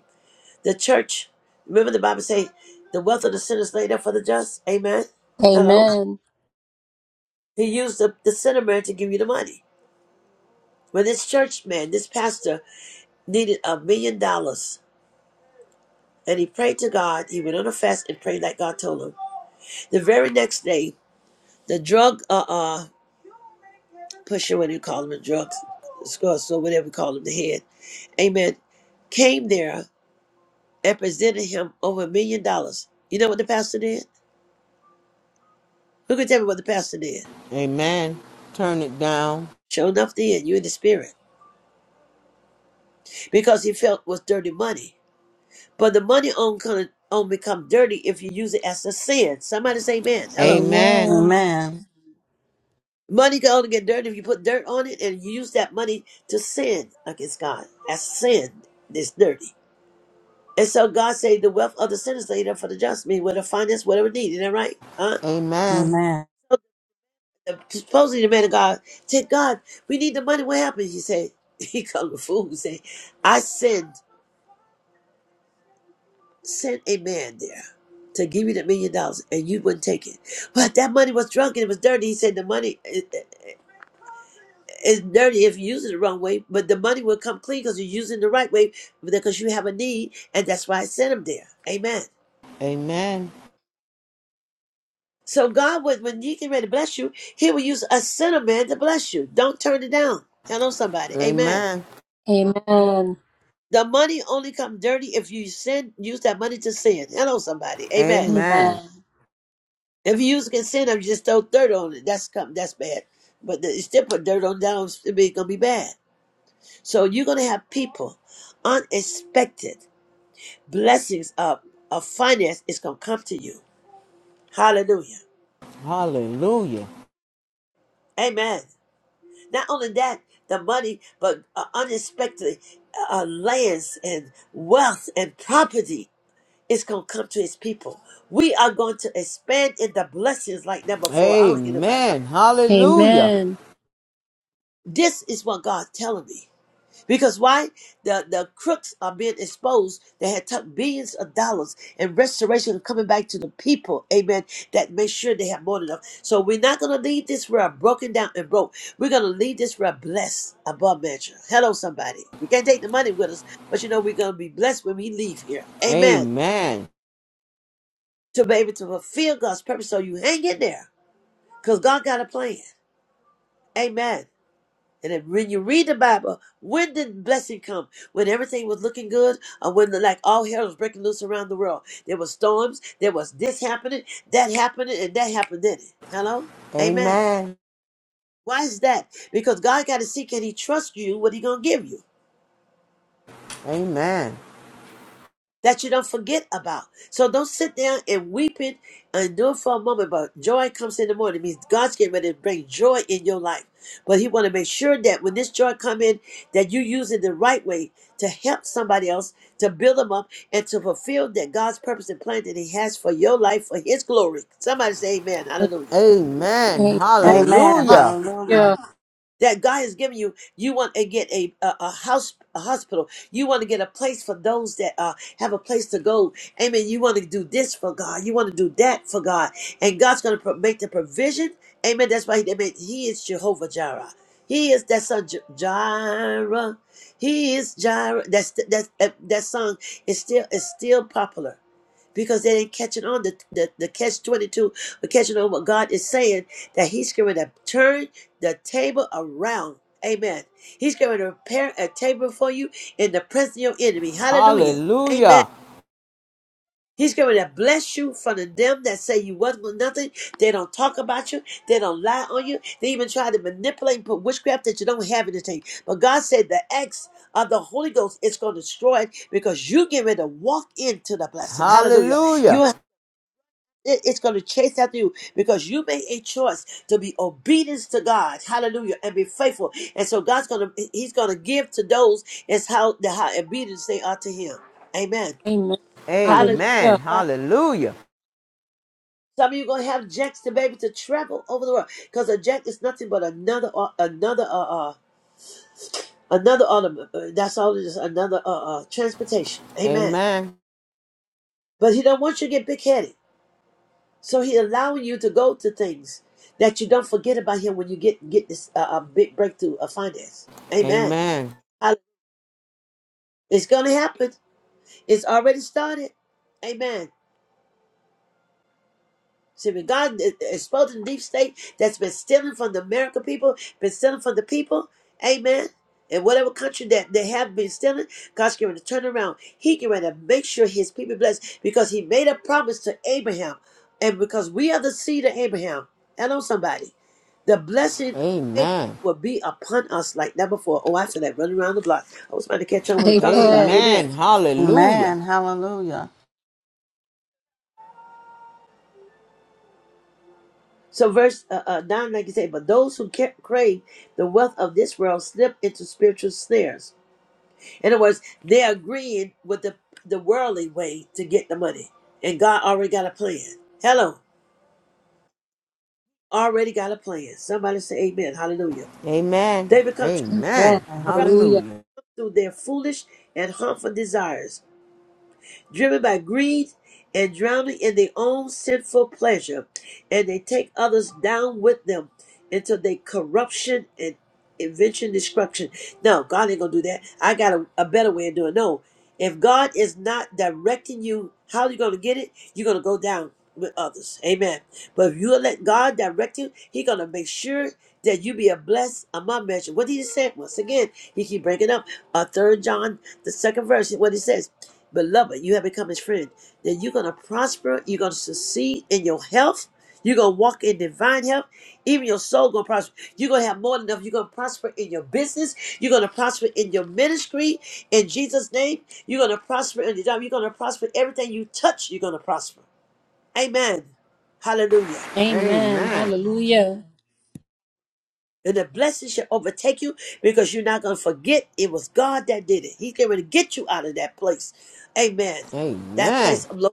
A: The church. Remember the Bible say, "The wealth of the sinners laid up for the just." Amen. Hello.
B: Amen.
A: He used the, the sinner man to give you the money. When this church man, this pastor, needed a million dollars, and he prayed to God. He went on a fast and prayed like God told him. The very next day, the drug uh, uh pusher, whatever you call them, the drug scores, or whatever you call them, the head, amen, came there and presented him over a million dollars. You know what the pastor did? Who can tell me what the pastor did? Sure enough, then you in the spirit because he felt was dirty money. But the money on can only become dirty if you use it as a sin. Somebody say, "Man, hello."
E: Amen.
A: Money can only get dirty if you put dirt on it and you use that money to sin against God. As sin is dirty. And so God said, the wealth of the sinners laid up for the just, mean with the finance, whatever needed. Is that right? Huh?
E: Amen.
A: So, uh, supposedly the man of God said, God, we need the money. What happened? He said, he called the fool and said, I send, sent a man there to give you the million dollars and you wouldn't take it. But that money was drunk and it was dirty. He said, the money i- i- is dirty if you use it the wrong way, but the money will come clean because you're using it the right way because you have a need. And that's why I sent him there. Amen. So God, would, when He get ready to bless you, He will use a sinner man to bless you. Don't turn it down. Hello, somebody. Amen. The money only come dirty if you sin. Use that money to sin. Hello, somebody. Amen.
B: Amen.
A: If you use it to sin, if you just throw dirt on it, that's come. That's bad. But the, you still put dirt on down. It's gonna be bad. So you're gonna have people unexpected blessings of of finance is gonna come to you. Hallelujah. Amen. Not only that, the money, but uh, unexpectedly, uh, uh, lands and wealth and property is going to come to his people. We are going to expand in the blessings like never before. I don't hear about that.
B: Amen.
A: This is what God's telling me. Because why? The the crooks are being exposed. They had took billions of dollars and restoration is coming back to the people. Amen. That make sure they have more than enough. So we're not gonna leave this world broken down and broke. We're gonna leave this world blessed above measure. Hello, somebody. We can't take the money with us, but you know we're gonna be blessed when we leave here. Amen. To be able to fulfill God's purpose. So you hang in there. Because God got a plan. Amen. And if, when you read the Bible, when did blessing come? When everything was looking good, or when the, like all hell was breaking loose around the world? There was storms. There was this happening, that happening, and that happened. Did it? Hello, Amen. Why is that? Because God got to see can He trust you? What He gonna give you? that you don't forget about. So don't sit down and weep it and do it for a moment. But joy comes in the morning. It means God's getting ready to bring joy in your life. But He want to make sure that when this joy come in, that you use it the right way to help somebody else, to build them up, and to fulfill that God's purpose and plan that He has for your life for His glory. Somebody say Amen. Hallelujah.
B: Amen.
E: Amen. Hallelujah.
A: that God has given you. You want to get a, a, a house, a hospital. You want to get a place for those that uh, have a place to go. Amen. You want to do this for God. You want to do that for God. And God's going to pro- make the provision. Amen. That's why he, amen, he is Jehovah Jireh. He is that son J- Jireh. He is Jireh. That's that that that song is still is still popular because they ain't catching on the the, the catch twenty two, but catching on what God is saying that He's going to turn the table around. Amen. He's going to prepare a table for you in the presence of your enemy. Hallelujah. Amen. He's going to bless you from the them that say you wasn't nothing. They don't talk about you. They don't lie on you. They even try to manipulate and put witchcraft that you don't have anything. But God said the acts of the Holy Ghost is going to destroy it because you get ready to walk into the blessing. Hallelujah. you. It- It's going to chase after you because you made a choice to be obedient to God. Hallelujah. And be faithful. And so God's going to, He's going to give to those is how, the, how obedience they are to Him. Amen.
B: Amen.
A: Hallelujah.
B: Hallelujah.
A: Some of you going to have jacks to be to travel over the world because a jack is nothing but another, uh, another, uh, uh, another ornament. Uh, That's all it is. Another, uh, uh, transportation. Amen. But He don't want you to get big headed. So he allowing you to go to things that you don't forget about him when you get get this uh, a big breakthrough of finance. Amen. Hall- It's gonna happen. It's already started. Amen. See, when God is exposing the deep state that's been stealing from the American people, been stealing from the people, amen. In whatever country that they have been stealing, God's going to turn around. He can to make sure his people are blessed because he made a promise to Abraham. And because we are the seed of Abraham. Hello, somebody. The blessing of Abraham will be upon us like never before. Oh, I feel that running around the block. I was about to catch on what I'm talking about.
B: Amen.
A: Amen.
E: Amen. Hallelujah.
A: So verse uh, uh, 9, like you say, but those who ca- crave the wealth of this world slip into spiritual snares. In other words, they're agreeing with the, the worldly way to get the money. And God already got a plan. Hello, already got a plan. Somebody say amen. Hallelujah. They become
E: Amen.
A: troubled
B: Hallelujah.
A: through their foolish and harmful desires driven by greed and drowning in their own sinful pleasure, and they take others down with them into their corruption and invention destruction. No, God ain't gonna do that. I got a, a better way of doing it. No. If God is not directing you how you gonna get it, you're gonna go down with others. Amen. But if you let God direct you, He gonna make sure that you be a blessed among measure. What did he just said Once again, he keep breaking up. Uh, third John the second verse, what it says, Beloved, you have become his friend. Then you're going to prosper. You're going to succeed in your health. You're going to walk in divine health. Even your soul going to prosper. You're going to have more than enough. You're going to prosper in your business. You're going to prosper in your ministry. In Jesus' name, you're going to prosper in your job. You're going to prosper everything you touch. You're going to prosper. Amen. Hallelujah.
B: Amen. Amen. Hallelujah. Amen. Hallelujah.
A: And the blessing shall overtake you because you're not going to forget it was God that did it. He's getting ready to get you out of that place. Amen. That place of low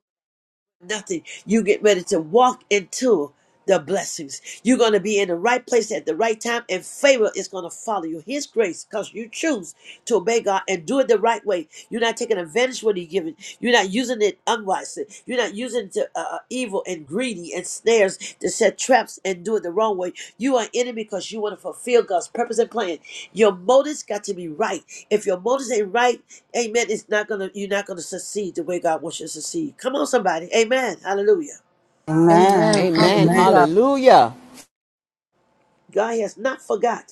A: nothing. You get ready to walk into the blessings. You're going to be in the right place at the right time, and favor is going to follow you. His grace, because you choose to obey God and do it the right way. You're not taking advantage of what He's given. You're not using it unwisely. You're not using it to uh, uh, evil and greedy and snares to set traps and do it the wrong way. You are in it because you want to fulfill God's purpose and plan. Your motives got to be right. If your motives ain't right, amen, it's not gonna you're not gonna succeed the way God wants you to succeed. Come on, somebody. Amen. Hallelujah.
B: Amen. Hallelujah.
E: Amen.
A: God has not forgot.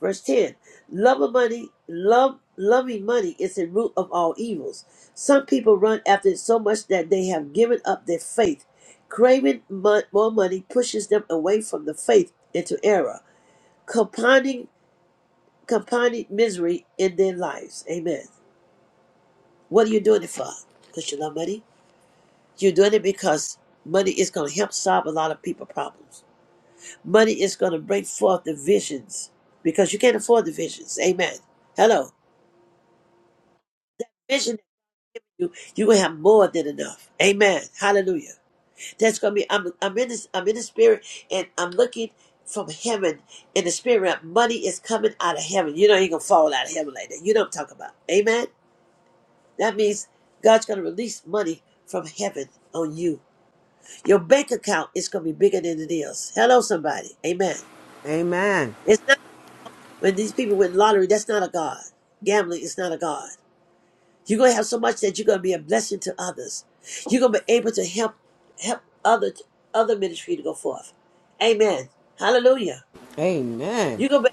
A: Verse 10 Love of money, love loving money is the root of all evils. Some people run after it so much that they have given up their faith. Craving mon- more money pushes them away from the faith into error, compounding compounding misery in their lives. Amen. What are you doing it for? Because you love money? You're doing it because money is going to help solve a lot of people's problems. Money is going to bring forth the visions because you can't afford the visions. Amen. Hello. vision. you you're gonna have more than enough amen hallelujah that's gonna be i'm, I'm in this i'm in the spirit and i'm looking from heaven in the spirit realm. money is coming out of heaven you know you gonna fall out of heaven like that you don't talk about amen that means god's gonna release money from heaven on you your bank account is gonna be bigger than it is hello somebody amen it's not when these people win lottery that's not a god gambling is not a god You're gonna have so much that you're gonna be a blessing to others. You're gonna be able to help help other other ministry to go forth. Amen. Hallelujah. You're gonna be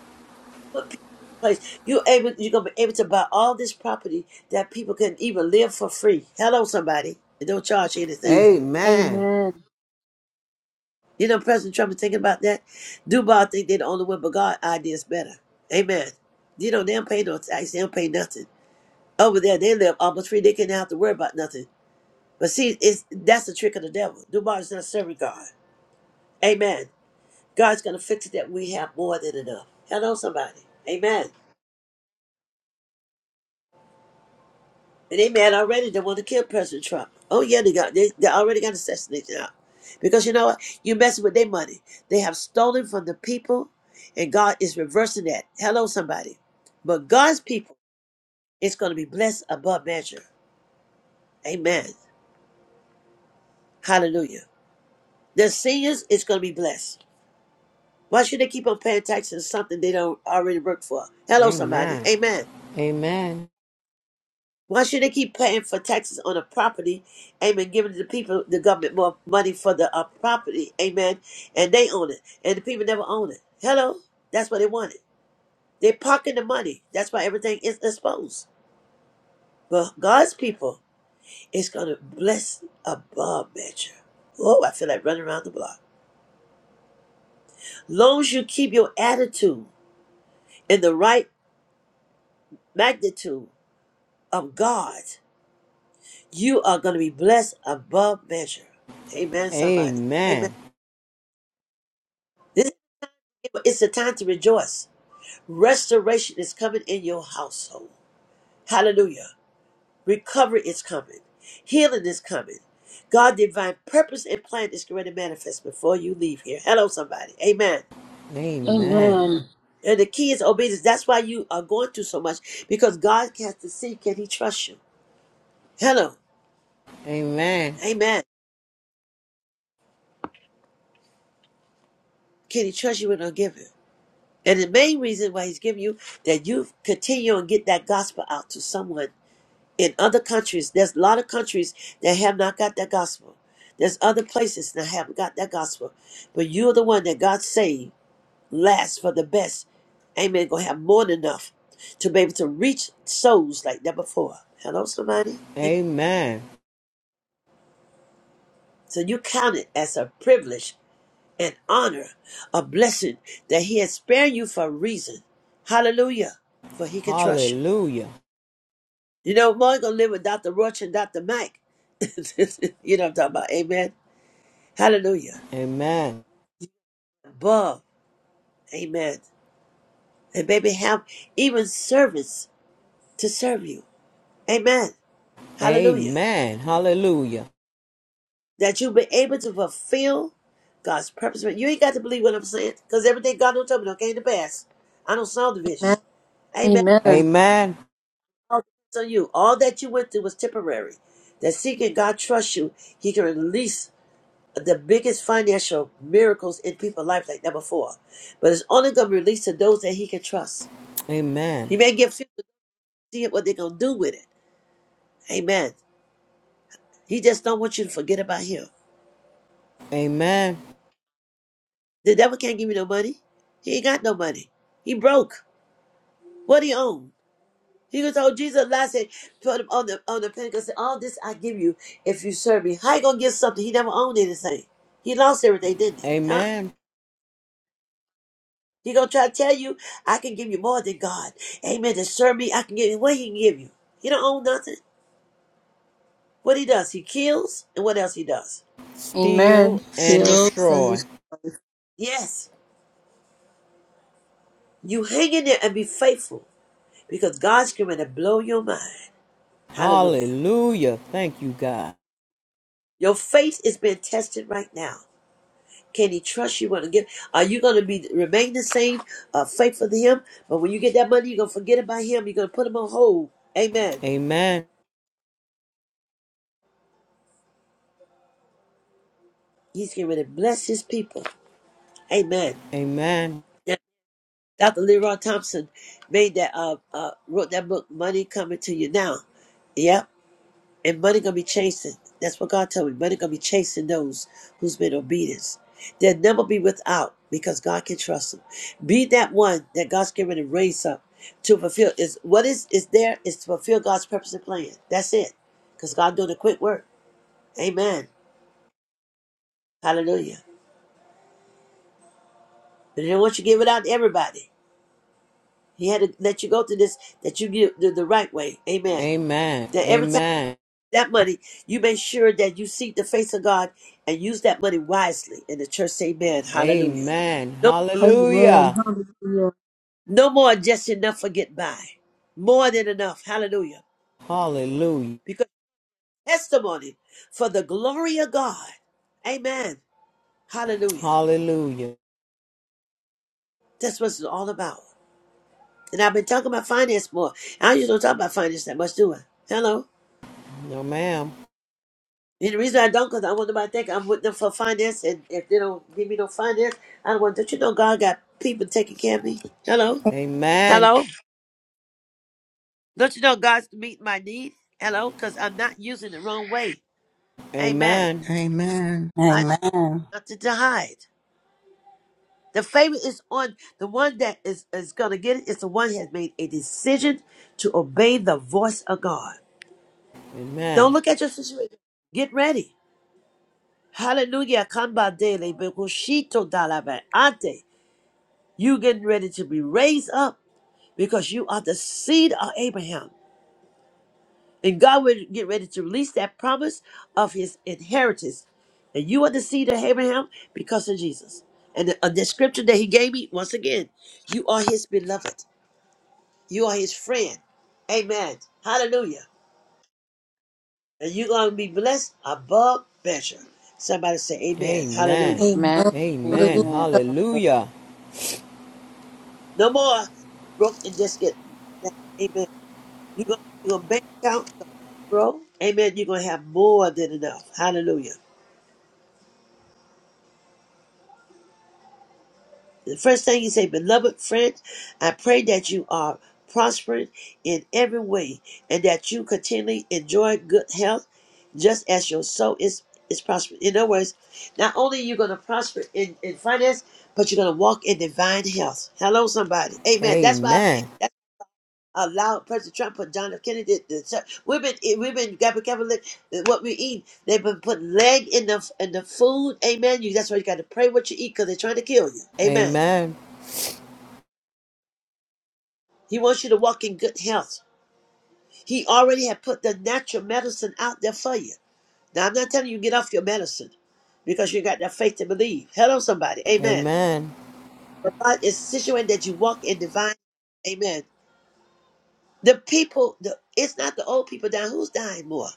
A: able to put people in place. You're able you're gonna be able to buy all this property that people can even live for free. Hello, somebody. They don't charge you anything.
B: Amen.
A: You know, President Trump is thinking about that. Dubai think they're the only one, but God idea is better. Amen. You know, they don't pay no tax, they don't pay nothing. Over there, they live almost free. They can't have to worry about nothing. But see, it's that's the trick of the devil. Dubai is not serving God. Amen. God's gonna fix it that we have more than enough. Hello, somebody. Amen. And they mad already. They want to kill President Trump. Oh yeah, they got they, they already got assassinated out. Because you know what? You're messing with their money. They have stolen from the people, and God is reversing that. Hello, somebody. But God's people is gonna be blessed above measure. Amen. Hallelujah. The seniors is gonna be blessed. Why should they keep on paying taxes on something they don't already work for? Hello, somebody. Amen. Why should they keep paying for taxes on a property? Amen. Giving the people, the government, more money for the uh, property. Amen. And they own it. And the people never own it. Hello. That's what they wanted. They're parking the money. That's why everything is exposed. But God's people is going to bless above measure. Oh, I feel like running around the block. Long as you keep your attitude in the right magnitude of God, You are going to be blessed above measure. Amen, somebody. Amen. This, it's the time to rejoice. Restoration is coming in your household. Hallelujah. Recovery is coming. Healing is coming. God' divine purpose and plan is going to manifest before you leave here. Hello, somebody. Amen.
B: Amen.
A: And the key is obedience. That's why you are going through so much because God has to see can He trust you? Hello. Amen. Can He trust you with a given? And the main reason why he's giving you that you continue and get that gospel out to someone in other countries. There's a lot of countries that have not got that gospel. There's other places that haven't got that gospel. But you're the one that God saved last for the best. Amen. Gonna have more than enough to be able to reach souls like never before. Hello, somebody? So you count it as a privilege, an honor, a blessing that he has spared you for a reason. Hallelujah. For he can trust you. You know, more gonna live with Dr. Roach and Dr. Mike. you know what I'm talking about. Amen. Hallelujah. Above. Amen. And baby, have even servants to serve you. Amen. Hallelujah. That you'll be able to fulfill God's purpose. You ain't got to believe what I'm saying. Because everything God don't tell me don't came to pass. I don't saw the vision.
B: Amen.
A: Amen.
B: Amen.
A: All depends on you. All that you went through was temporary. That seeking God trusts you, He can release. the biggest financial miracles in people's life like never before. But it's only going to be released to those that he can trust. He may give few to see what they're going to do with it. Amen. He just don't want you to forget about him. The devil can't give you no money. He ain't got no money. He broke. What he own? He was told Jesus last said, put him on the on the Pentecost, said, All this I give you if you serve me. How you gonna give something? He never owned anything. He lost everything, didn't he? Huh? He gonna try to tell you, I can give you more than God. Amen. To serve me, I can give you what he can give you. He don't own nothing. What he does, he kills, and what else he does?
B: Amen. Heals and is-
A: Yes. You hang in there and be faithful because God's coming to blow your mind. Hallelujah. Your faith is being tested right now. Can he trust you when again? Are you going to be remain the same, uh, faithful to him? But when you get that money, you're going to forget about him. You're going to put him on hold. Amen. He's getting ready to bless his people. Amen. Dr. Leroy Thompson made that uh, uh wrote that book, Money Coming to You Now. Yep. And money gonna be chasing. That's what God told me. Money gonna be chasing those who's been obedient. They'll never be without because God can trust them. Be that one that God's given to raise up to fulfill is what is is there is to fulfill God's purpose and plan. That's it. Because God doing a quick work. Amen. Hallelujah. But he don't want you to give it out to everybody. He had to let you go through this that you give the, the right way. Amen. That every time that money, you make sure that you seek the face of God and use that money wisely. And the church say, Amen. Hallelujah. No,
B: Amen. Hallelujah.
A: no more just enough for get by. More than enough. Hallelujah. Because testimony for the glory of God. Amen. Hallelujah. That's what it's all about. And I've been talking about finance more. I usually don't talk about finance that much, do I? Hello? And the reason I don't, because I want nobody to think I'm with them for finance. And if they don't give me no finance, I don't want, don't you know God got people taking care of me? Hello? Hello? Don't you know God's to meet my need? Hello? Because I'm not using the wrong way. Amen.
E: Amen.
A: I have
E: Amen.
A: nothing to hide. The favor is on the one that is, is going to get it. It's the one who has made a decision to obey the voice of God. Don't look at your situation. Get ready. Hallelujah. Kamba dele bekushito dalaba ante. You getting ready to be raised up because you are the seed of Abraham. And God will get ready to release that promise of his inheritance. And you are the seed of Abraham because of Jesus. And the, uh, the scripture that he gave me, once again, you are his beloved. You are his friend. Amen. Hallelujah. And you're going to be blessed above measure. Somebody say amen. Hallelujah.
B: Amen.
D: Amen. Amen.
B: Hallelujah.
D: Hallelujah.
A: No more broke and just get down. Amen. You're going to bank account, grow. Amen. You're going to have more than enough. Hallelujah. The first thing he said, Beloved friend, I pray that you are prospered in every way and that you continually enjoy good health just as your soul is, is prospered. In other words, not only are you going to prosper in, in finance, but you're going to walk in divine health. Hello, somebody. Amen. That's why that's why I allowed President Trump and John F. Kennedy. The, the, we've been, we've been, got to be careful what we eat. They've been putting leg in the, in the food. Amen. You, that's why you got to pray what you eat because they're trying to kill you. Amen. He wants you to walk in good health. He already had put the natural medicine out there for you. Now, I'm not telling you get off your medicine because you got that faith to believe. Hello, somebody. Amen. But God is situated that you walk in divine. Amen. The people, the, it's not the old people dying. Who's dying more?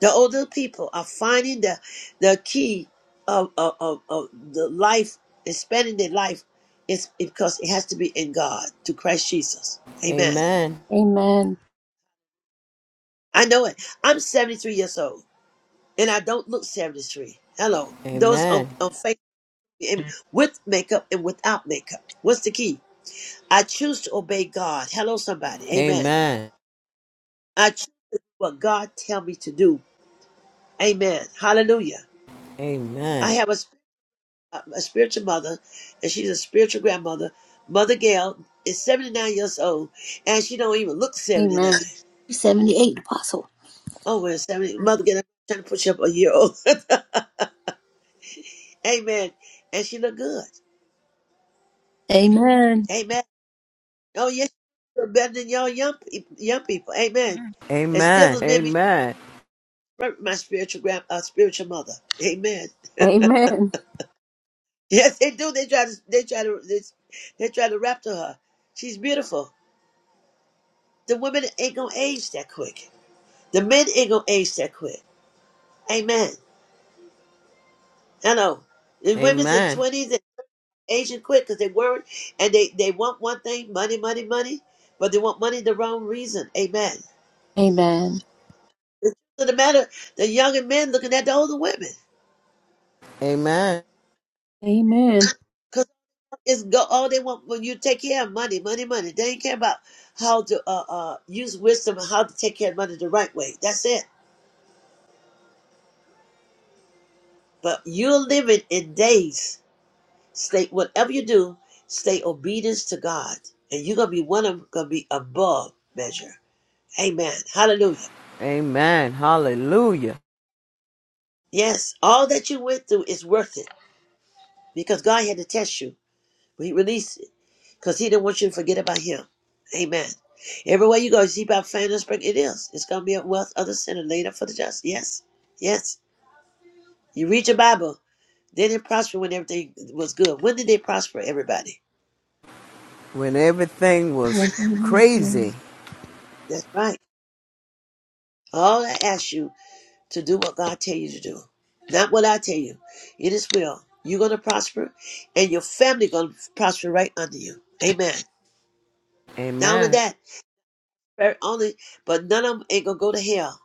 A: The older people are finding the the key of, of, of, of the life, expanding their life, is because it has to be in God, to Christ Jesus. Amen.
B: Amen.
A: I know it. I'm 73 years old. and I don't look 73. Hello. Those on, on Facebook and with makeup and without makeup. What's the key? I choose to obey God. Hello, somebody. Amen. I choose to do what God tell me to do. Amen. Hallelujah. I have a, sp- a spiritual mother, and she's a spiritual grandmother. Mother Gail is 79 years old, and she don't even look 79.
B: Amen.
A: Oh, well, 70. Mother Gail, I'm trying to put you up a year old. Amen. And she look good.
B: Amen.
A: Amen. Oh yes, you're better than y'all young people, young people. Amen.
Q: Amen.
A: And still, those men be trying to hurt my spiritual grand, uh, spiritual mother. Amen.
B: Amen.
A: Yes, they do. They try to, they try to, they, they try to rap to her. She's beautiful. The women ain't gonna age that quick. The men ain't gonna age that quick. Amen. I know. The women's in twenties and aging quick because they worried and they they want one thing: money, money, money. But they want money the wrong reason. Amen.
B: Amen.
A: It doesn't matter. The younger men looking at the older women.
B: Amen.
A: It's go all they want when you take care of money, money, money. They ain't care about how to uh, uh, use wisdom and how to take care of money the right way. That's it. But you're living in days. Stay whatever you do, stay obedience to God, and you're gonna be one of them gonna be above measure. Amen. Hallelujah. Yes, all that you went through is worth it because God had to test you. He released it because he didn't want you to forget about him. Amen. Everywhere you go, you see about fairness, but it is. It's going to be a wealth of the sinner laid up for the just. Yes. Yes. You read your Bible. They didn't prosper when everything was good. When did they prosper, everybody?
B: Amen.
A: That's right. All I ask you to do what God tell you to do. Not what I tell you. It is will. You're going to prosper, and your family going to prosper right under you. Amen. Not only that, very only, but none of them ain't going to go to hell.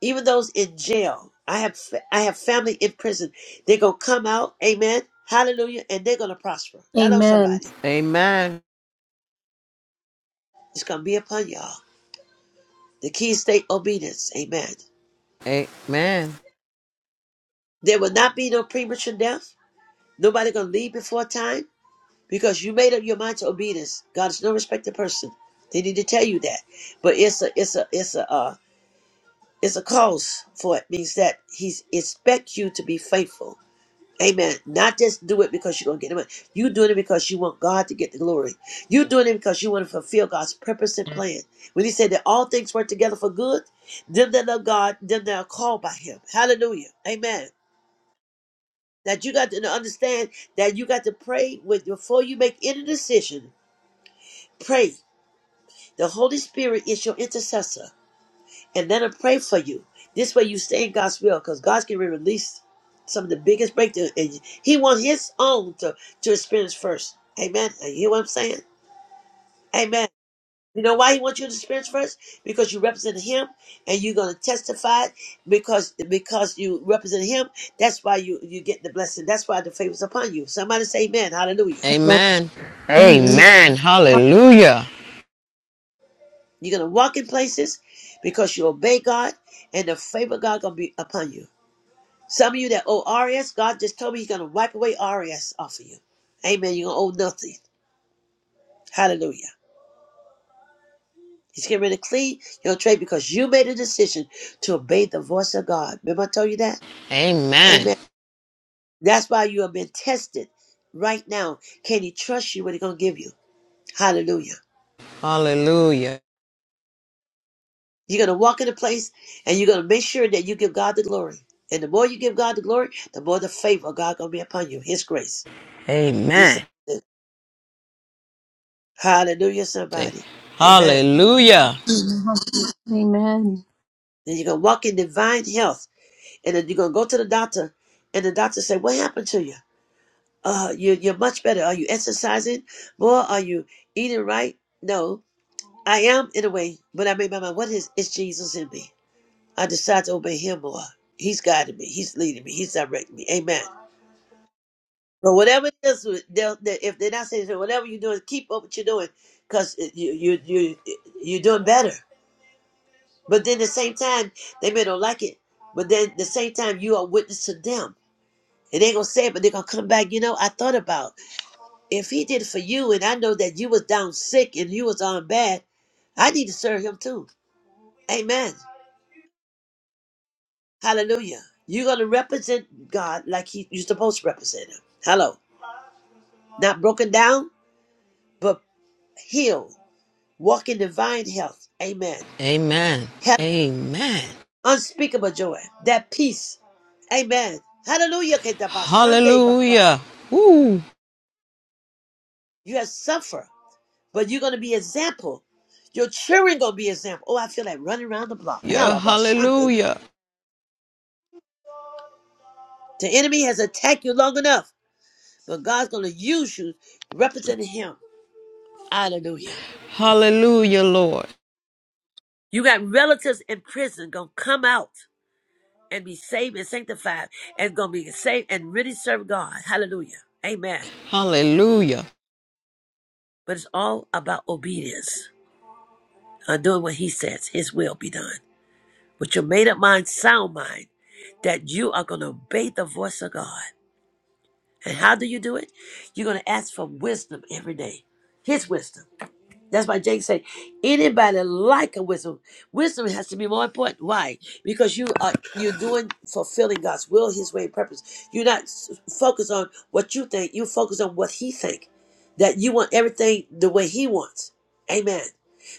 A: even those in jail. I have I have family in prison. They're gonna come out, amen, hallelujah, and they're gonna prosper. Hello,
B: Amen.
A: somebody. It's gonna be upon y'all. The key state obedience, amen. There will not be no premature death. Nobody gonna leave before time because you made up your mind to obedience. God is no respected person. They need to tell you that, but it's a it's a it's a uh, it's a cause for it. Means that He's expect you to be faithful Amen. Not just do it because you're gonna get the money. You doing it because you want God to get the glory. You doing it because you want to fulfill God's purpose and plan. When He said that all things work together for good, them that love God, them that are called by Him. Hallelujah. Amen. That you got to understand that you got to pray with before you make any decision. Pray. The Holy Spirit is your intercessor. and let him pray for you. This way you stay in God's will because God's going to release some of the biggest breakthrough. And he wants his own to, to experience first. Amen. You hear what I'm saying? Amen. You know why he wants you to experience first? Because you represent him and you're gonna testify because because you represent him, that's why you you get the blessing. That's why the favor's upon you. Somebody say amen, hallelujah.
B: Amen. Amen. Amen.
A: You're gonna walk in places because you obey God and the favor of God gonna be upon you. Some of you that owe RS, God just told me He's going to wipe away RS off of you. Amen. You're going to owe nothing. Hallelujah. He's getting rid of clean your trade because you made a decision to obey the voice of God. Remember, I told you that? Amen. That's why you have been tested right now. Can He trust you what He's going to give you? Hallelujah. You're going to walk in a place and you're going to make sure that you give God the glory. And the more you give God the glory, the more the favor of God going to be upon you, His grace. This, hallelujah, somebody. Amen.
B: Amen.
A: Then you're gonna walk in divine health, and then you're gonna go to the doctor, and the doctor say, "What happened to you? Uh, you you're much better. Are you exercising more? Are you eating right?" No, I am in a way, but I made my mind. What is is Jesus in me? I decide to obey Him more. He's guiding me. He's leading me. He's directing me. Amen. But whatever it is, they'll, they, if they're not saying "Hey, whatever you're doing, keep up what you're doing, cause you you you you're doing better. But then at the same time, they may not like it. But then at the same time, you are witness to them. And they're gonna say it, but they're gonna come back. You know, I thought about if he did it for you, and I know that you was down sick and you was on bad, I need to serve him too. Amen. Hallelujah. You're gonna represent God like he you're supposed to represent him. Hello. Not broken down, but healed. Walk in divine health. Amen. Have unspeakable joy. That peace. Amen. Hallelujah. You have suffered. But you're gonna be example. Your children gonna be example. Oh, I feel like running around the block. Hell about Shante. The enemy has attacked you long enough, but God's gonna use you representing him. Hallelujah. You got relatives in prison gonna come out and be saved and sanctified and gonna be saved and really serve God. Hallelujah. Amen. But it's all about obedience. Uh, doing what he says, his will be done. With your made up mind, sound mind, that you are gonna obey the voice of God. And how do you do it? You're going to ask for wisdom every day, His wisdom. That's why James said, anybody like a wisdom, wisdom has to be more important. Why? Because you are you're doing fulfilling God's will, His way, and purpose. You're not s- focused on what you think. You focus on what He think. That you want everything the way He wants. Amen.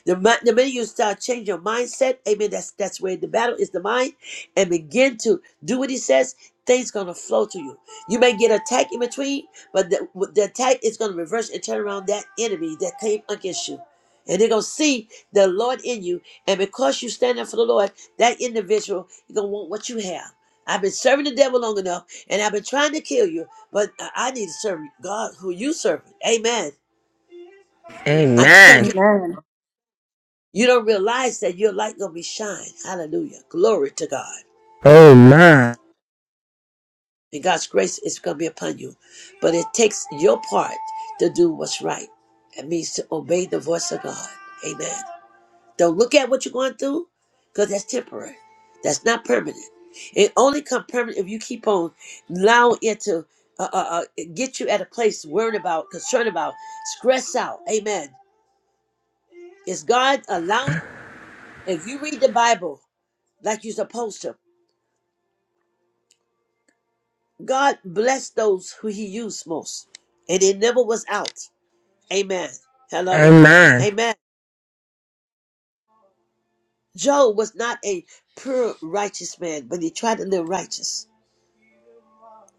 A: The, mi- the minute you start changing your mindset, amen. That's that's where the battle is the mind, and begin to do what He says. Things gonna flow to you. You may get attacked in between, but the, the attack is gonna reverse and turn around that enemy that came against you. And they're going to see the Lord in you. And because you stand up for the Lord, that individual, you're going to want what you have. I've been serving the devil long enough, and I've been trying to kill you, but I I need to serve God who you serve. Amen. I tell
R: Amen.
A: you,
B: Amen.
A: you don't realize that your light going to be shine. Hallelujah. Glory to God.
R: Amen.
A: And God's grace is going to be upon you. But it takes your part to do what's right. It means to obey the voice of God. Amen. Don't look at what you're going through, because that's temporary. That's not permanent. It only come permanent if you keep on allowing it to uh, uh, uh, get you at a place worried about, concerned about, stressed out. Amen. Is God allowing? If you read the Bible like you're supposed to, God bless those who He used most, and it never was out. Amen. Hello.
R: Amen.
A: Amen. Job was not a pure righteous man, but he tried to live righteous.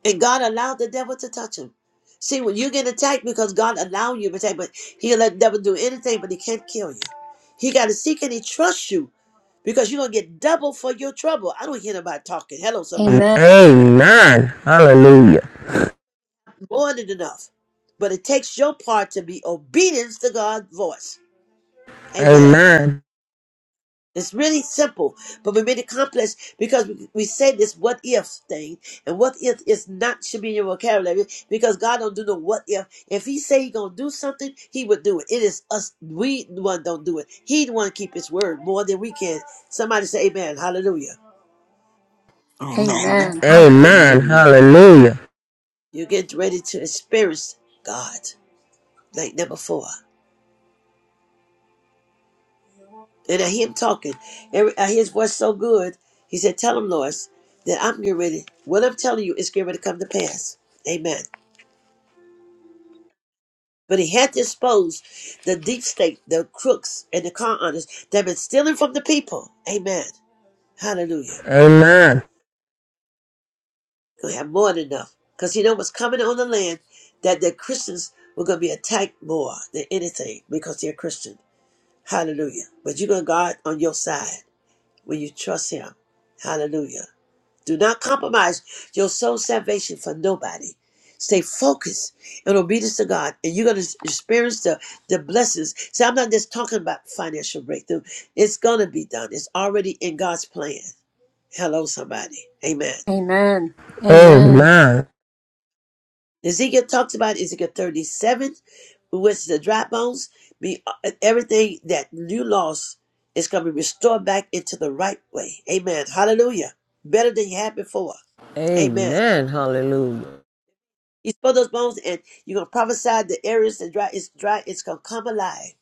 A: And God allowed the devil to touch him. See, when you get attacked because God allowed you to attack, but he'll let the devil do anything, but he can't kill you. He got to seek and he trusts you because you're going to get double for your trouble. I don't hear nobody talking. Hello, somebody.
R: Amen. Hallelujah.
A: More than enough. But it takes your part to be obedience to God's voice. Amen.
R: Amen.
A: It's really simple, but we made it complex because we, we say this what if thing, and what if is not should be in your vocabulary because God don't do no what if. If He say He gonna do something, He would do it. It is us, we the one don't do it. He the one keep His word more than we can. Somebody say Amen, Hallelujah.
F: Amen.
B: Amen. Hallelujah.
R: Amen.
F: Hallelujah.
R: Hallelujah.
A: You're getting ready to experience God like never before, and I hear Him talking. Every, I hear His voice so good. He said, "Tell Him, Lois, that I'm getting ready. What I'm telling you is getting ready to come to pass." Amen. But he had to expose the deep state, the crooks, and the con artists that have been stealing from the people. Amen. Hallelujah.
R: Amen.
A: We have more than enough. Because you know what's coming on the land? That the Christians were going to be attacked more than anything because they're Christian. Hallelujah. But you got God on your side when you trust Him. Hallelujah. Do not compromise your soul salvation for nobody. Stay focused and obedience to God, and you're going to experience the, the blessings. See, I'm not just talking about financial breakthrough. It's going to be done. It's already in God's plan. Hello, somebody. Amen.
B: Amen. Amen.
R: Amen.
A: Ezekiel talks about Ezekiel 37, which is the dry bones. Be, uh, everything that you lost is going to be restored back into the right way. Amen. Hallelujah. Better than you had before. Amen. You spoil those bones, and you're gonna prophesy the areas that dry. It's dry. It's gonna come alive.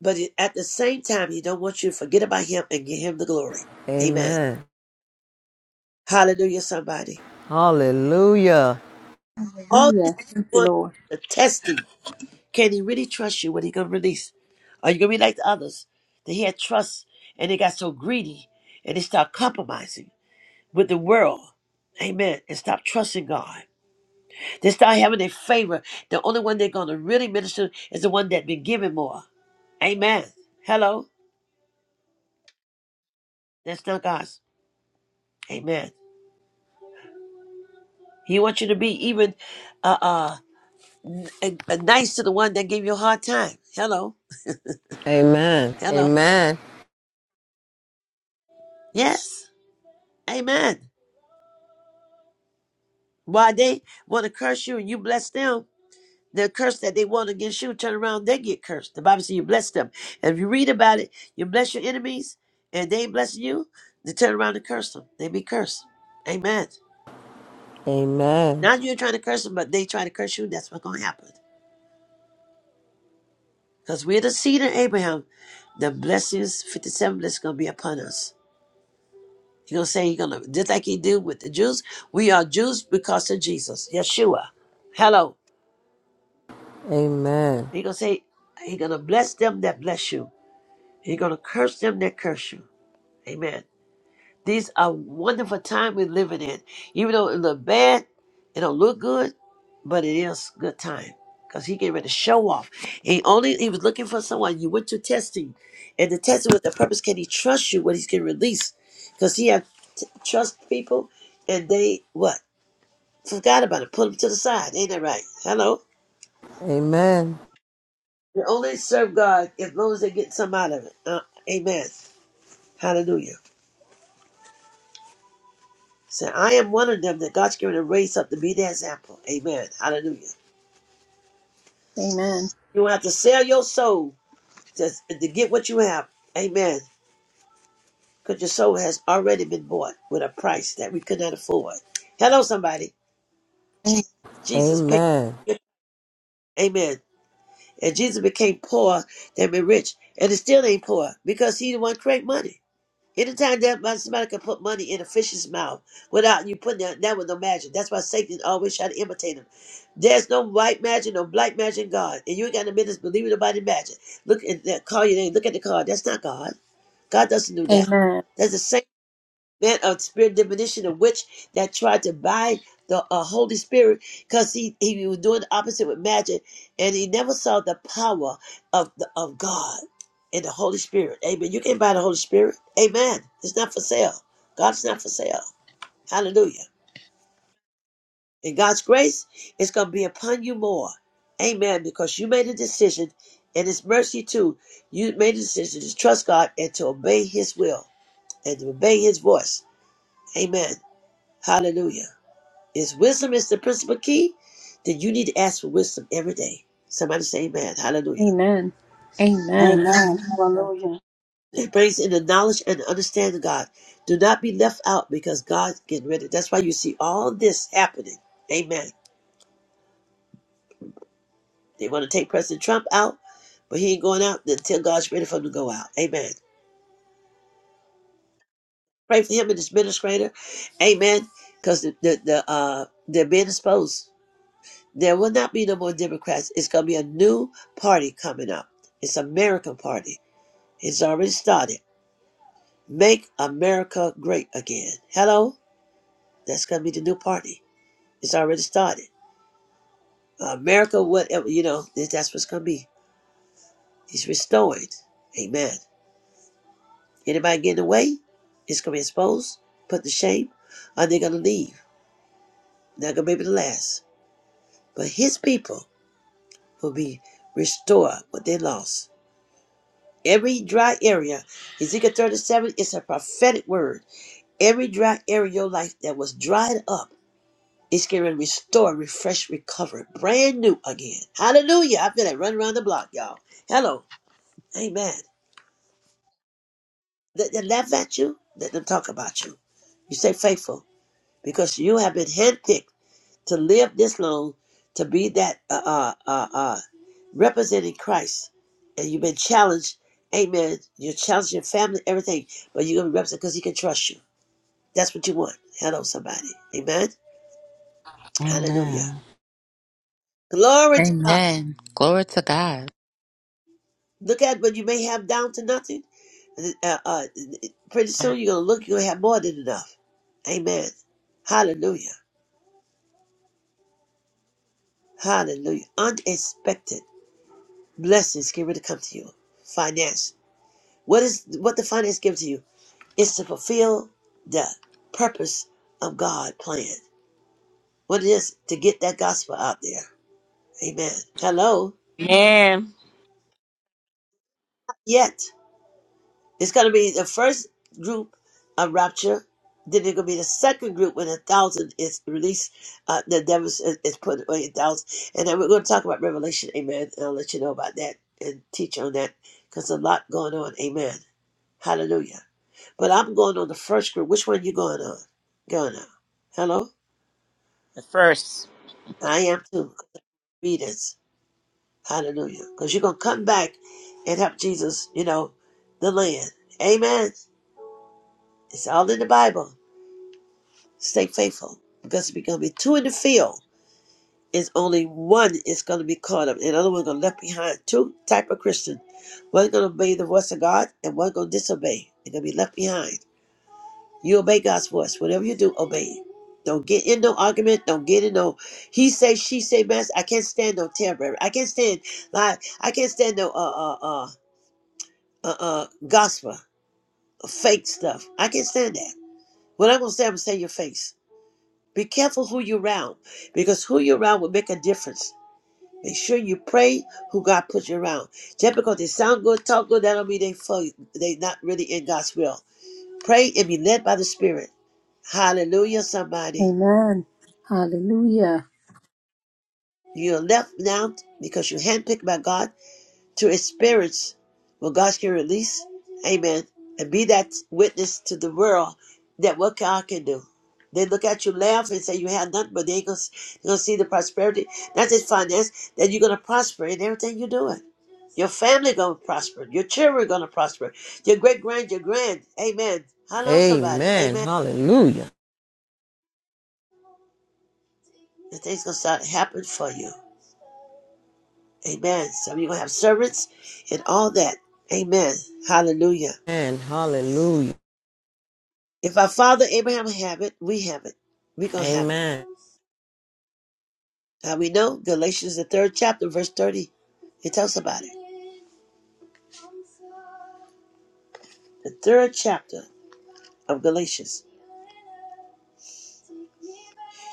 A: But it- at the same time, He don't want you to forget about Him and give Him the glory. Amen. Hallelujah. Somebody. All this
B: Hallelujah.
A: going the testing. Can He really trust you? when He gonna release? Are you gonna be like the others? They had trust, and they got so greedy, and they start compromising with the world. Amen. And stop trusting God. They start having their favor. The only one they're gonna really minister is the one that been given more. Amen. Hello. That's not God's. Amen. He wants you to be even uh, uh, n- uh, nice to the one that gave you a hard time. Hello. Hello. Yes. Amen. Why they want to curse you and you bless them, the curse that they want against you, turn around, they get cursed. The Bible says you bless them. And if you read about it, you bless your enemies and they ain't blessing you, they turn around and curse them. They be cursed. Amen. Not you're trying to curse them, but they try to curse you. That's what's going to happen. Because we're the seed of Abraham. The blessings, 57 blessings, going to be upon us. He's going to say, he's going to, just like he did with the Jews, we are Jews because of Jesus, Yeshua. Hello. He's going to say, he's going to bless them that bless you. He's going to curse them that curse you. Amen. These are wonderful time we're living in. Even though it look bad, it don't look good, but it is good time. Because he getting ready to show off. And he only he was looking for someone. You went to testing. And the testing was the purpose. Can he trust you when he's getting released? Because he had t- trust people and they what? Forgot about it. Put him to the side. Ain't that right? Hello? They only serve God as long as they get some out of it. Uh, amen. Hallelujah. Say, I am one of them that God's going to raise up to be the example. Amen. Hallelujah.
B: Amen.
A: You won't have to sell your soul to, to get what you have. Amen. Because your soul has already been bought with a price that we could not afford. Hello, somebody. Jesus paid. Amen. And Jesus became poor, then be rich. And it still ain't poor because he the one create money. Anytime that my- somebody can put money in a fish's mouth without you putting that, that was no magic. That's why Satan always try to imitate him. There's no white magic, no black magic in God. And you ain't got no business believing nobody magic. Look at that, call your name, look at the card. That's not God. God doesn't do that.
B: Amen.
A: That's the Satan man of spirit divination of witch that tried to bind the uh, Holy Spirit because he, he was doing the opposite with magic and he never saw the power of the, of God and the Holy Spirit. Amen. You can't buy the Holy Spirit. Amen. It's not for sale. God's not for sale. Hallelujah. And God's grace is going to be upon you more. Amen. Because you made a decision and His mercy too. You made a decision to trust God and to obey His will and to obey His voice. Amen. Hallelujah. Is wisdom is the principal key? Then you need to ask for wisdom every day. Somebody say amen. Hallelujah.
B: Amen. Amen.
E: Amen. Hallelujah.
A: It brings in the knowledge and understanding of God. Do not be left out because God's getting rid of. it. That's why you see all this happening. Amen. They want to take President Trump out, but he ain't going out until God's ready for him to go out. Amen. Pray for him and his administrator. Amen. Because the, the, the uh they're being exposed. There will not be no more Democrats. It's gonna be a new party coming up. It's an American party. It's already started. Make America great again. Hello? That's going to be the new party. It's already started. America, whatever, you know, that's what's going to be. It's restored. Amen. Anybody get in the way, it's going to be exposed, put to shame, or they're going to leave. They're going to be able to last. But his people will be restored what they lost. Every dry area, Ezekiel 37 is a prophetic word. Every dry area of your life that was dried up. It's getting ready to restore, refresh, recover, brand new again. Hallelujah. I feel like running around the block, y'all. Hello. Amen. They, they laugh at you, let them talk about you. You stay faithful because you have been handpicked to live this long, to be that uh, uh, uh, uh, representing Christ. And you've been challenged. Amen. You're challenging your family, everything, but you're going to be represented because he can trust you. That's what you want. Hello, somebody. Amen. Hallelujah.
E: Amen.
A: Glory to God.
D: Amen. Glory to God.
A: Look at what you may have down to nothing. Uh, uh, pretty soon you're gonna look, you're gonna have more than enough. Amen. Hallelujah. Hallelujah. Unexpected blessings get ready to come to you. Finance. What is what the finance gives to you? It's to fulfill the purpose of God plan. What it is to get that gospel out there. Amen. Hello.
O: Man,
A: Yet. It's going to be the first group of rapture. Then it's going to be the second group when a thousand is released. Uh, the devil is, is put away a thousand. And then we're going to talk about Revelation. Amen. And I'll let you know about that and teach on that because a lot going on. Amen. Hallelujah. But I'm going on the first group. Which one you going on? Going on. Hello?
O: the first.
A: I am too. Readers. Hallelujah. Because you're going to come back and help Jesus, you know, the land. Amen. It's all in the Bible. Stay faithful because we're going to be two in the field. It's only one is going to be caught up, and the other one going to left behind. Two type of Christian. One going to obey the voice of God, and one going to disobey. They're going to be left behind. You obey God's voice. Whatever you do, obey. it. Don't get in no argument. Don't get in no he say she say mess. I can't stand no temper. I can't stand like I can't stand no uh uh uh uh uh gospel fake stuff. I can't stand that. What I'm gonna say, I'm gonna say in your face. Be careful who you're around because who you're around will make a difference. Make sure you pray who God puts you around. Just because they sound good, talk good, that don't mean they for you. They not really in God's will. Pray and be led by the Spirit. Hallelujah, somebody.
B: Amen. Hallelujah.
A: You're left now because you're handpicked by God to experience what God can release. Amen. And be that witness to the world that what God can do. They look at you, laugh, and say you have nothing, but they ain't gonna, they gonna see the prosperity, not just finance, that you're gonna prosper in everything you're doing. Your family gonna prosper. Your children gonna prosper. Your great grand, your grand. Amen. Hello, somebody. Amen. And things gonna start to happen for you. Amen. Some of you gonna have servants and all that. Amen. Hallelujah. If our father Abraham have it, we have it. we going to have it. How we know? Galatians, the third chapter, verse 30. It tells about it. The third chapter of Galatians.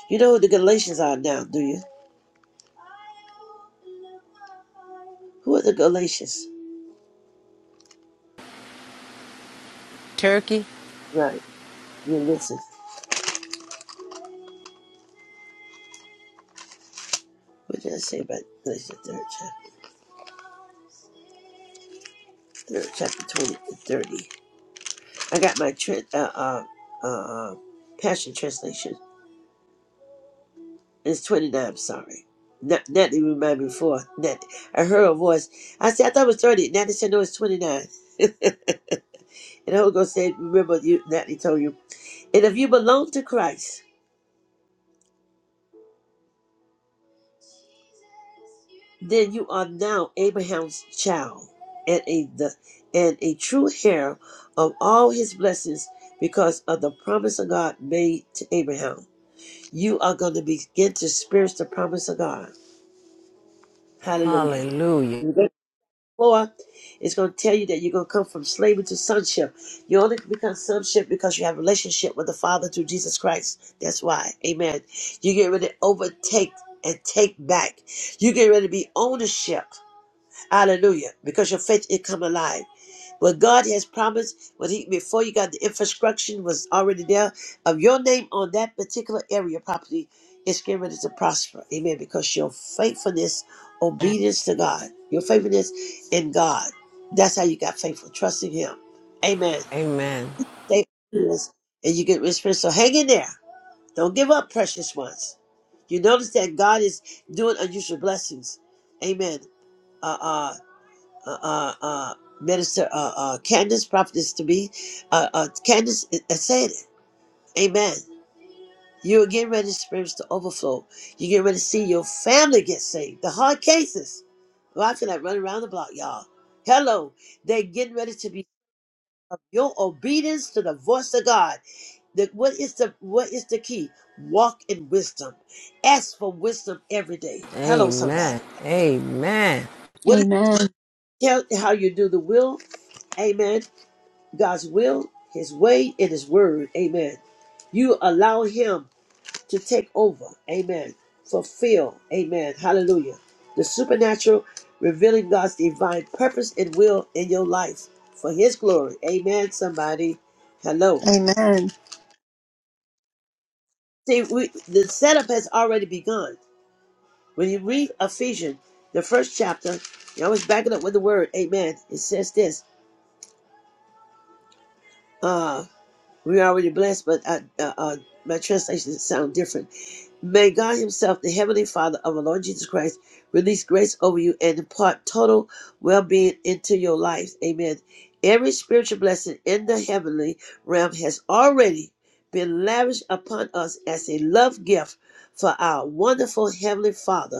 A: You know who the Galatians are now, do you? Who are the Galatians? Right. You listen. What did I say about Galatians, third chapter? Third chapter 20 to 30. I got my tra- uh, uh, uh, uh, Passion Translation. It's 29, sorry. Not, not even mine before. Not, I heard a voice. I said, I thought it was 30. Now they said, no, it's 29. and the Holy Ghost said, remember, you, Natalie told you. And if you belong to Christ, then you are now Abraham's child and a, the, and a true heir of all his blessings because of the promise of God made to Abraham. You are going to begin to experience the promise of God. Hallelujah. Lord is going to tell you that you're going to come from slavery to sonship. You only become sonship because you have a relationship with the Father through Jesus Christ. That's why. Amen. You get ready to overtake and take back. You get ready to be ownership. Hallelujah. Because your faith is come alive. What God has promised when he before you got the infrastructure was already there of your name on that particular area property it's getting ready to prosper. Amen. Because your faithfulness, obedience to God, your faithfulness in God. That's how you got faithful, trusting him. Amen. Stay obedient and you get respect. So hang in there. Don't give up, precious ones. You notice that God is doing unusual blessings. Amen. Uh. Uh uh, uh, uh, Minister uh, uh, Candace, prophetess to me. Uh, uh, Candace uh, uh, said it. Amen. You are getting ready, spirits to overflow. You get ready to see your family get saved. The hard cases. Well, I feel like running around the block, y'all. Hello. They're getting ready to be of your obedience to the voice of God. The, what is the what is the key? Walk in wisdom. Ask for wisdom every day. Hello, somebody. What is
B: Amen.
A: tell how you do the will? Amen God's will, His way, and His word. Amen. You allow Him to take over. Amen. Fulfill. Amen. Hallelujah. The supernatural revealing God's divine purpose and will in your life for His glory. Amen. Somebody, hello.
B: Amen.
A: See, we, the setup has already begun. When you read Ephesians, the first chapter, you always back it up with the word. Amen. It says this. Uh, we're already blessed, but I, uh, uh, my translations sound different May God Himself, the Heavenly Father of our Lord Jesus Christ, release grace over you and impart total well being into your life. Amen. Every spiritual blessing in the heavenly realm has already been lavished upon us as a love gift for our wonderful Heavenly Father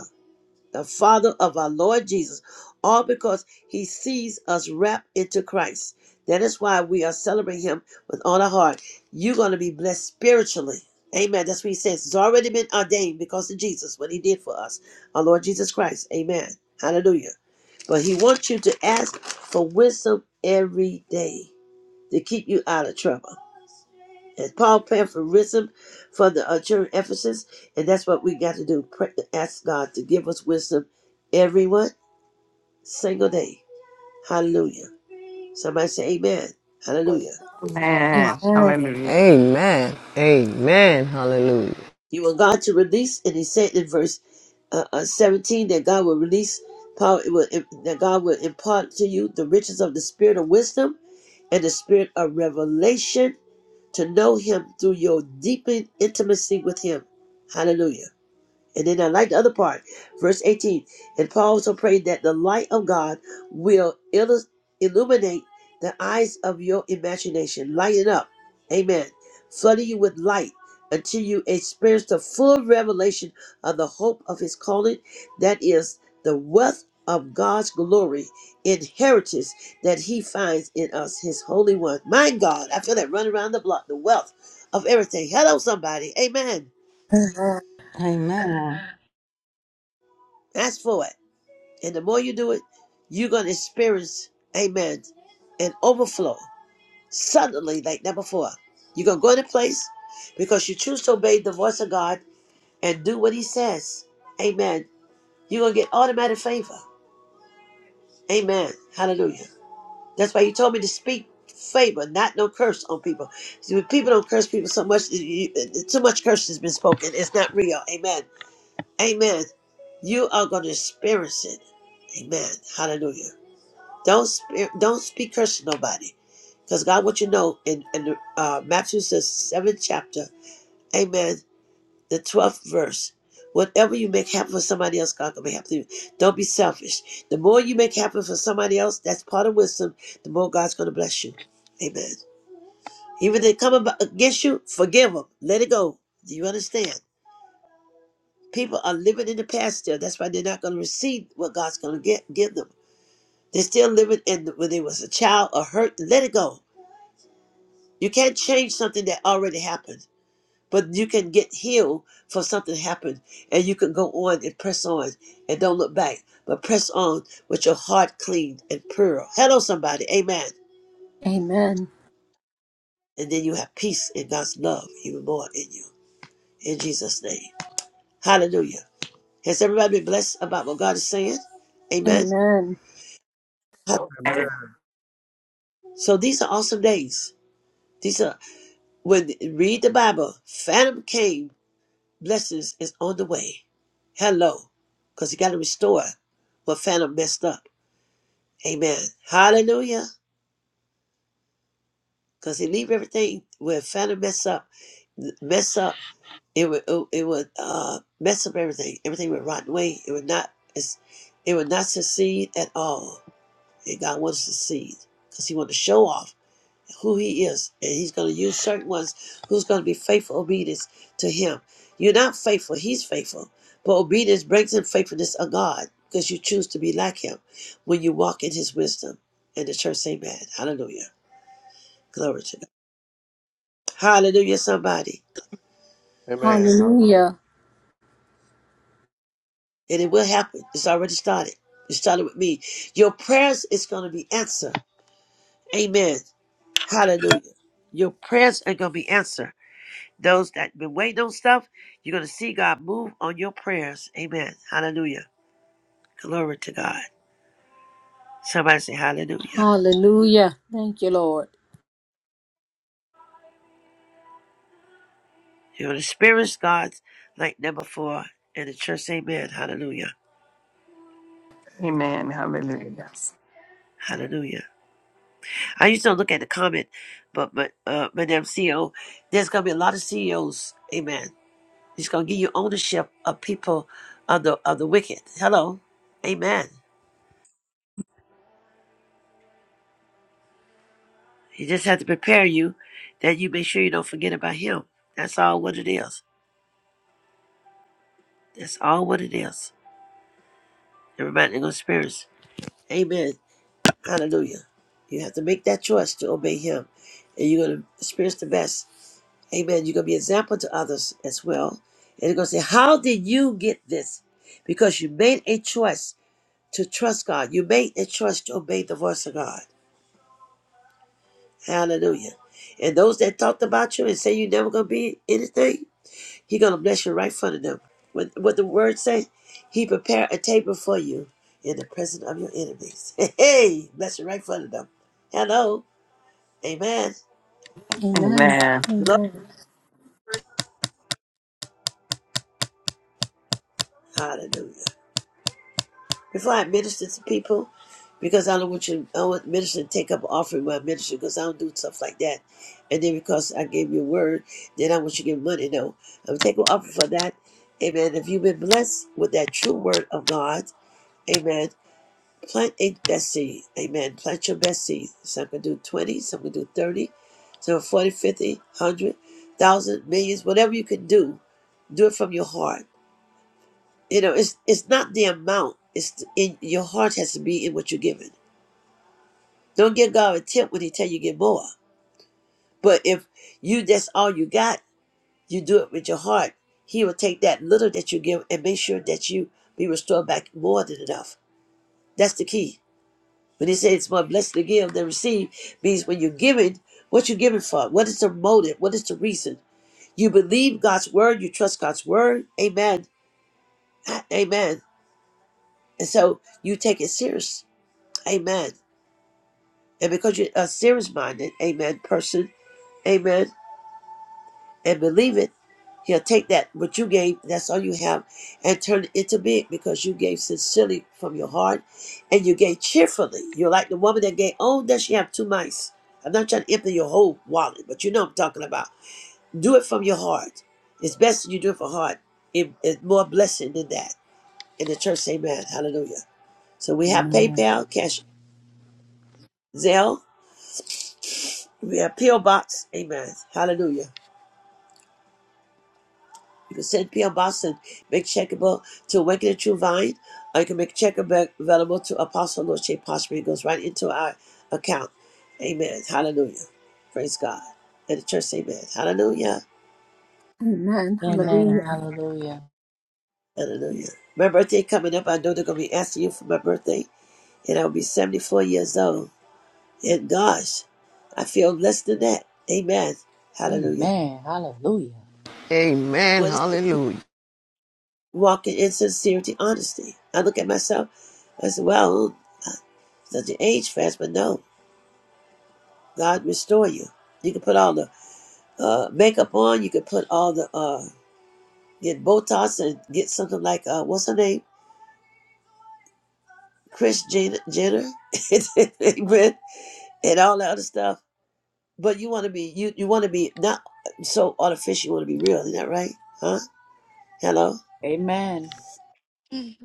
A: the Father of our Lord Jesus, all because He sees us wrapped into Christ. That is why we are celebrating Him with all our heart. You're going to be blessed spiritually. Amen. That's what He says. It's already been ordained because of Jesus, what He did for us, our Lord Jesus Christ. Amen. Hallelujah. But He wants you to ask for wisdom every day to keep you out of trouble. And Paul prayed for wisdom for the uh, church in Ephesus, and that's what we got to do. Pray, ask God to give us wisdom every one, single day. Hallelujah. Somebody say amen. Hallelujah.
F: Amen.
B: Amen.
F: Hallelujah.
A: He want God to release, and he said in verse uh, uh, 17 that God will release Paul, it will, that God will impart to you the riches of the spirit of wisdom and the spirit of revelation to know him through your deepened intimacy with him. Hallelujah. And then I like the other part, verse 18. And Paul also prayed that the light of God will illus- illuminate the eyes of your imagination, lighten up, amen, flooding you with light until you experience the full revelation of the hope of his calling, that is, the wealth of God's glory, inheritance that he finds in us, his Holy One. My God, I feel that running around the block, the wealth of everything. Hello, somebody, amen.
B: Amen.
E: Amen.
A: Ask for it. And the more you do it, you're going to experience, amen, an overflow suddenly like never before. You're going to go to a place because you choose to obey the voice of God and do what He says. Amen. You're going to get automatic favor. Amen. Hallelujah. That's why you told me to speak favor, not no curse on people. See, when people don't curse people so much, you- too much curse has been spoken. It's not real. Amen. Amen. You are going to experience it. Amen. Hallelujah. Don't sp- don't speak curse to nobody, because God wants you to know in in uh, Matthew says seventh chapter, Amen, the twelfth verse. Whatever you make happen for somebody else, God can make happen for you. Don't be selfish. The more you make happen for somebody else, that's part of wisdom. The more God's going to bless you. Amen. Even if they come ab- against you, forgive them. Let it go. Do you understand? People are living in the past still. That's why they're not going to receive what God's going to get give them. They're still living in the, when they was a child or hurt. Let it go. You can't change something that already happened, but you can get healed for something happened, and you can go on and press on and don't look back, but press on with your heart clean and pure. Hello, somebody. Amen.
B: Amen.
A: And then you have peace in God's love even more in you. In Jesus' name. Hallelujah. Has everybody been blessed about what God is saying? Amen.
B: Amen.
S: Amen.
A: So these are awesome days. These are when read the Bible. Phantom came blessings is on the way. Hello. Because he got to restore what Phantom messed up. Amen. Hallelujah. Because he leave everything where Phantom mess up, mess up, it would, oh, it would uh, mess up everything. Everything would rot away. It would not, it's, it would not succeed at all. And God wants to succeed because he wants to show off who he is, and he's going to use certain ones who's going to be faithful obedience to him. You're not faithful; he's faithful. But obedience brings in faithfulness of God because you choose to be like him when you walk in his wisdom. And the church, say, amen. Hallelujah. Glory to God. Hallelujah, somebody.
S: Amen. Hallelujah.
B: Hallelujah.
A: And it will happen. It's already started. It started with me. Your prayers is going to be answered. Amen. Hallelujah. Your prayers are going to be answered. Those that been waiting on stuff, you're gonna see God move on your prayers. Amen. Hallelujah. Glory to God. Somebody say hallelujah.
B: Hallelujah. Thank you, Lord.
A: You're gonna experience God's like number four in the church. Amen. Hallelujah.
F: Amen. Hallelujah.
A: Hallelujah. I used to look at the comment, but but uh Madam CEO, there's gonna be a lot of CEOs. Amen. He's gonna give you ownership of people of the of the wicked. Hello. Amen. He just has to prepare you that you make sure you don't forget about him. That's all what it is. That's all what it is. Everybody in good spirits. Amen. Hallelujah. You have to make that choice to obey him. And you're going to experience the best. Amen. You're going to be an example to others as well. And they're going to say, How did you get this? Because you made a choice to trust God. You made a choice to obey the voice of God. Hallelujah. And those that talked about you and say you're never going to be anything, He gonna bless you right in front of them. What what the word say? He prepare a table for you in the presence of your enemies. Hey, hey, bless you right in front of them. Hello, Amen.
B: Amen.
A: Lord,
B: Amen.
A: hallelujah. Before I minister to people, because I don't want you, I don't want minister to take up an offering while I minister, because I don't do stuff like that. And then because I gave you a word, then I want you to give money. No, I'm taking an offering for that. Amen. If you've been blessed with that true word of God, Amen. Plant a best seed. Amen. Plant your best seed. Some can do 20, some can do 30, some 40, fifty, one hundred, one thousand, millions, whatever you can do, do it from your heart. You know, it's it's not the amount. It's in your heart has to be in what you're giving. Don't give God a tip when he tell you get more. But if you that's all you got, you do it with your heart. He will take that little that you give and make sure that you be restored back more than enough. That's the key. When he said it's more blessed to give than receive means when you're giving, what you're giving for? What is the motive? What is the reason? You believe God's word, you trust God's word. Amen. Amen. And so you take it serious. Amen. And because you're a serious minded, amen, person, amen. and believe it, he'll take that what you gave, that's all you have, and turn it into big because you gave sincerely from your heart and you gave cheerfully. You're like the woman that gave, oh, does she have two mice? I'm not trying to empty your whole wallet, but you know what I'm talking about. Do it from your heart. It's best that you do it from heart. It- it's more blessing than that. In the church, say amen. Hallelujah. So we have PayPal, Cash, Zelle. We have P.O. Box. Amen. Hallelujah. You can send P.O. Boston, make checkable to Awaken the True Vine, or you can make check ava- available to Apostle Lord Shape It goes right into our account. Amen. Hallelujah. Praise God. And the church, say amen. Hallelujah.
B: Amen.
D: Amen.
B: Hallelujah.
D: Hallelujah.
A: Hallelujah. My birthday coming up. I know they're going to be asking you for my birthday, and I'll be 74 years old. And gosh, I feel less than that. Amen. Hallelujah.
D: Amen. Hallelujah.
A: What is the walking in sincerity, honesty? I look at myself. I said, well, does the age fast? But no. God restore you. You can put all the uh, makeup on. You can put all the uh, get Botox and get something like uh, what's her name, Kris Jenner, Jenner, Amen, and all that other stuff. But you want to be you you want to be not so artificial. You want to be real, isn't that right? Huh? Hello,
D: Amen.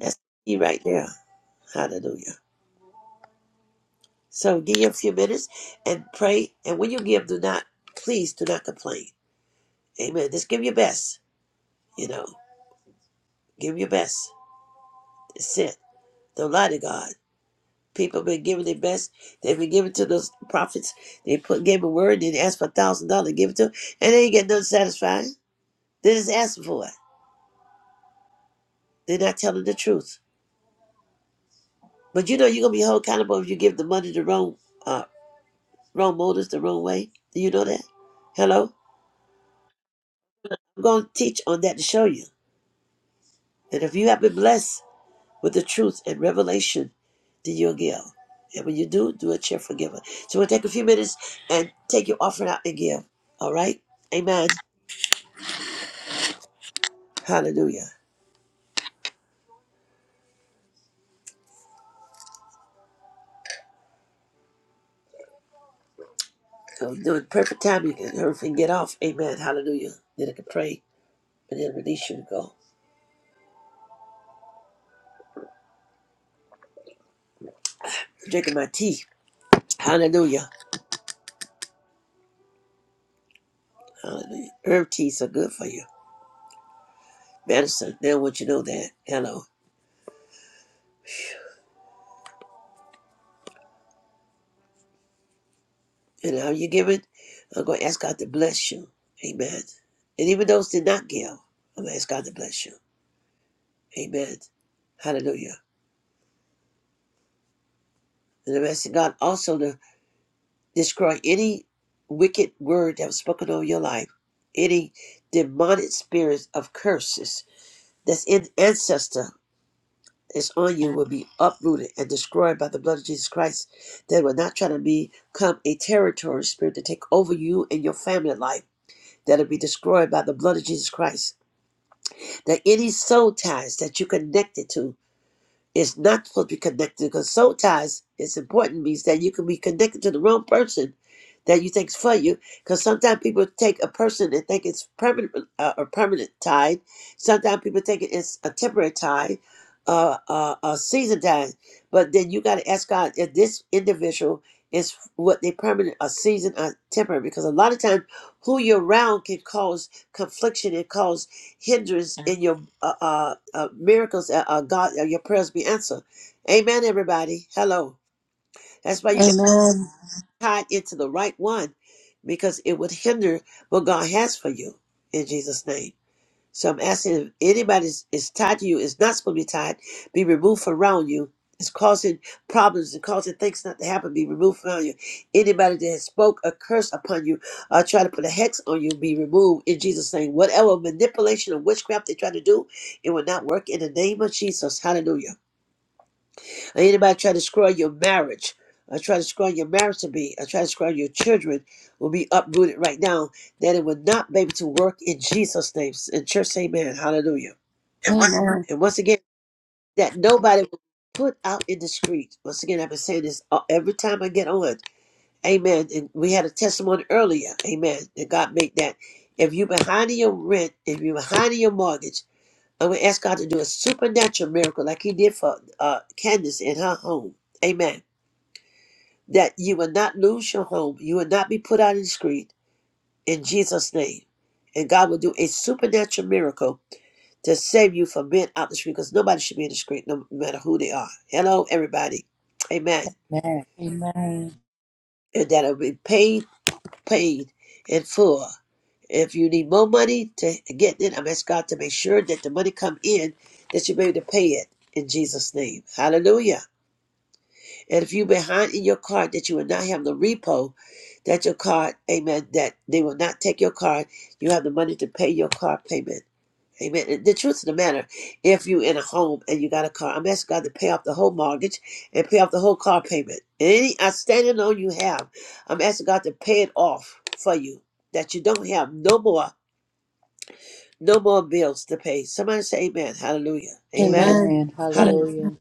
A: that's the key right there. Hallelujah. So give you a few minutes and pray. And when you give, do not please do not complain. Amen. Just give your best. You know, give your best. That's it. Don't lie to God. People been giving their best. They've been giving to those prophets. They put gave a word, They asked for a thousand dollars, give it to them, and they ain't get nothing satisfying. They just asking for it. They're not telling the truth. But you know you're gonna be held accountable if you give the money the wrong uh wrong motives the wrong way. Do you know that? Hello? I'm gonna teach on that to show you. And if you have been blessed with the truth and revelation, then you'll give. And when you do, do a cheerful giver. So we'll take a few minutes and take your offering out and give. All right? Amen. Hallelujah. So during perfect time, you can everything get off. Amen. Hallelujah. Then I can pray and then release you to go. Drinking my tea. Hallelujah. Hallelujah. Herb teas are good for you. Medicine. They don't want you to know that. Hello. And how you give it, I'm going to ask God to bless you. Amen. And even those did not give, I'm going to ask God to bless you. Amen. Hallelujah. And I'm asking God also to destroy any wicked word that was spoken over your life, any demonic spirits of curses This in- ancestor is on you will be uprooted and destroyed by the blood of Jesus Christ. They will not try to become a territory spirit to take over you and your family life. That'll be destroyed by the blood of Jesus Christ. That any soul ties that you connected to it's not supposed to be connected because soul ties is important means that you can be connected to the wrong person that you think's for you. Because sometimes people take a person and think it's permanent, uh, a permanent tie. Sometimes people think it's a temporary tie, uh, uh, a season tie. But then you got to ask God if this individual is what they permanent, a season, or temporary. Because a lot of times, who you're around can cause confliction and cause hindrance in your uh, uh, uh, miracles, uh, uh, God, uh, your prayers be answered. Amen, everybody. Hello. That's why you got to
B: Amen.
A: tie it into the right one because it would hinder what God has for you in Jesus' name. So I'm asking if anybody is, is tied to you, is not supposed to be tied, be removed from around you. It's causing problems and causing things not to happen, be removed from around you. Anybody that has spoke a curse upon you or try to put a hex on you, be removed in Jesus' name. Whatever manipulation or witchcraft they try to do, it will not work in the name of Jesus. Hallelujah. Or anybody try to destroy your marriage. or try to destroy your marriage to be. or try to destroy your children will be uprooted right now. That it will not be able to work in Jesus' name. In church, amen. Hallelujah.
B: Amen.
A: And once again, that nobody will be put out in the street. Once again, I've been saying this uh, every time I get on. Amen. And we had a testimony earlier. Amen. And God made that. If you're behind in your rent, if you're behind in your mortgage, I'm going to ask God to do a supernatural miracle like he did for uh, Candace in her home. Amen. That you will not lose your home. You will not be put out in the street in Jesus' name. And God will do a supernatural miracle to save you from being out the street because nobody should be in the street no matter who they are. Hello, everybody. Amen.
D: Amen. Amen.
A: And that'll be paid, paid in full. If you need more money to get it, I'm asking God to make sure that the money come in that you be able to pay it in Jesus' name. Hallelujah. And if you behind in your card that you will not have the repo, that your card, amen, that they will not take your card. You have the money to pay your card payment. Amen. the truth of the matter, if you in a home and you got a car, I'm asking God to pay off the whole mortgage and pay off the whole car payment. Any outstanding loan you have, I'm asking God to pay it off for you, that you don't have no more, no more bills to pay. Somebody say amen. Hallelujah. Amen.
B: Amen.
D: Amen.
B: Amen.
A: Hallelujah.
B: Amen.
D: Hallelujah.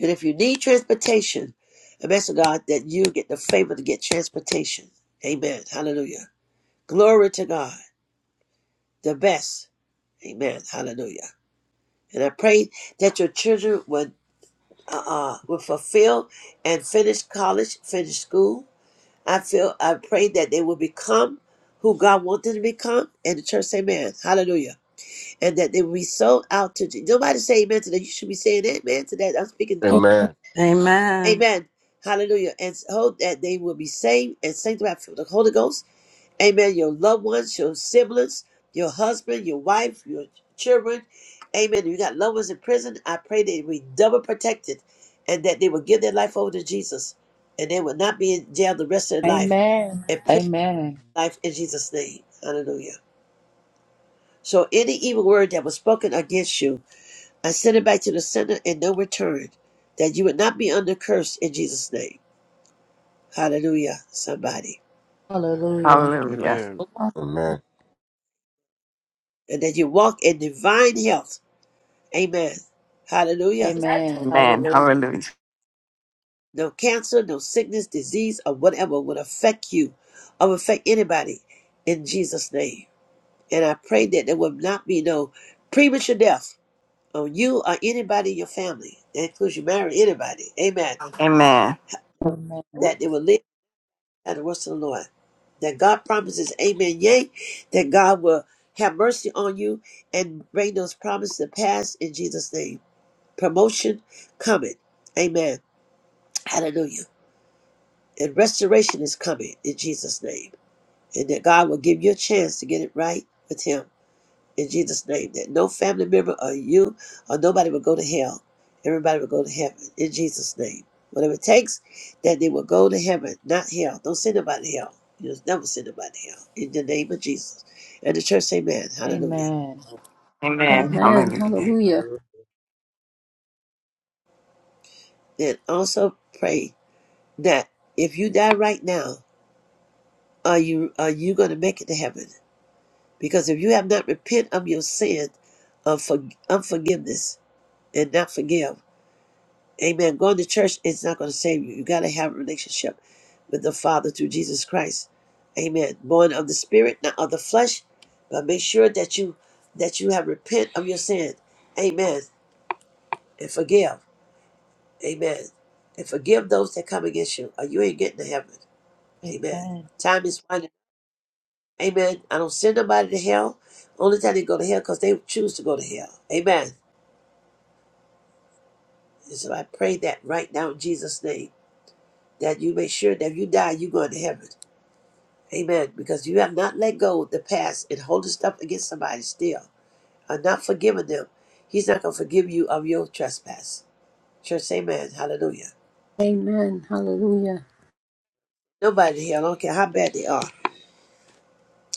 A: And if you need transportation, I'm asking God that you get the favor to get transportation. Amen. Hallelujah. Glory to God. The best. Amen. Hallelujah. And I pray that your children will uh, will fulfill and finish college, finish school. I feel, I pray that they will become who God wants them to become. And the church say amen. Hallelujah. And that they will be sold out to Jesus. Nobody say amen to that. You should be saying amen to that. I'm speaking, oh,
N: Amen.
E: Amen.
A: amen. Hallelujah. And hope that they will be saved and sanctified for the Holy Ghost Amen. Your loved ones, your siblings, your husband, your wife, your children. Amen. You got loved ones in prison. I pray that be double protected and that they will give their life over to Jesus and they will not be in jail the rest of their life
D: Amen.
A: and prison
D: Amen.
A: life in Jesus' name. Hallelujah. So any evil word that was spoken against you, I send it back to the sender and no return. That you would not be under curse in Jesus' name. Hallelujah. Somebody.
D: Hallelujah.
F: Hallelujah.
S: Amen.
N: Amen.
A: And that you walk in divine health. Amen. Hallelujah.
D: Amen.
F: Amen.
D: Hallelujah.
F: Hallelujah.
A: No cancer, no sickness, disease, or whatever would affect you or affect anybody in Jesus' name. And I pray that there will not be no premature death on you or anybody in your family. That includes you marry anybody. Amen.
F: Amen.
D: Amen.
A: That they will live at the words of the Lord. That God promises, Amen, yea, that God will have mercy on you and bring those promises to pass in Jesus' name. Promotion coming. Amen. Hallelujah. And restoration is coming in Jesus' name. and that God will give you a chance to get it right with Him in Jesus' name. That no family member or you or nobody will go to hell. Everybody will go to heaven in Jesus' name. Whatever it takes, that they will go to heaven, not hell. Don't send nobody to hell. You'll never send nobody to hell in the name of Jesus. And the church, say, Amen. Hallelujah.
D: Amen.
F: Amen.
B: Amen.
F: Hallelujah.
B: Hallelujah.
S: Hallelujah.
A: And also pray that if you die right now, are you are you going to make it to heaven? Because if you have not repent of your sin, of for, unforgiveness, and not forgive. Amen. Going to church is not going to save you. You got to have a relationship with the Father through Jesus Christ. Amen. Born of the Spirit, not of the flesh. But make sure that you that you have repent of your sin. Amen. And forgive. Amen. And forgive those that come against you, or you ain't getting to heaven. Amen.
D: Amen.
A: Time is running. Amen. I don't send nobody to hell. Only time they go to hell because they choose to go to hell. Amen. And so I pray that right now in Jesus' name, that you make sure that if you die, you going to heaven. Amen. Because you have not let go of the past and holding stuff against somebody still, or not forgiving them. He's not going to forgive you of your trespass. Church, amen. Hallelujah.
B: Amen. Hallelujah.
A: Nobody here, I don't care how bad they are.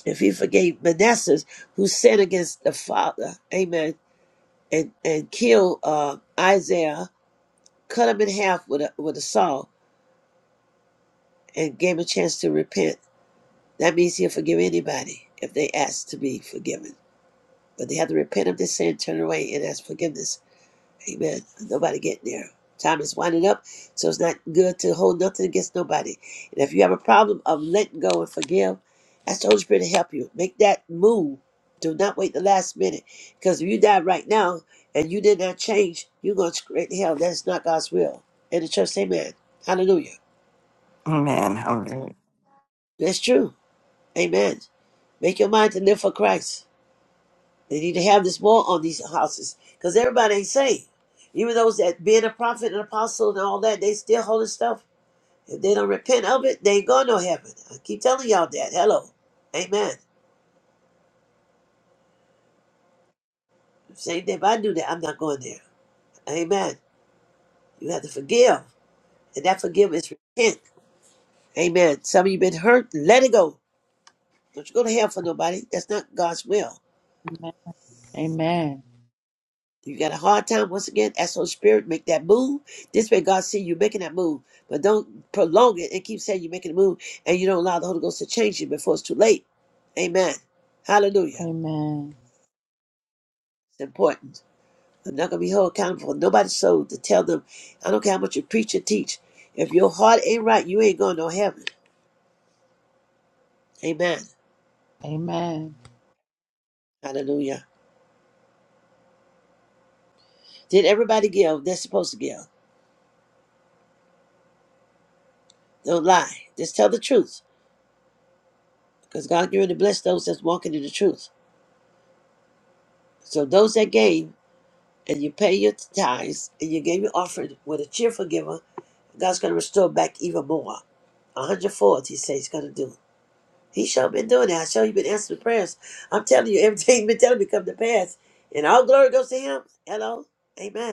A: If he forgave Manasseh, who sinned against the father, amen, and, and killed uh, Isaiah, cut him in half with a, with a saw, and gave him a chance to repent, that means he'll forgive anybody if they ask to be forgiven. But they have to repent of their sin, turn away, and ask forgiveness. Amen. Nobody getting there. Time is winding up, so it's not good to hold nothing against nobody. And if you have a problem of letting go and forgive, ask the Holy Spirit to help you. Make that move. Do not wait the last minute. Because if you die right now and you did not change, you're going to straight to hell. That's not God's will. And the church, say, amen. Hallelujah.
F: Amen. Hallelujah.
A: That's true. Amen. Make your mind to live for Christ. They need to have this more on these houses because everybody ain't saved. Even those that being a prophet and apostle and all that, they still holding stuff If they don't repent of it, they ain't going no heaven. I keep telling y'all that. Hello. Amen. Same thing. if I do that, I'm not going there. Amen. You have to forgive. And that forgiveness is repent. Amen. Some of you been hurt, let it go. Don't you go to hell for nobody. That's not God's will.
D: Amen. Amen.
A: You got a hard time once again, ask Holy Spirit, make that move. This way God see you making that move. But don't prolong it and keep saying you're making a move and you don't allow the Holy Ghost to change you before it's too late. Amen. Hallelujah.
D: Amen.
A: It's important. I'm not gonna be held accountable for nobody's soul to tell them, I don't care how much you preach or teach. If your heart ain't right, you ain't going to heaven. Amen.
D: Amen.
A: Hallelujah. Did everybody give? They're supposed to give. Don't lie. Just tell the truth. Because God you're going to bless those that's walking in the truth. So those that gave and you pay your tithes and you gave your offering with a cheerful giver, God's gonna restore back even more. A hundredfold, he says he's gonna do. He sure been doing that. I sure you been answering prayers. I'm telling you, everything you been telling me come to pass. And all glory goes to him. Hello. Amen.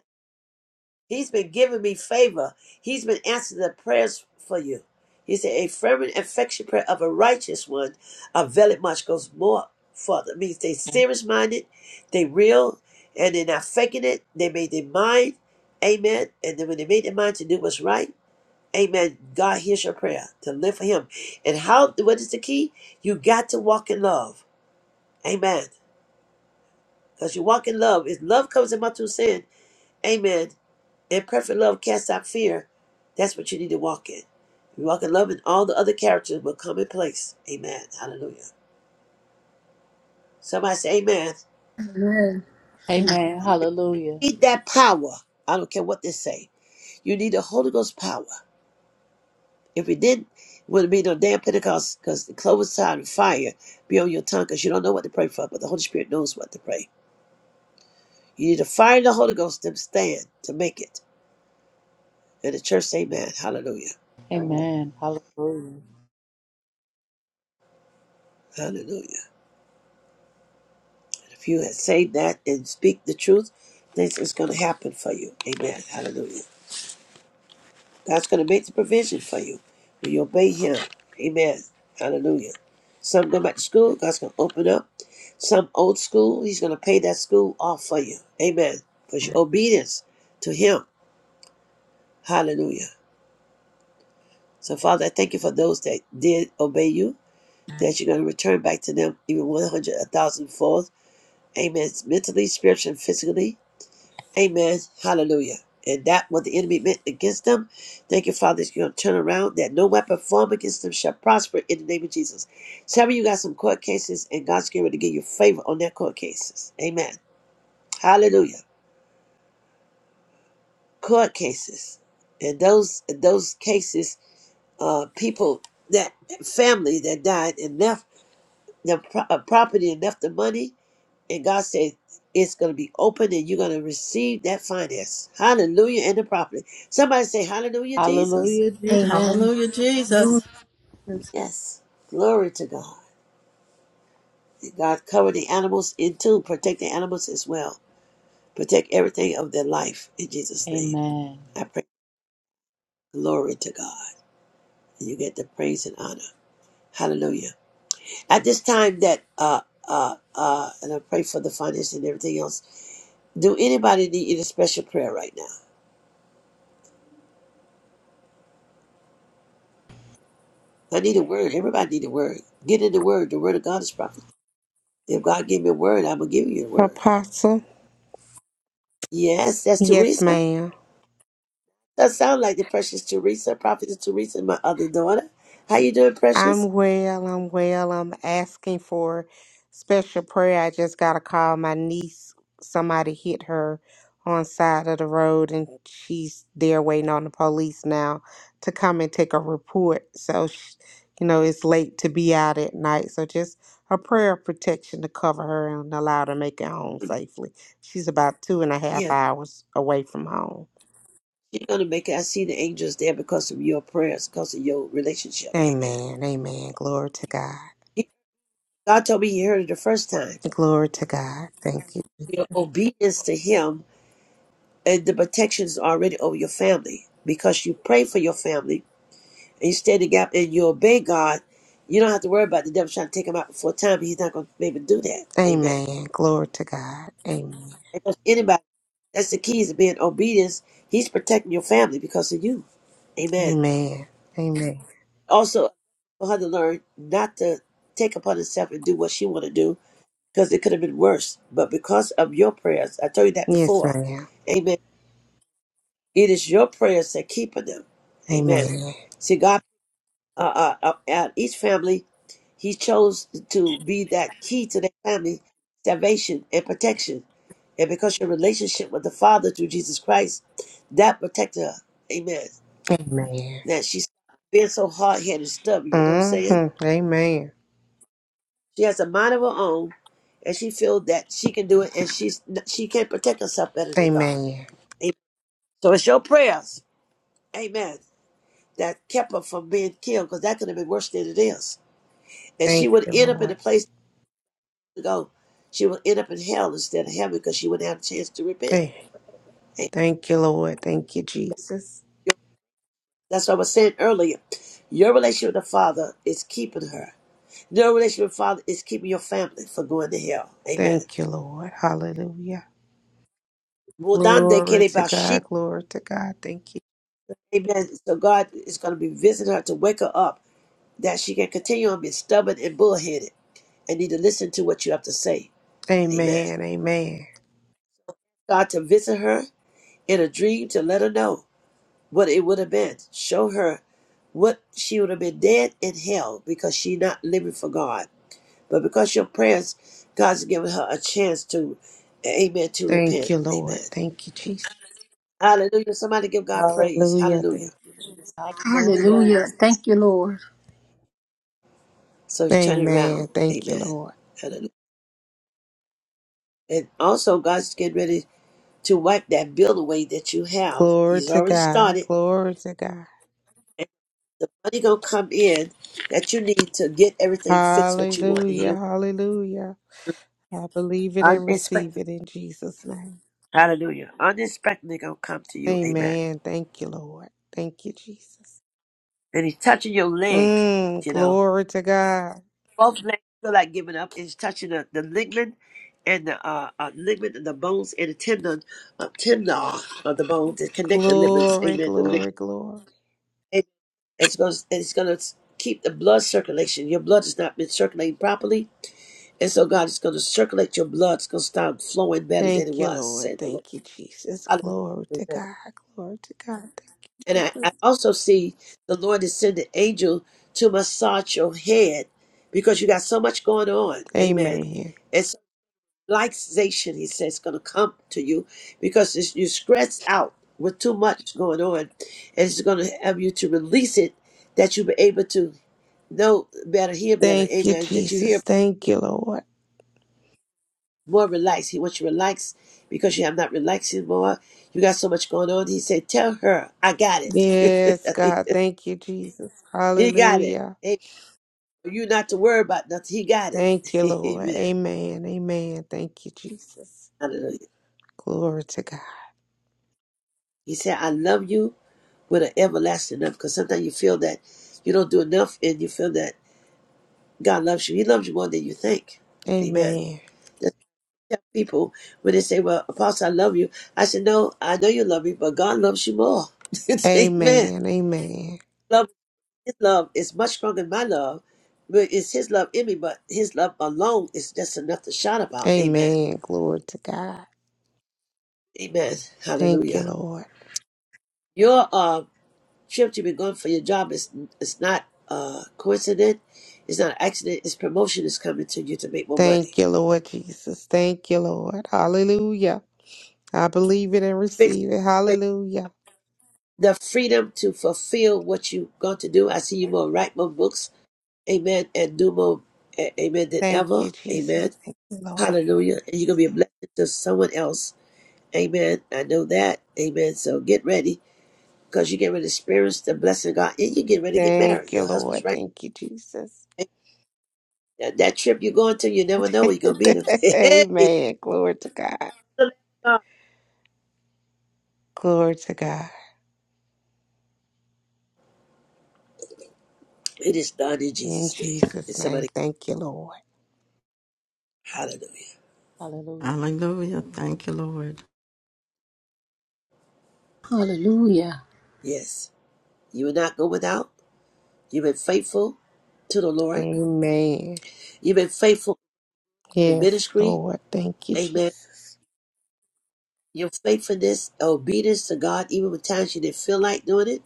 A: He's been giving me favor. He's been answering the prayers for you. He said, A fervent affection prayer of a righteous one availeth much goes more further. It means they serious minded, they real, and they're not faking it. They made their mind. Amen. And then when they made their mind to do what's right, Amen. God hears your prayer to live for Him. And how? What is the key? You got to walk in love. Amen. Because you walk in love. If love comes in my two sin, Amen. And perfect love casts out fear. That's what you need to walk in. You walk in love, and all the other characters will come in place. Amen. Hallelujah. Somebody say, Amen.
B: Amen. Amen.
D: Amen. Hallelujah.
A: Need that power. I don't care what they say. You need the Holy Ghost power. If it did, it would not be no damn Pentecost because the cloven side of fire be on your tongue because you don't know what to pray for, but the Holy Spirit knows what to pray. You need to fire of the Holy Ghost to stand to make it. And the church, say, amen. Hallelujah.
D: Amen. Hallelujah.
A: Hallelujah. And if you had said that and speak the truth, this is going to happen for you. Amen. Hallelujah. God's going to make the provision for you when you obey Him. Amen. Hallelujah. Some go back to school, God's going to open up. Some old school, He's going to pay that school off for you. Amen. For your obedience to Him. Hallelujah. So, Father, I thank you for those that did obey you, that you're going to return back to them even 100, a thousandfold. Amen. Mentally, spiritually, and physically. Amen. Hallelujah. And that what the enemy meant against them, thank you, Father, that you're going to turn around, that no weapon formed against them shall prosper in the name of Jesus. Some of you got some court cases, and God's going to give you favor on their court cases. Amen. Hallelujah. Court cases. And those those cases, uh, people, that family that died and left their pro- uh, property and left the money, And God said, it's going to be open and you're going to receive that finance. Hallelujah and the property. Somebody say, Hallelujah, Jesus.
D: Hallelujah, Jesus.
B: Amen.
E: Hallelujah, Jesus.
A: Yes. Glory to God. And God cover the animals in too. Protect the animals as well. Protect everything of their life in Jesus' name.
D: Amen.
A: I pray. Glory to God. And you get the praise and honor. Hallelujah. At this time that, uh, uh, uh, and I pray for the finance and everything else. Do anybody need any special prayer right now? I need a word. Everybody need a word. Get in the word. The word of God is prophecy. If God gave me a word, I'm gonna give you a word.
T: Apostle?
A: Yes, that's
T: Yes,
A: Teresa.
T: ma'am.
A: That sounds like the precious Teresa, prophetess Teresa, my other daughter. How you doing, precious?
T: I'm well. I'm well. I'm asking for special prayer. I just got a call. My niece, somebody hit her on side of the road, and she's there waiting on the police now to come and take a report. So, sh you know, it's late to be out at night. So, just a prayer of protection to cover her and allow her to make it home safely. She's about two and a half
A: Yeah,
T: hours away from home.
A: you're gonna make it. I see the angels there because of your prayers, because of your relationship. Amen.
T: Amen. Amen. Glory to God.
A: He- God told me He heard it the first time.
T: Glory to God. Thank you.
A: Your obedience to Him and the protections already over your family because you pray for your family and you stand in the gap and you obey God, you don't have to worry about the devil trying to take him out before time, but he's not going to be able to do that. Amen.
T: Amen. Glory to God. Amen.
A: And that's anybody, that's the keys of being obedience. He's protecting your family because of you. Amen.
T: Amen. Amen.
A: Also, for her to learn not to take upon herself and do what she want to do because it could have been worse. But because of your prayers, I told you that
T: Yes,
A: before.
T: ma'am.
A: Amen. It is your prayers that keep them. Amen.
T: Amen.
A: See, God uh, uh, uh, uh, each family, he chose to be that key to their family salvation and protection. And because your relationship with the Father through Jesus Christ, that protected her. Amen.
T: Amen.
A: Now she's being so hard headed and stubborn, you know what I'm saying?
T: Mm-hmm. Amen.
A: She has a mind of her own and she feels that she can do it and she's she can protect herself better than God.
T: Amen.
A: Amen. So it's your prayers, amen, that kept her from being killed because that could have been worse than it is. And she
T: Thank
A: would
T: you,
A: end up in a
T: Lord.
A: place go, she will end up in hell instead of heaven because she wouldn't have a chance to repent.
T: Thank,
A: Hey,
T: thank you, Lord. Thank you, Jesus.
A: That's what I was saying earlier. Your relationship with the Father is keeping her. Your relationship with the Father is keeping your family from going to hell. Amen.
T: Thank you, Lord. Hallelujah.
A: Mudande
T: Glory
A: kere
T: to
A: bashi.
T: God. Glory to God. Thank you.
A: Amen. So God is going to be visiting her to wake her up that she can continue on being stubborn and bullheaded and need to listen to what you have to say. Amen.
T: Amen. Amen.
A: God to visit her in a dream to let her know. what it would have been. Show her what she would have been dead in hell because she not living for God. But because your prayers, God's given her a chance to, amen, to
T: Thank
A: repent.
T: you, Lord.
A: Amen.
T: Thank you, Jesus.
A: Hallelujah. Somebody give God praise.
T: Hallelujah.
A: Hallelujah.
T: Thank you, Jesus.
D: Hallelujah.
B: Hallelujah. Thank you, Lord.
A: So he's turning
T: Amen.
A: around.
T: Thank you,
A: Amen.
T: Lord.
A: Hallelujah. And also, God's getting ready to wipe that bill away that you have.
T: Glory
A: He's
T: to
A: already
T: God.
A: started.
T: Glory to God.
A: And the money going to come in that you need to get everything fixed what you want. He
T: Hallelujah.
A: don't
T: Hallelujah. I believe it and
A: unexpected.
T: receive it in Jesus' name.
A: Hallelujah. Unexpectedly gonna come to you. Amen.
T: Amen. Thank you, Lord. Thank you, Jesus.
A: And he's touching your leg,
T: Mm,
A: you know.
T: glory to God.
A: Both legs feel like giving up. He's touching the, the ligament and the uh, uh ligament and the bones and the tendon uh, tendon of the bones that connect the ligaments.
T: Glory,
A: Amen. The lig-
T: glory, glory.
A: and it's gonna it's gonna keep the blood circulation. Your blood has not been circulating properly. And so God is gonna circulate your blood, it's gonna start flowing better than it
T: Thank you,
A: was,
T: Lord.
A: said the Lord.
T: Thank you, Jesus. Glory to
A: Hallelujah.
T: God. Glory to God. Thank
A: And
T: you,
A: I, I
T: Jesus.
A: also see the Lord is sending angel to massage your head because you got so much going on. Amen.
T: Amen.
A: And so relaxation, he says, going to come to you because it's, you're stressed out with too much going on. And it's going to have you to release it that you'll be able to know better, hear better.
T: Thank you,
A: Amen. That you hear
T: Jesus. Thank you, Lord.
A: more relaxed. He wants you relaxed because you have not relaxing more. You got so much going on. He said, tell her, I got it.
T: Yes,
A: I mean,
T: God. Thank you, Jesus.
A: he got it.
T: Hallelujah.
A: You not to worry about nothing. He got it.
T: Thank you, Lord.
A: Amen.
T: Amen. Amen. Thank you, Jesus.
A: Hallelujah.
T: Glory to God.
A: He said, I love you with an everlasting love because sometimes you feel that you don't do enough and you feel that God loves you. He loves you more than you think. Amen.
T: Amen.
A: That's what I tell people when they say, Well, Apostle, I love you. I said, No, I know you love me, but God loves you more. Amen.
T: Amen. Amen.
A: Love his love is much stronger than my love, but it's his love in me, but his love alone is just enough to shout about. Amen.
T: Amen. Glory to God.
A: Amen.
T: Thank you,
A: Hallelujah.
T: Lord.
A: Your uh Shift to be going for your job is it's not uh coincident, it's not an accident, it's promotion is coming to you to make more
T: Thank
A: money.
T: you, Lord Jesus. Thank you, Lord. Hallelujah. I believe it and
A: Fix
T: receive it. Hallelujah.
A: the freedom to fulfill what you are going to do. I see you more write more books, amen, and do more amen than
T: Thank
A: ever.
T: you, Jesus.
A: Amen.
T: Thank you, Lord.
A: Hallelujah. And you're gonna be a blessing to someone else. Amen. I know that. Amen. So get ready because you get ready to experience the blessing of God and you get ready to get married.
T: Thank you,
A: Your husband's
T: Lord.
A: right.
T: Thank you, Jesus.
A: That, that trip you're going to, you never know where you're gonna meet him.
T: Amen. Glory to God. Glory to God.
A: It is done in
T: In
A: Jesus' name. And
T: Jesus' name.
A: somebody,
T: Thank you, Lord.
A: hallelujah.
D: Hallelujah.
E: Hallelujah. Thank you, Lord.
B: Hallelujah.
A: Yes, you will not go without. You've been faithful to the Lord.
T: Amen.
A: You've been faithful in
T: Yes,
A: ministry.
T: Lord. Thank you,
A: Amen.
T: Jesus.
A: Your faithfulness, obedience to God, even with times you didn't feel like doing it,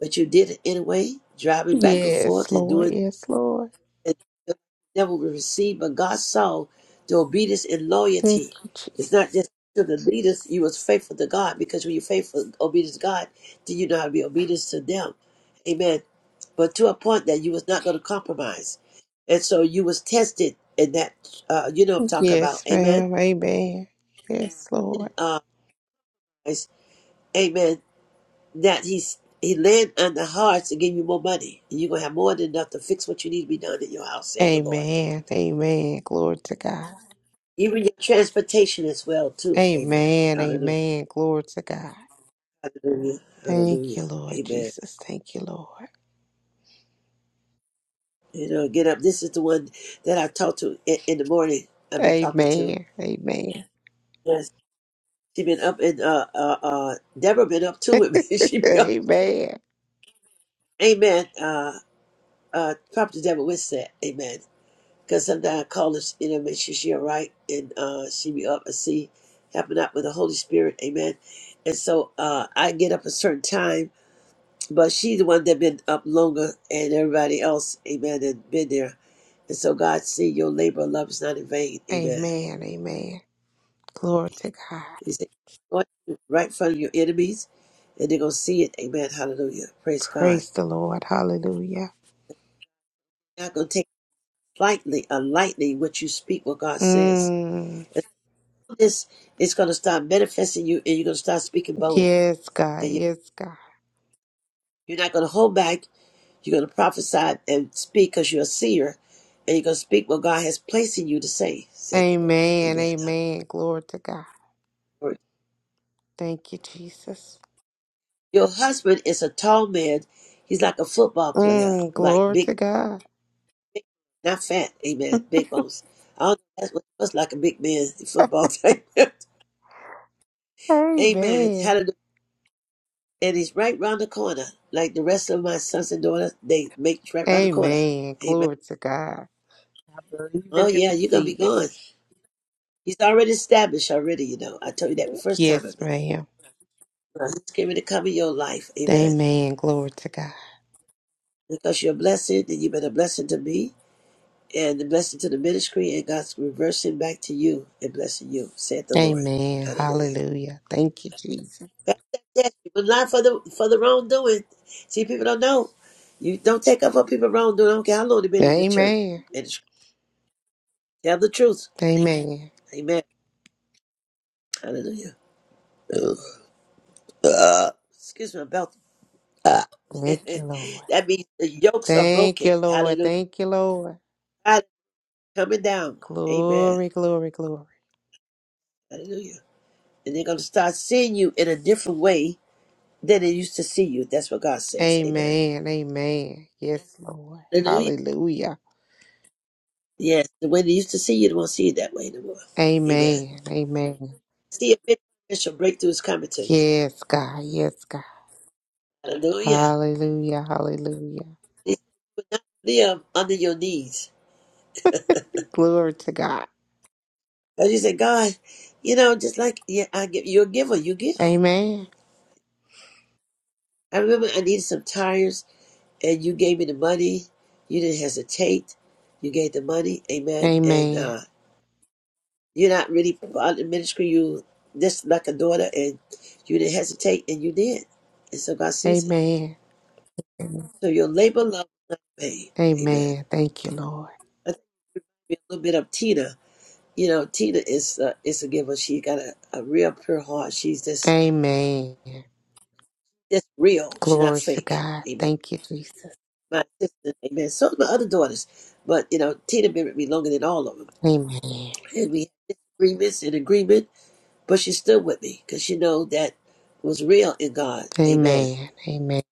A: but you did it anyway, driving back and forth
T: Yes,
A: and
T: Lord.
A: doing
T: Yes, Lord.
A: and the devil will receive, but God saw the obedience and
T: Thank
A: loyalty.
T: you, Jesus.
A: It's not just to the leaders, you was faithful to God, because when you're faithful, obedience to God, then you know how to be obedience to them. Amen. But to a point that you was not going to compromise. And so you was tested in that, uh, you know what I'm talking about.
T: Yes,
A: Amen.
T: ma'am. Amen. Yes, Lord.
A: In, Uh, it's- amen. That he's, he land on the hearts and give you more money. And you're going to have more than enough to fix what you need to be done in your house, said the Lord.
T: Amen. Amen. Glory to God.
A: Even your transportation as well too. Amen.
T: Amen.
A: Hallelujah.
T: Amen. Glory to God.
A: Hallelujah.
T: Thank
A: Hallelujah.
T: you, Lord
A: Amen.
T: Jesus. Thank you, Lord.
A: You know, get up. This is the one that I talked to in, in the morning. I've been talking to.
T: Amen. Amen.
A: Yes. She been up and uh uh uh Deborah been up too with me. She be up.
T: Amen.
A: Amen. Uh uh Prophet Deborah with that. Amen. Cause sometimes I call her, you know, make sure she all right and uh she be up and see helping out with the Holy Spirit. Amen. And so uh I get up a certain time but she's the one that been up longer and everybody else, amen, and been there. And so God see your labor of love is not in vain, amen.
T: Amen. Amen. Glory to God.
A: He said, going right in front of your enemies, and they're gonna see it, amen, hallelujah. Praise God.
T: Praise the Lord. Hallelujah.
A: You're not gonna take lightly or lightly what you speak, what God says.
T: Mm.
A: And so this is gonna start manifesting you and you're gonna start speaking bold.
T: Yes, God.
A: And you-
T: Yes, God.
A: you're not gonna hold back, you're gonna prophesy and speak because you're a seer, and you're gonna speak what God has placed in you to say, said the Lord.
T: Amen.
A: Amen.
T: Amen. Glory to God.
A: Your
T: Thank you, Jesus.
A: husband is a tall man. He's like a football player,
T: Mm,
A: like
T: glory
A: big,
T: to God.
A: big not fat. Amen. Big bones. I don't know. That's what it looks like a big man in football type. Amen.
T: Amen.
A: Hallelujah. And he's right round the corner. Like the rest of my sons and daughters, they make it right round the corner.
T: Amen.
A: Amen.
T: Glory to God. Believe
A: Oh,
T: it and
A: yeah, you're going to be
T: receive it.
A: gone. He's already established already, you know. I told you that the first time I
T: Yes,
A: met. you.
T: ma'am.
A: He's getting to come in your life. Amen.
T: Amen. Glory to God.
A: Because you're a blessing and you've been a blessing to me. and the blessing to the ministry, and God's reversing back to you and blessing you, saith the Lord.
T: Amen.
A: Hallelujah.
T: Hallelujah. Thank you, Jesus.
A: That's it. But not for the for the wrongdoing. See, people don't know. You don't take up for people wrongdoing. I don't care how long they've been in the church.
T: Amen.
A: And tell the truth.
T: Amen.
A: Amen. Hallelujah. Uh, excuse me about uh,
T: Thank you, Lord.
A: that means the yokes are
T: Thank
A: broken.
T: you, Lord.
A: Hallelujah.
T: Thank you, Lord.
A: God is coming down. Amen.
T: Glory, glory, glory.
A: Hallelujah. And they're gonna start seeing you in a different way than they used to see you. That's what God says. Amen.
T: Amen. Amen. Yes, Lord.
A: Hallelujah.
T: Hallelujah.
A: Yes, the way they used to see you, they won't see you that way anymore. Amen.
T: Amen. Amen.
A: See a big financial breakthrough is coming to you.
T: Yes, God. Yes, God.
A: Hallelujah.
T: Hallelujah. Hallelujah.
A: He said, "You will not live under your knees.
T: Glory to God.
A: As you say, God, you know, just like yeah, I give, you're a giver, you give.
T: Amen.
A: I remember I needed some tires, and you gave me the money. You didn't hesitate. You gave the money. Amen. And
T: Amen.
A: uh, You're not really part of the ministry. You this like a daughter, and you didn't hesitate, and you did. And so God sees it.
T: Amen.
A: So your labor love not vain. Amen.
T: Amen. Thank you, Lord.
A: I think it reminds me a little bit of Tina. You know, Tina is uh, is a giver. She got a, a real pure heart. She's just
T: Amen.
A: just real. She's not
T: Glory to
A: fake.
T: God.
A: Amen.
T: Thank you, Jesus.
A: My sister. Amen. So are my other daughters, but you know, Tina been with me longer than all of them,
T: Amen.
A: and we had disagreements and agreement, but she's still with me because she know that was real in God. Amen.
T: Amen. Amen.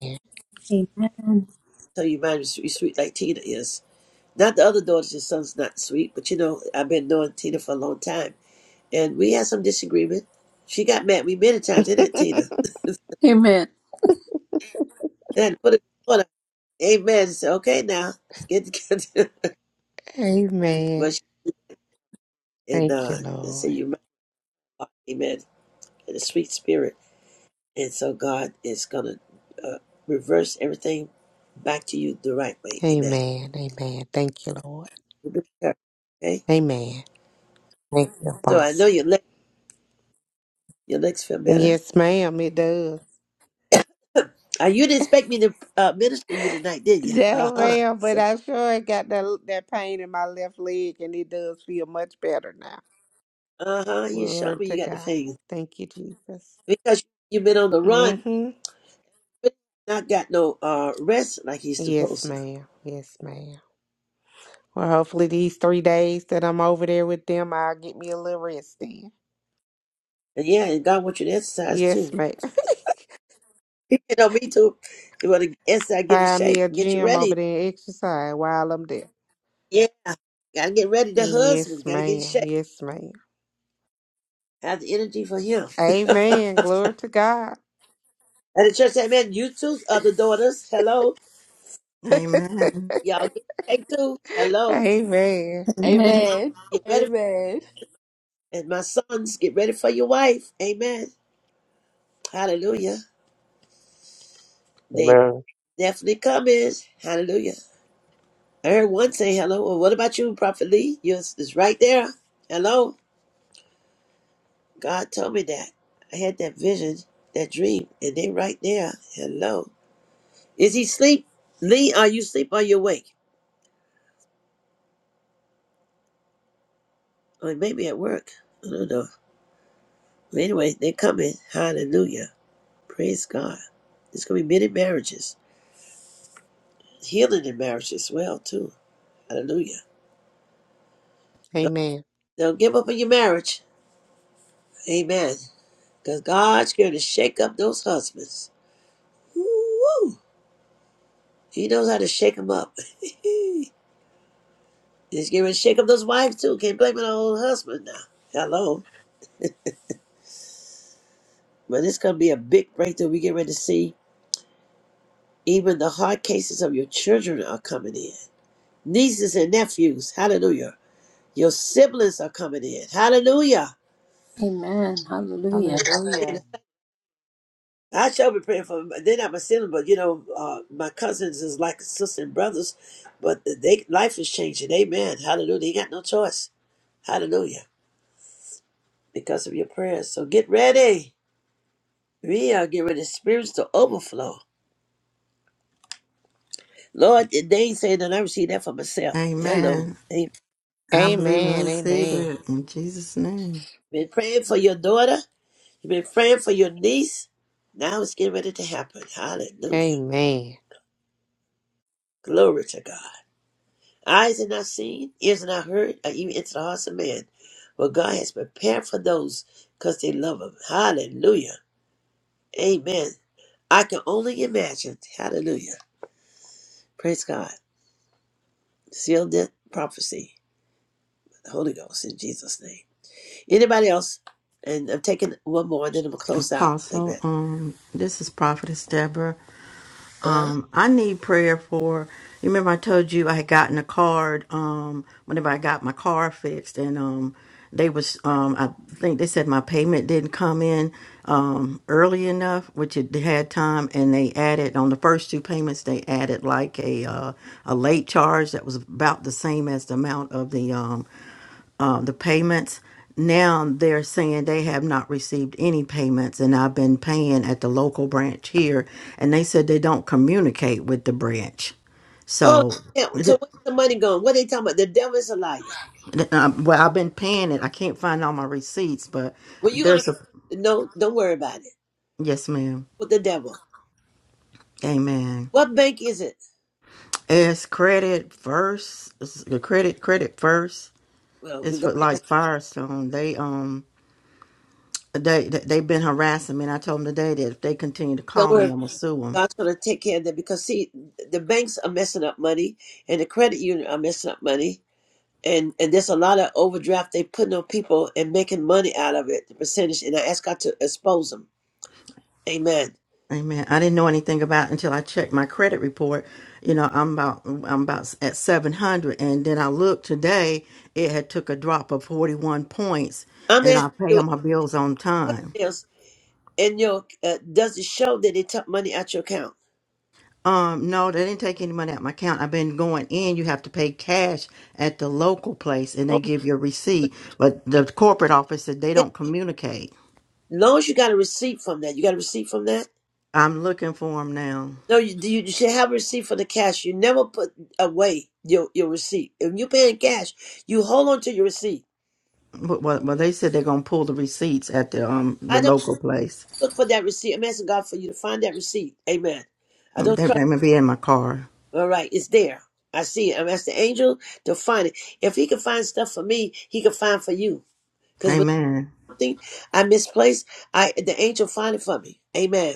B: Amen.
A: So your mind was sweet like Tina is. Not the other daughter's your son's not sweet, but you know, I've been knowing Tina for a long time. And we had some disagreement. She got mad at me many times, didn't it, Tina?
B: Amen.
A: Then put it on her. Amen. I said, okay, now, let's get together. but
T: Amen.
A: she, and
T: Thank
A: uh,
T: you,
A: I
T: Lord.
A: said, you mind, amen. And a sweet spirit. And so God is going to uh, reverse everything back to you the right way. Amen.
T: Amen. Amen. Thank you, Lord.
A: Okay?
T: Amen. Thank you,
A: So I know
T: Apostle.
A: your, leg, your legs feel better.
T: Yes, ma'am. It does.
A: Uh, you didn't expect me to uh, minister you tonight, did you? Uh
T: No,
A: huh.
T: ma'am, but I sure got that that pain in my left leg, and it does feel much better now.
A: Uh huh. You showed
T: Glory
A: me
T: to
A: you got the
T: God.
A: thing
T: Thank you, Jesus.
A: because you've been on the run,
T: Mm-hmm.
A: but not got no uh, rest like he's
T: Yes,
A: supposed to.
T: ma'am. Yes, ma'am. Well, hopefully these three days that I'm over there with them, I'll get me a little rest then.
A: And yeah, and God wants you to exercise
T: Yes,
A: too.
T: ma'am.
A: You know me too. You want to exercise, get in
T: Find me
A: shape,
T: a
A: get you
T: gym over
A: ready.
T: there and exercise while I'm there.
A: Yeah, gotta get ready. The
T: Yes,
A: husband gotta get in
T: ma'am.
A: shape.
T: Yes, ma'am.
A: Have the energy for him. and
T: Amen. Glory to God.
A: the church, amen. You two, other daughters. Hello,
E: Amen.
A: y'all. Get in shape too. Hello.
T: Amen.
B: Amen.
D: Amen.
A: Get ready
D: Amen.
A: And my sons, get ready for your wife. Amen. Hallelujah. They
S: Amen.
A: definitely coming. Hallelujah. I heard one say hello. Well, what about you, Prophet Lee? Yours is right there. Hello. God told me that. I had that vision, that dream, and they right there. Hello. Is he sleep? Lee, are you asleep or you awake? Or maybe at work. I don't know. But anyway, they coming. Hallelujah. Praise God. There's gonna be many marriages. Healing in marriage as well, too. Hallelujah.
T: Amen.
A: Don't give up on your marriage. Amen. Because God's going to shake up those husbands. Woo! He knows how to shake them up. He's going to shake up those wives too. Can't blame it on old husband now. Hello. But it's going to be a big breakthrough. We get ready to see even the hard cases of your children are coming in. Nieces and nephews. Hallelujah. Your siblings are coming in. Hallelujah.
B: Amen. Hallelujah.
D: Hallelujah.
A: I shall be praying for them. They're not my siblings, but you know, uh, my cousins is like sisters and brothers. But they life is changing. Amen. Hallelujah. They got no choice. Hallelujah. Because of your prayers. So get ready. We are getting ready to spiritual overflow. Lord, they ain't saying that I received that for myself. Hello.
E: Amen.
A: Amen.
E: I believe and
T: Amen.
E: receive
T: Amen.
E: it in Jesus' name.
A: Been praying for your daughter. You've been praying for your niece. Now it's getting ready to happen. Hallelujah.
T: Amen.
A: Glory to God. Eyes have not seen, ears have not heard, or even into the hearts of man. What God has prepared for those because they love Him. Hallelujah. Amen. I can only imagine. Hallelujah. Praise God. Seal that prophecy. The Holy Ghost in Jesus' name. Anybody else? And I'm taking one more, then I'm gonna close out.
E: Apostle,
A: Amen.
E: um, this is Prophetess Deborah.
A: huh
E: um, I need prayer for. You remember I told you I had gotten a card um, whenever I got my car fixed, and um, they was um, I think they said my payment didn't come in um, early enough, which it had time, and they added on the first two payments they added like a uh, a late charge that was about the same as the amount of the um, um, the payments. Now they're saying they have not received any payments, and I've been paying at the local branch here, and they said they don't communicate with the branch.
A: Oh,
E: So,
A: yeah. So
E: th-
A: where's the money going? What are they talking about? The devil is a liar.
E: th- um, well, I've been paying it. I can't find all my receipts, but
A: Well, you're gonna
E: there's a
A: no. Don't worry about it.
E: yes, ma'am.
A: With the devil.
E: Amen.
A: What bank is it?
E: It's credit first. It's the credit, credit first.
A: Well, we're
E: It's for
A: gonna ask,
E: like Firestone. They um they they- they've been harassing me, and I told them today that if they continue to
A: don't
E: call me,
A: worry,
E: I'm gonna sue 'em.
A: God's gonna take care of that because see, the banks are messing up money, and the credit union are messing up money, and and there's a lot of overdraft they putting on people and making money out of it, the percentage. And I ask God to expose them. Amen.
E: Amen. I didn't know anything about until I checked my credit report. You know, I'm about I'm about at 700, and then I looked today. It had took a drop of 41 points,
A: I'm
E: and
A: asking
E: I pay
A: you a
E: all my bills on time.
A: question else, and your uh, does it show that they took money out your account?
E: Um, no, they didn't take any money out my account. I've been going in. You have to pay cash at the local place, and
A: Oh,
E: they give you a receipt. But the corporate office said they don't communicate.
A: As long as you got a receipt from that, you got a receipt from that.
E: I'm looking for them now.
A: No, you do. You should have a receipt for the cash. You never put away your your receipt. If you're paying cash, you hold on to your receipt.
E: Well, well, well, they said they're gonna pull the receipts at the um the
A: I don't
E: local place.
A: look for that receipt. I'm asking God for you to find that receipt. Amen. I don't
E: They,
A: trust.
E: they may be in my car.
A: All right, it's there. I see it. I'm asking the angel to find it. If he can find stuff for me, he can find for you. Because when
E: Amen.
A: something I misplaced, I the angel find it for me. Amen.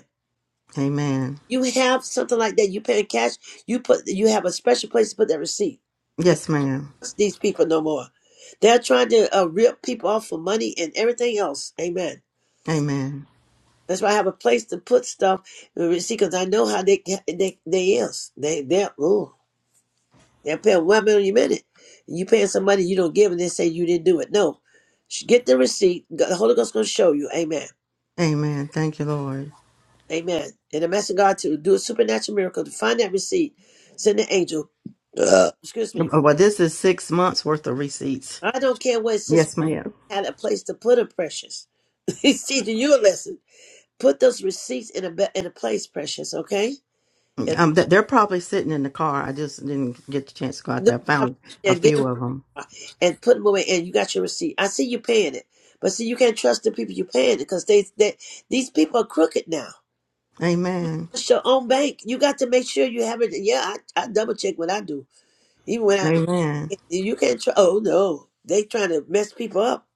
E: Amen.
A: You have something like that. You paying cash. You put. You have a special place to put that receipt.
E: Yes, ma'am.
A: these people no more. They're trying to uh, rip people off for money and everything else. Amen.
E: Amen.
A: That's why I have a place to put stuff. uh, See, because I know how they they they is. They they ooh, they're paying one million a minute. You paying somebody you don't give, and they say you didn't do it. No, Sh- get the receipt. God- The Holy Ghost going to show you. Amen.
E: Amen. Thank you, Lord.
A: Amen. And I'm asking God to do a supernatural miracle to find that receipt. Send the angel. Uh, excuse me.
E: Well, this is six months worth of receipts.
A: I don't care what sister
E: Yes, ma'am.
A: had a place to put a precious. He's teaching you a lesson. Put those receipts in a be- in a place, precious. Okay, and
E: Um, th- they're probably sitting in the car. I just didn't get the chance to go out
A: no
E: there. I
A: problem.
E: found
A: Yeah,
E: a
A: get them
E: few of them.
A: out and put them away. And you got your receipt. I see you paying it, but see you can't trust the people you paying it because they they these people are crooked now.
E: Amen.
A: It's your own bank. You got to make sure you have it. Yeah, I, I double check what I do. Even when I
E: Amen.
A: you can't trust. Oh no, they trying to mess people up.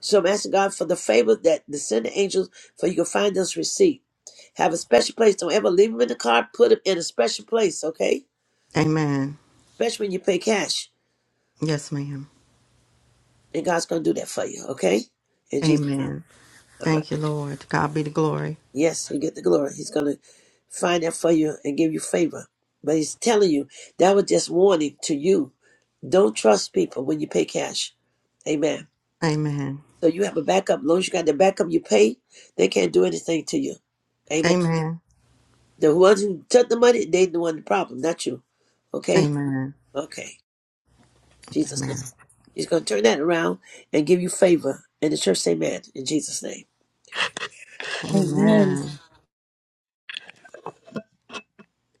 A: So I'm asking God for the favor that the send the angels for you can find this receipt. Have a special place. Don't ever leave them in the car. Put them in a special place. Okay
E: Amen.
A: especially when you pay cash.
E: Yes, ma'am.
A: And God's going to do that for you, okay? And Jesus,
E: Amen.
A: all right.
E: Thank you, Lord. To God be the glory.
A: Yes, He get the glory. He's going to find that for you and give you favor. But He's telling you, that was just warning to you. Don't trust people when you pay cash. Amen.
E: Amen.
A: So you have a backup. As long as you got the backup you pay, they can't do anything to you. Amen.
E: Amen.
A: The ones who took the money, they the one the problem, not you. Okay?
E: Amen.
A: Okay. Jesus' name.
E: Amen.
A: He's going to turn that around and give you favor. And the church, say amen. In Jesus' name.
B: Amen.
E: Amen.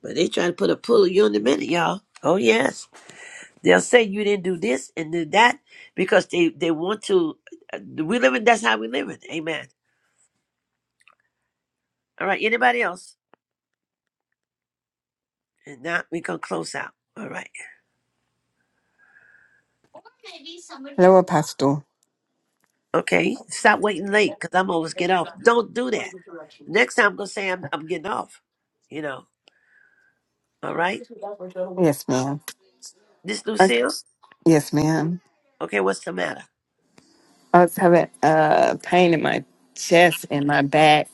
A: But they trying to put a pull on you in a minute, y'all. Oh yes, they'll say you didn't do this and do that because they they want to. uh, We live in that's how we live in. Amen. All right. Anybody else? And now we gonna close out. All right.
F: Hello, Apostle.
A: Okay. Stop waiting late because I'm always get off. Don't do that. Next time I'm gonna say I'm I'm getting off. You know. All right.
F: Yes, ma'am.
A: This
F: Okay.
A: Lucille.
F: Yes, ma'am.
A: Okay. What's the matter?
F: I was having a uh, pain in my chest and my back.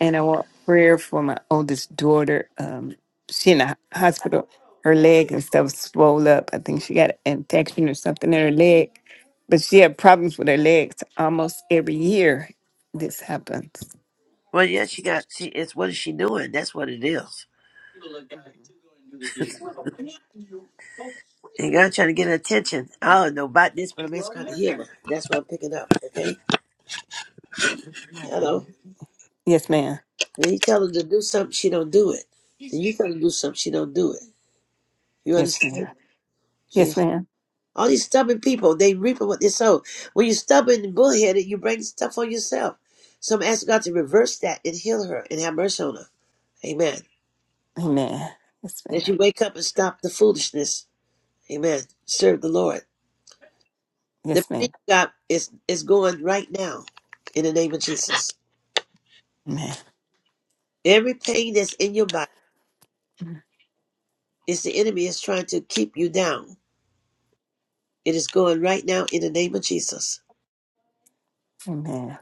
F: and I want prayer for my oldest daughter. Um, she in the ho- hospital, her leg and stuff swole up. I think she got an infection or something in her leg, but she had problems with her legs almost every year. This happens.
A: Well, yeah, she got. She it's what is she doing? That's what it is. And God trying to get her attention. I don't know about this, but I'm asking God to hear her. That's what I'm picking up. Okay? Hello.
F: Yes, ma'am.
A: When you tell her to do something, she don't do it. And you tell her to do something, she don't do it. You
F: Yes, ma'am.
A: understand? She
F: Yes, ma'am.
A: all these stubborn people, they reap what they sow. When you're stubborn and bullheaded, you bring stuff on yourself. So I'm asking God to reverse that and heal her and have mercy on her. Amen.
F: Amen. Yes, ma'am.
A: That she wake up and stop the foolishness. Amen. Serve the Lord. The
F: Yes,
A: pain
F: ma'am.
A: you got is is going right now in the name of Jesus.
F: Amen.
A: Every pain that's in your body is the enemy is trying to keep you down. It is going right now in the name of Jesus.
F: Amen.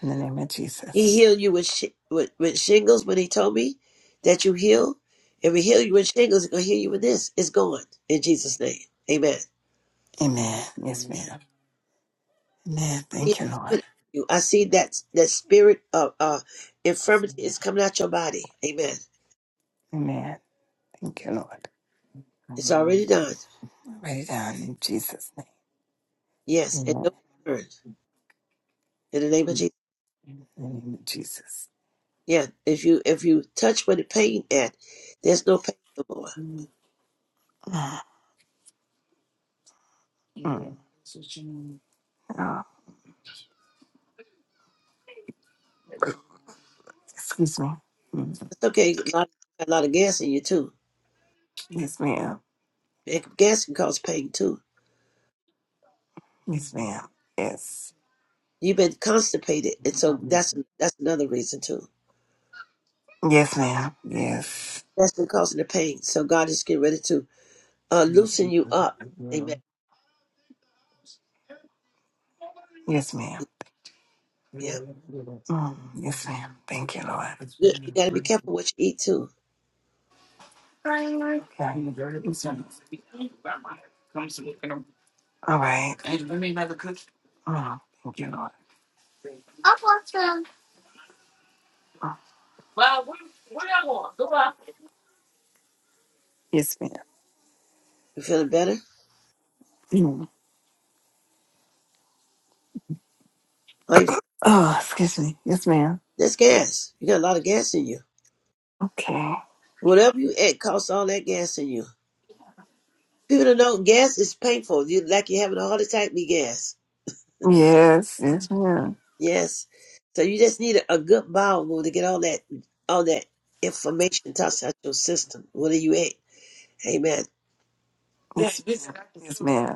F: In the name of
A: He
F: Jesus.
A: healed you with shi- with, with shingles when he told me that you heal. If he healed you with shingles, he's gonna heal you with this. It's gone in Jesus' name. Amen.
F: Amen. Yes, ma'am. Amen.
A: See, it's
F: Thank you, Lord.
A: coming out of you. I see that that spirit of uh, infirmity is coming out your body. Amen.
F: Amen. Thank you, Lord.
A: It's already done.
F: Write it down in Jesus' name.
A: Yes,
F: In
A: and
F: the
A: no return in the name of Jesus.
F: name of Jesus.
A: Yeah, if you if you touch where the pain at, there's no pain no more.
F: Mm, mm, uh, excuse me. Mm,
A: It's okay. A lot, a lot of gas in you too.
F: Yes, ma'am.
A: It- Gas can cause pain too.
F: Yes, ma'am. Yes.
A: You've been constipated, and so that's that's another reason too.
F: Yes, ma'am. Yes.
A: That's been causing the pain. So God is getting ready to uh, loosen you up. Amen.
F: Yes, ma'am.
A: Yeah,
F: Mm, yes, ma'am. Thank you, Lord. Okay.
A: you, you got to be careful what you eat too.
F: Yes, All right. Oh, thank you, Lord. Oh, yes, ma'am.
A: You feeling better?
F: Mm.
A: Are you,
F: Oh, excuse me. Yes, ma'am.
A: that's gas. You got a lot of gas in you.
F: Okay.
A: Whatever you eat costs all that gas in you. People don't know gas is painful. You like you having a heart attack, be gas.
F: Yes. Yes, ma'am.
A: Yes. So you just need a, a good bowel movement to get all that all that information tossed out your system. What are you at? Amen.
F: Yes, yes, ma'am.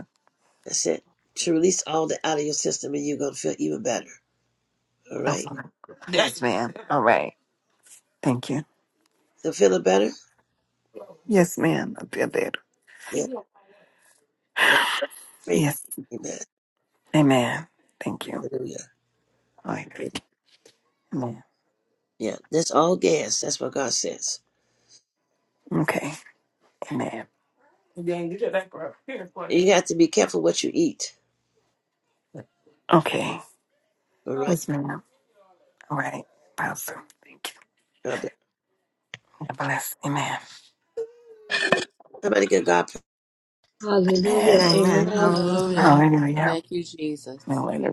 A: That's it. To release all that out of your system and you're gonna feel even better. All
F: Okay.
A: right?
F: Yes, ma'am. All right. Thank you.
A: So feeling better?
F: Yes, ma'am. I feel better.
A: Yeah. So pray.
F: Yes.
A: Amen.
F: Amen. Thank you.
A: Hallelujah.
F: All right. Amen.
A: Yeah. That's all gas. That's what God says.
F: Okay. Amen.
A: And you have to be careful what you eat.
F: Okay.
A: All right?
F: Yes, ma'am. All right. Apostle. Thank you.
A: God bless.
F: God bless. Amen.
A: Somebody get God pra-
F: Amen.
E: Amen.
D: Hallelujah.
E: Hallelujah.
F: Hallelujah.
D: Thank you, Jesus.
F: Hallelujah.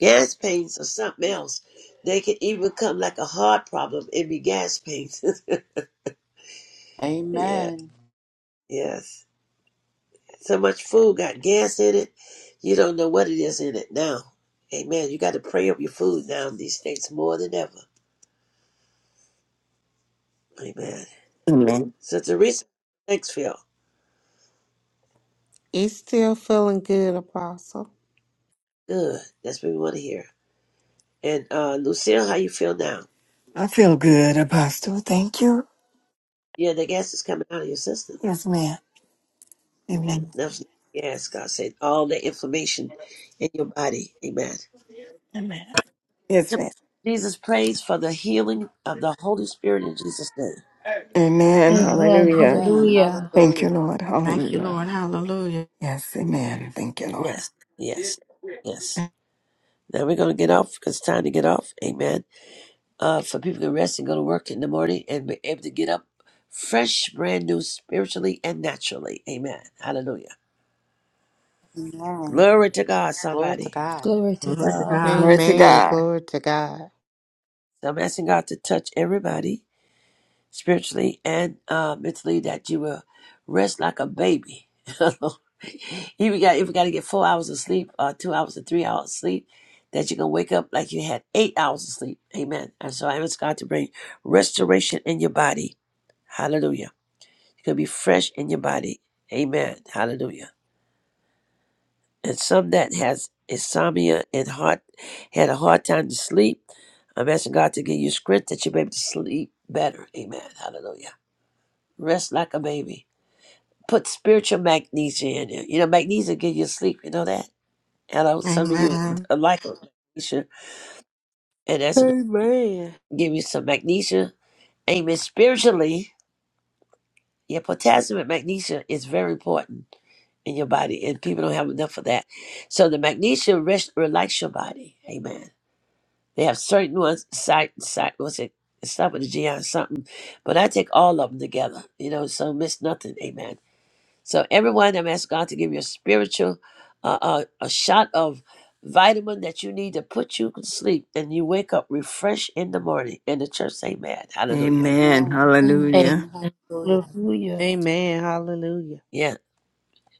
A: gas pains or something else. They can even come like a heart problem and be gas pains. yeah.
D: Amen.
A: Yes. So much food got gas in it. You don't know what it is in it now. Amen. You got to pray up your food now in these days more than ever. Amen.
F: Amen.
A: So Teresa, thanks, Phil.
T: You still feeling good, Apostle.
A: Good. That's what we want to hear. And uh, Lucille, how you feel now?
F: I feel good, Apostle. Thank you.
A: Yeah, the gas is coming out of your system.
F: Yes, ma'am.
A: Mm,
F: Amen.
A: That's gas, God said. All the inflammation in your body. Amen.
F: Amen. Yes, ma'am.
A: Jesus prays for the healing of the Holy Spirit in Jesus' name.
F: Amen.
B: Amen.
F: Hallelujah.
D: Amen.
B: Hallelujah.
F: Thank you,
D: Hallelujah.
F: Lord.
E: Thank you,
F: Hallelujah.
E: Lord. Hallelujah.
F: Yes, amen. Thank you, Lord.
A: Yes, yes, yes. Now we're going to get off because it's time to get off. Amen. Uh, for people to rest and go to work in the morning and be able to get up fresh, brand new, spiritually and naturally. Amen. Hallelujah.
D: Amen.
A: Glory to God,
D: Glory to
A: somebody.
D: God.
B: Glory to
E: Glory to
B: God.
E: God.
F: Glory to
T: Amen.
F: God.
T: Glory to God.
A: So I'm asking God to touch everybody spiritually and uh, mentally that you will rest like a baby. if we got if we got to get four hours of sleep, or two hours or three hours of sleep, that you can wake up like you had eight hours of sleep. Amen. And so I ask God to bring restoration in your body Hallelujah. It could be fresh in your body. Amen. Hallelujah. And some that has insomnia and heart had a hard time to sleep. I'm asking God to give you strength that you'll be able to sleep better. Amen. Hallelujah. Rest like a baby. Put spiritual magnesia in there. You know, magnesia give you sleep. You know that? Hello. Some of you
E: Amen.
A: like magnesia. And that's
T: Amen.
A: give you some magnesia. Amen. Spiritually. Yeah, potassium and magnesium is very important in your body, and people don't have enough of that. So the magnesium rest, relax your body. Amen. They have certain ones, site, site, what's it? Stop with the GI or something. But I take all of them together, you know, so miss nothing. Amen. So everyone, I'm asking God to give you a spiritual, uh, uh, a shot of vitamin that you need to put you to sleep and you wake up refreshed in the morning. And the church say, man, hallelujah.
F: Amen.
D: Amen.
F: Hallelujah.
D: Amen.
B: Amen.
D: Hallelujah.
B: Hallelujah.
T: Amen. Hallelujah.
A: Yeah.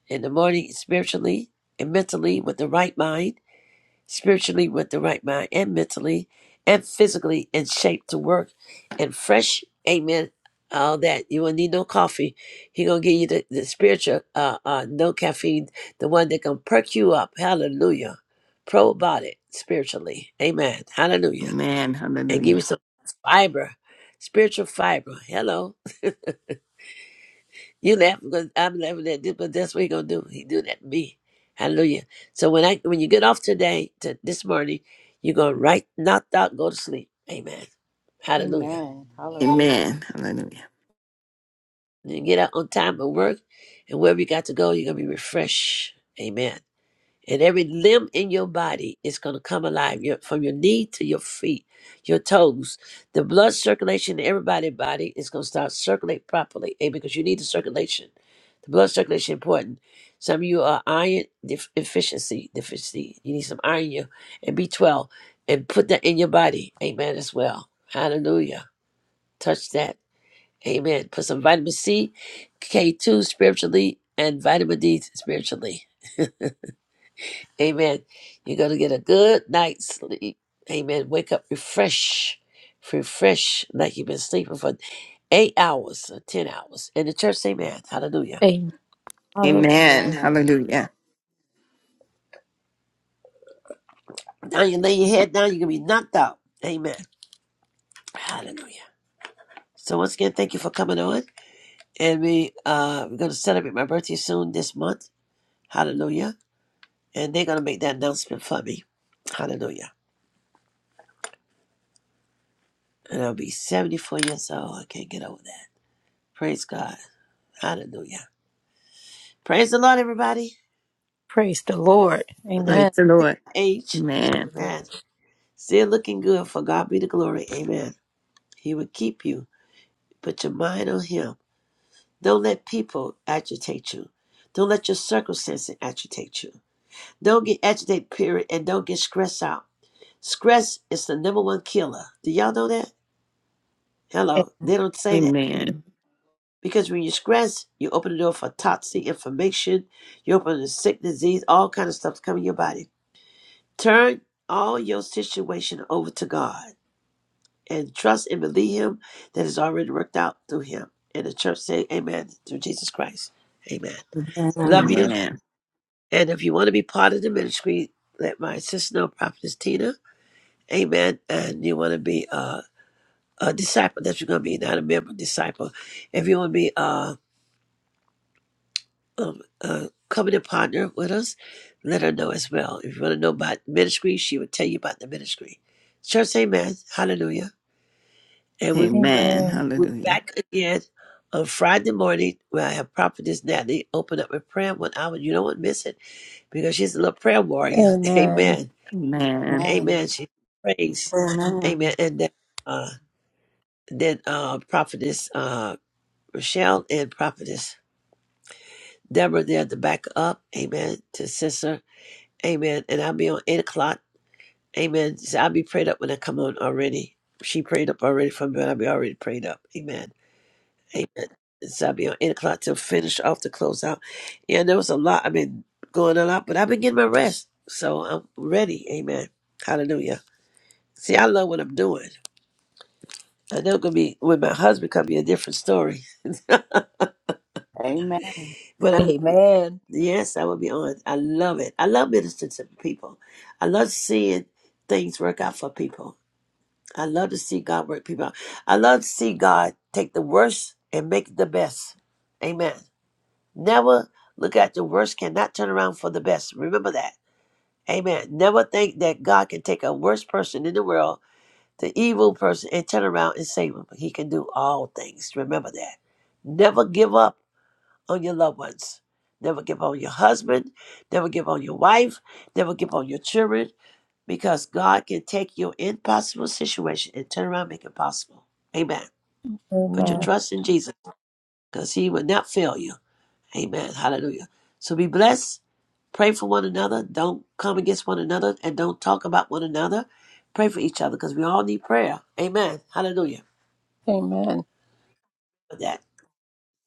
A: in the morning spiritually and mentally with the right mind, spiritually with the right mind and mentally and physically in shape to work and fresh. Amen. All that you will not need no coffee. He gonna give you the, the spiritual uh uh no caffeine, the one that gonna perk you up. Hallelujah. Probiotic spiritually. Amen. Hallelujah.
F: Amen.
A: And give you
F: Hallelujah.
A: some fiber, spiritual fiber. Hello. You laugh because I'm laughing at this, but that's what he gonna do. He do that to me. Hallelujah. So when I when you get off today to this morning, you gonna right knock out, go to sleep. Amen. Hallelujah.
D: Amen. Hallelujah.
F: Amen. Hallelujah.
A: And you get out on time at work and wherever you got to go, you're gonna be refreshed. Amen. And every limb in your body is going to come alive your, from your knee to your feet, your toes. The blood circulation in everybody's body is going to start circulate properly. Amen. Because you need the circulation. The blood circulation is important. Some of you are iron def- deficiency. Deficiency. You need some iron in you and B12 and put that in your body. Amen. As well. Hallelujah. Touch that. Amen. Put some vitamin C, K2 spiritually, and vitamin D spiritually. Amen. You're going to get a good night's sleep. Amen. Wake up refresh, refresh like you've been sleeping for eight hours or 10 hours. In the church, amen. Hallelujah.
B: Amen. Hallelujah.
F: Amen.
E: Amen.
F: Hallelujah.
A: Now you lay your head down, you're going to be knocked out. Amen. Hallelujah. So once again, thank you for coming on. And we, uh, we're going to celebrate my birthday soon this month. Hallelujah. And they're going to make that announcement for me. Hallelujah. And I'll be 74 years old. I can't get over that. Praise God. Hallelujah. Praise the Lord, everybody.
B: Praise the Lord.
A: But that's
F: Praise
B: Amen.
F: the
A: my
F: Lord.
A: age.
F: Amen.
A: Man, still looking good. For God be the glory. Amen. He will keep you. Put your mind on Him. Don't let people agitate you. Don't let your circumstances agitate you. Don't get agitated, period, and don't get stressed out. Stress is the number one killer. Do y'all know that? Hello. They don't say that.
F: Amen.
A: Because when you stress, you open the door for toxic information. You open the sick disease, all kind of stuff coming your body. Turn all your situation over to God. and trust and believe him that is already worked out through him. And the church say amen through Jesus Christ. Amen. Love
E: Amen.
A: you.
F: Amen.
A: And if you want to be part of the ministry, let my sister know, Prophetess Tina. Amen. And you want to be uh, a disciple. That's what you're going to be, not a member, disciple. If you want to be uh, um, uh, coming a partner with us, let her know as well. If you want to know about ministry, she will tell you about the ministry. Church, amen. Hallelujah. And we
F: Amen.
B: Amen.
A: We're
F: Hallelujah.
A: back again on Friday morning where I have Prophetess Natalie open up with prayer one hour. You don't want to miss it because she's a little prayer warrior.
B: Amen.
A: Amen.
F: Amen.
D: Amen.
A: Amen. She prays. Amen.
E: Amen.
A: And then, uh, then uh, Prophetess uh, Rochelle and Prophetess Deborah there to back up. Amen. To sister. Amen. And I'll be on 8 o'clock. Amen. So I'll be prayed up when I come on already. She prayed up already for me, but I'll be already prayed up. Amen. Amen. Zabio, eight o'clock to finish off the closeout. Yeah, there was a lot. I've been going a lot, but I've been getting my rest. So I'm ready. Amen. Hallelujah. See, I love what I'm doing. I know it's gonna be with my husband could be a different story.
D: Amen.
A: But I
B: Amen.
A: yes, I will be on. I love it. I love ministering to people. I love seeing things work out for people. I love to see God work people out. I love to see God take the worst and make it the best. Amen. Never look at the worst, cannot turn around for the best. Remember that. Amen. Never think that God can take a worst person in the world, the evil person, and turn around and save him. He can do all things. Remember that. Never give up on your loved ones. Never give up on your husband. Never give up on your wife. Never give up on your children because God can take your impossible situation and turn around and make it possible. Amen. Put your
B: Amen.
A: trust in Jesus because he will not fail you. Amen. Hallelujah. So be blessed. Pray for one another. Don't come against one another and don't talk about one another. Pray for each other because we all need prayer. Amen. Hallelujah.
B: Amen.
A: For that.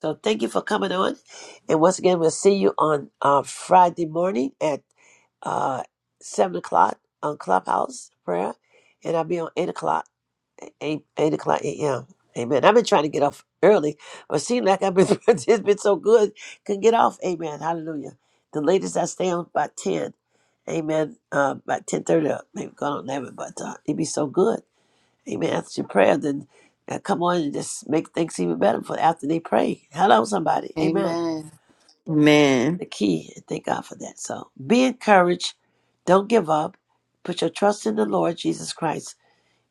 A: So thank you for coming on. And once again, we'll see you on uh, Friday morning at uh, 7 o'clock on Clubhouse Prayer. And I'll be on 8 o'clock. eight eight o'clock a.m. Amen. I've been trying to get off early, but seemed like I've been it's been so good, could get off. Amen. Hallelujah. The latest I stay on by ten. Amen. Uh, by ten thirty, uh, maybe gone on eleven, but uh, it'd be so good. Amen. After your prayer, then I come on and just make things even better for after they pray. Hello, somebody. Amen.
D: Amen.
F: Amen.
A: The key. And thank God for that. So be encouraged. Don't give up. Put your trust in the Lord Jesus Christ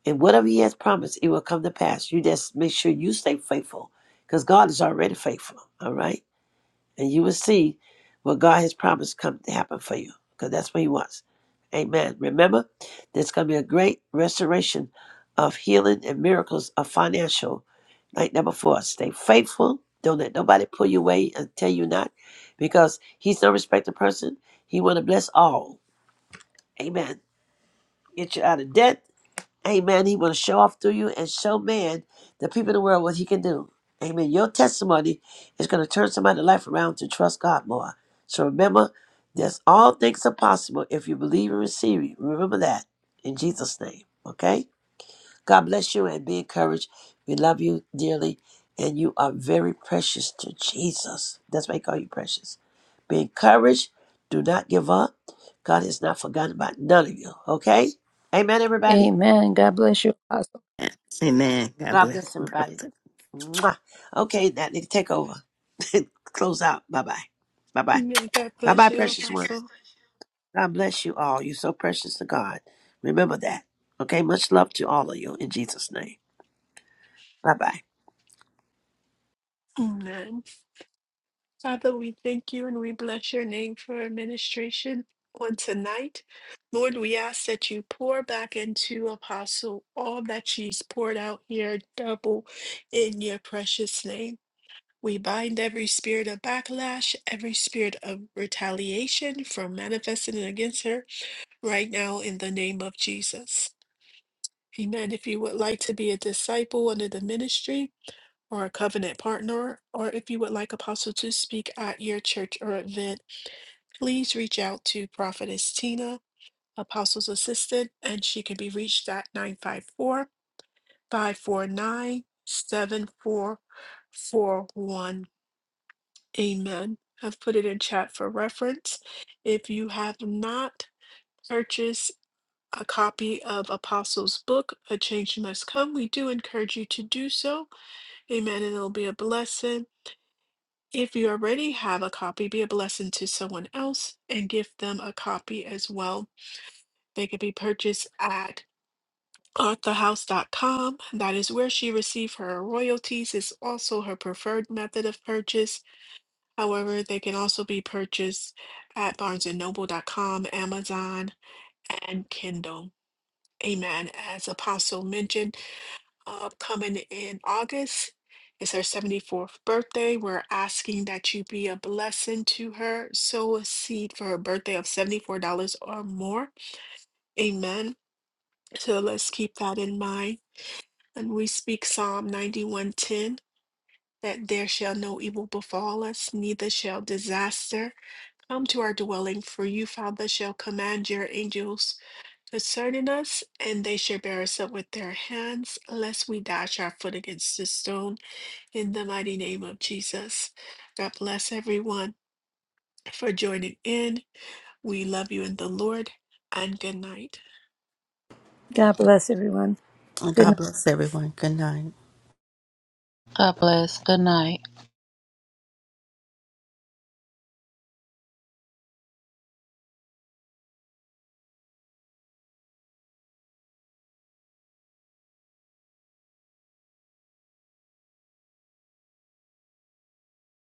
A: and whatever He has promised, it will come to pass. You just make sure you stay faithful because God is already faithful. All right? And you will see what God has promised come to happen for you because that's what He wants. Amen. Remember, there's going to be a great restoration of healing and miracles of financial. Like number four, stay faithful. Don't let nobody pull you away and tell you not because He's no respected person. He want to bless all. Amen. Get you out of debt Amen. He will show off through you and show man, the people in the world, what he can do. Amen. Your testimony is going to turn somebody's life around to trust God more. So remember, there's all things are possible if you believe and receive it. Remember that in Jesus' name. Okay? God bless you and be encouraged. We love you dearly, and you are very precious to Jesus. That's why I call you precious. Be encouraged. Do not give up. God has not forgotten about none of you. Okay? Amen, everybody.
B: Amen. God bless you, Apostle.
F: Amen. God
A: God bless
F: bless. you,
A: everybody.
F: brother.
A: Mwah. Okay, that nigga, take over. Close out. Bye bye. Bye bye.
Q: Amen. God
A: Bye bye,
Q: bless you,
A: precious ones.
Q: Apostle.
A: God bless you all. You're so precious to God. Remember that. Okay, much love to all of you in Jesus' name. Bye bye.
Q: Amen. Father, we thank you and we bless your name for administration on tonight. Lord, we ask that you pour back into Apostle all that she's poured out here, double in your precious name. We bind every spirit of backlash, every spirit of retaliation from manifesting against her right now in the name of Jesus. Amen. If you would like to be a disciple under the ministry, or a covenant partner, or if you would like Apostle to speak at your church or event, please reach out to Prophetess Tina, Apostle's Assistant, and she can be reached at nine five four five four nine seven four four one. Amen. I've put it in chat for reference. If you have not purchased a copy of Apostles' book, A Change Must Come, we do encourage you to do so. Amen. And it'll be a blessing. If you already have a copy, be a blessing to someone else and give them a copy as well. They can be purchased at arthahouse.com. That is where she received her royalties. It's also her preferred method of purchase. However, they can also be purchased at barnesandnoble.com, Amazon, and Kindle. Amen. As Apostle mentioned, upcoming in August. is her 74th birthday. We're asking that you be a blessing to her. Sow a seed for her birthday of $74 or more. Amen. So let's keep that in mind. And we speak Psalm 91:10 that there shall no evil befall us, neither shall disaster come to our dwelling, for you, Father, shall command your angels concerning us, and they shall bear us up with their hands, lest we dash our foot against a stone. in the mighty name of Jesus. God bless everyone for joining in. We love you in the Lord and good night.
B: God bless everyone. Good night.
E: God bless everyone. Good night.
D: God bless. Good night.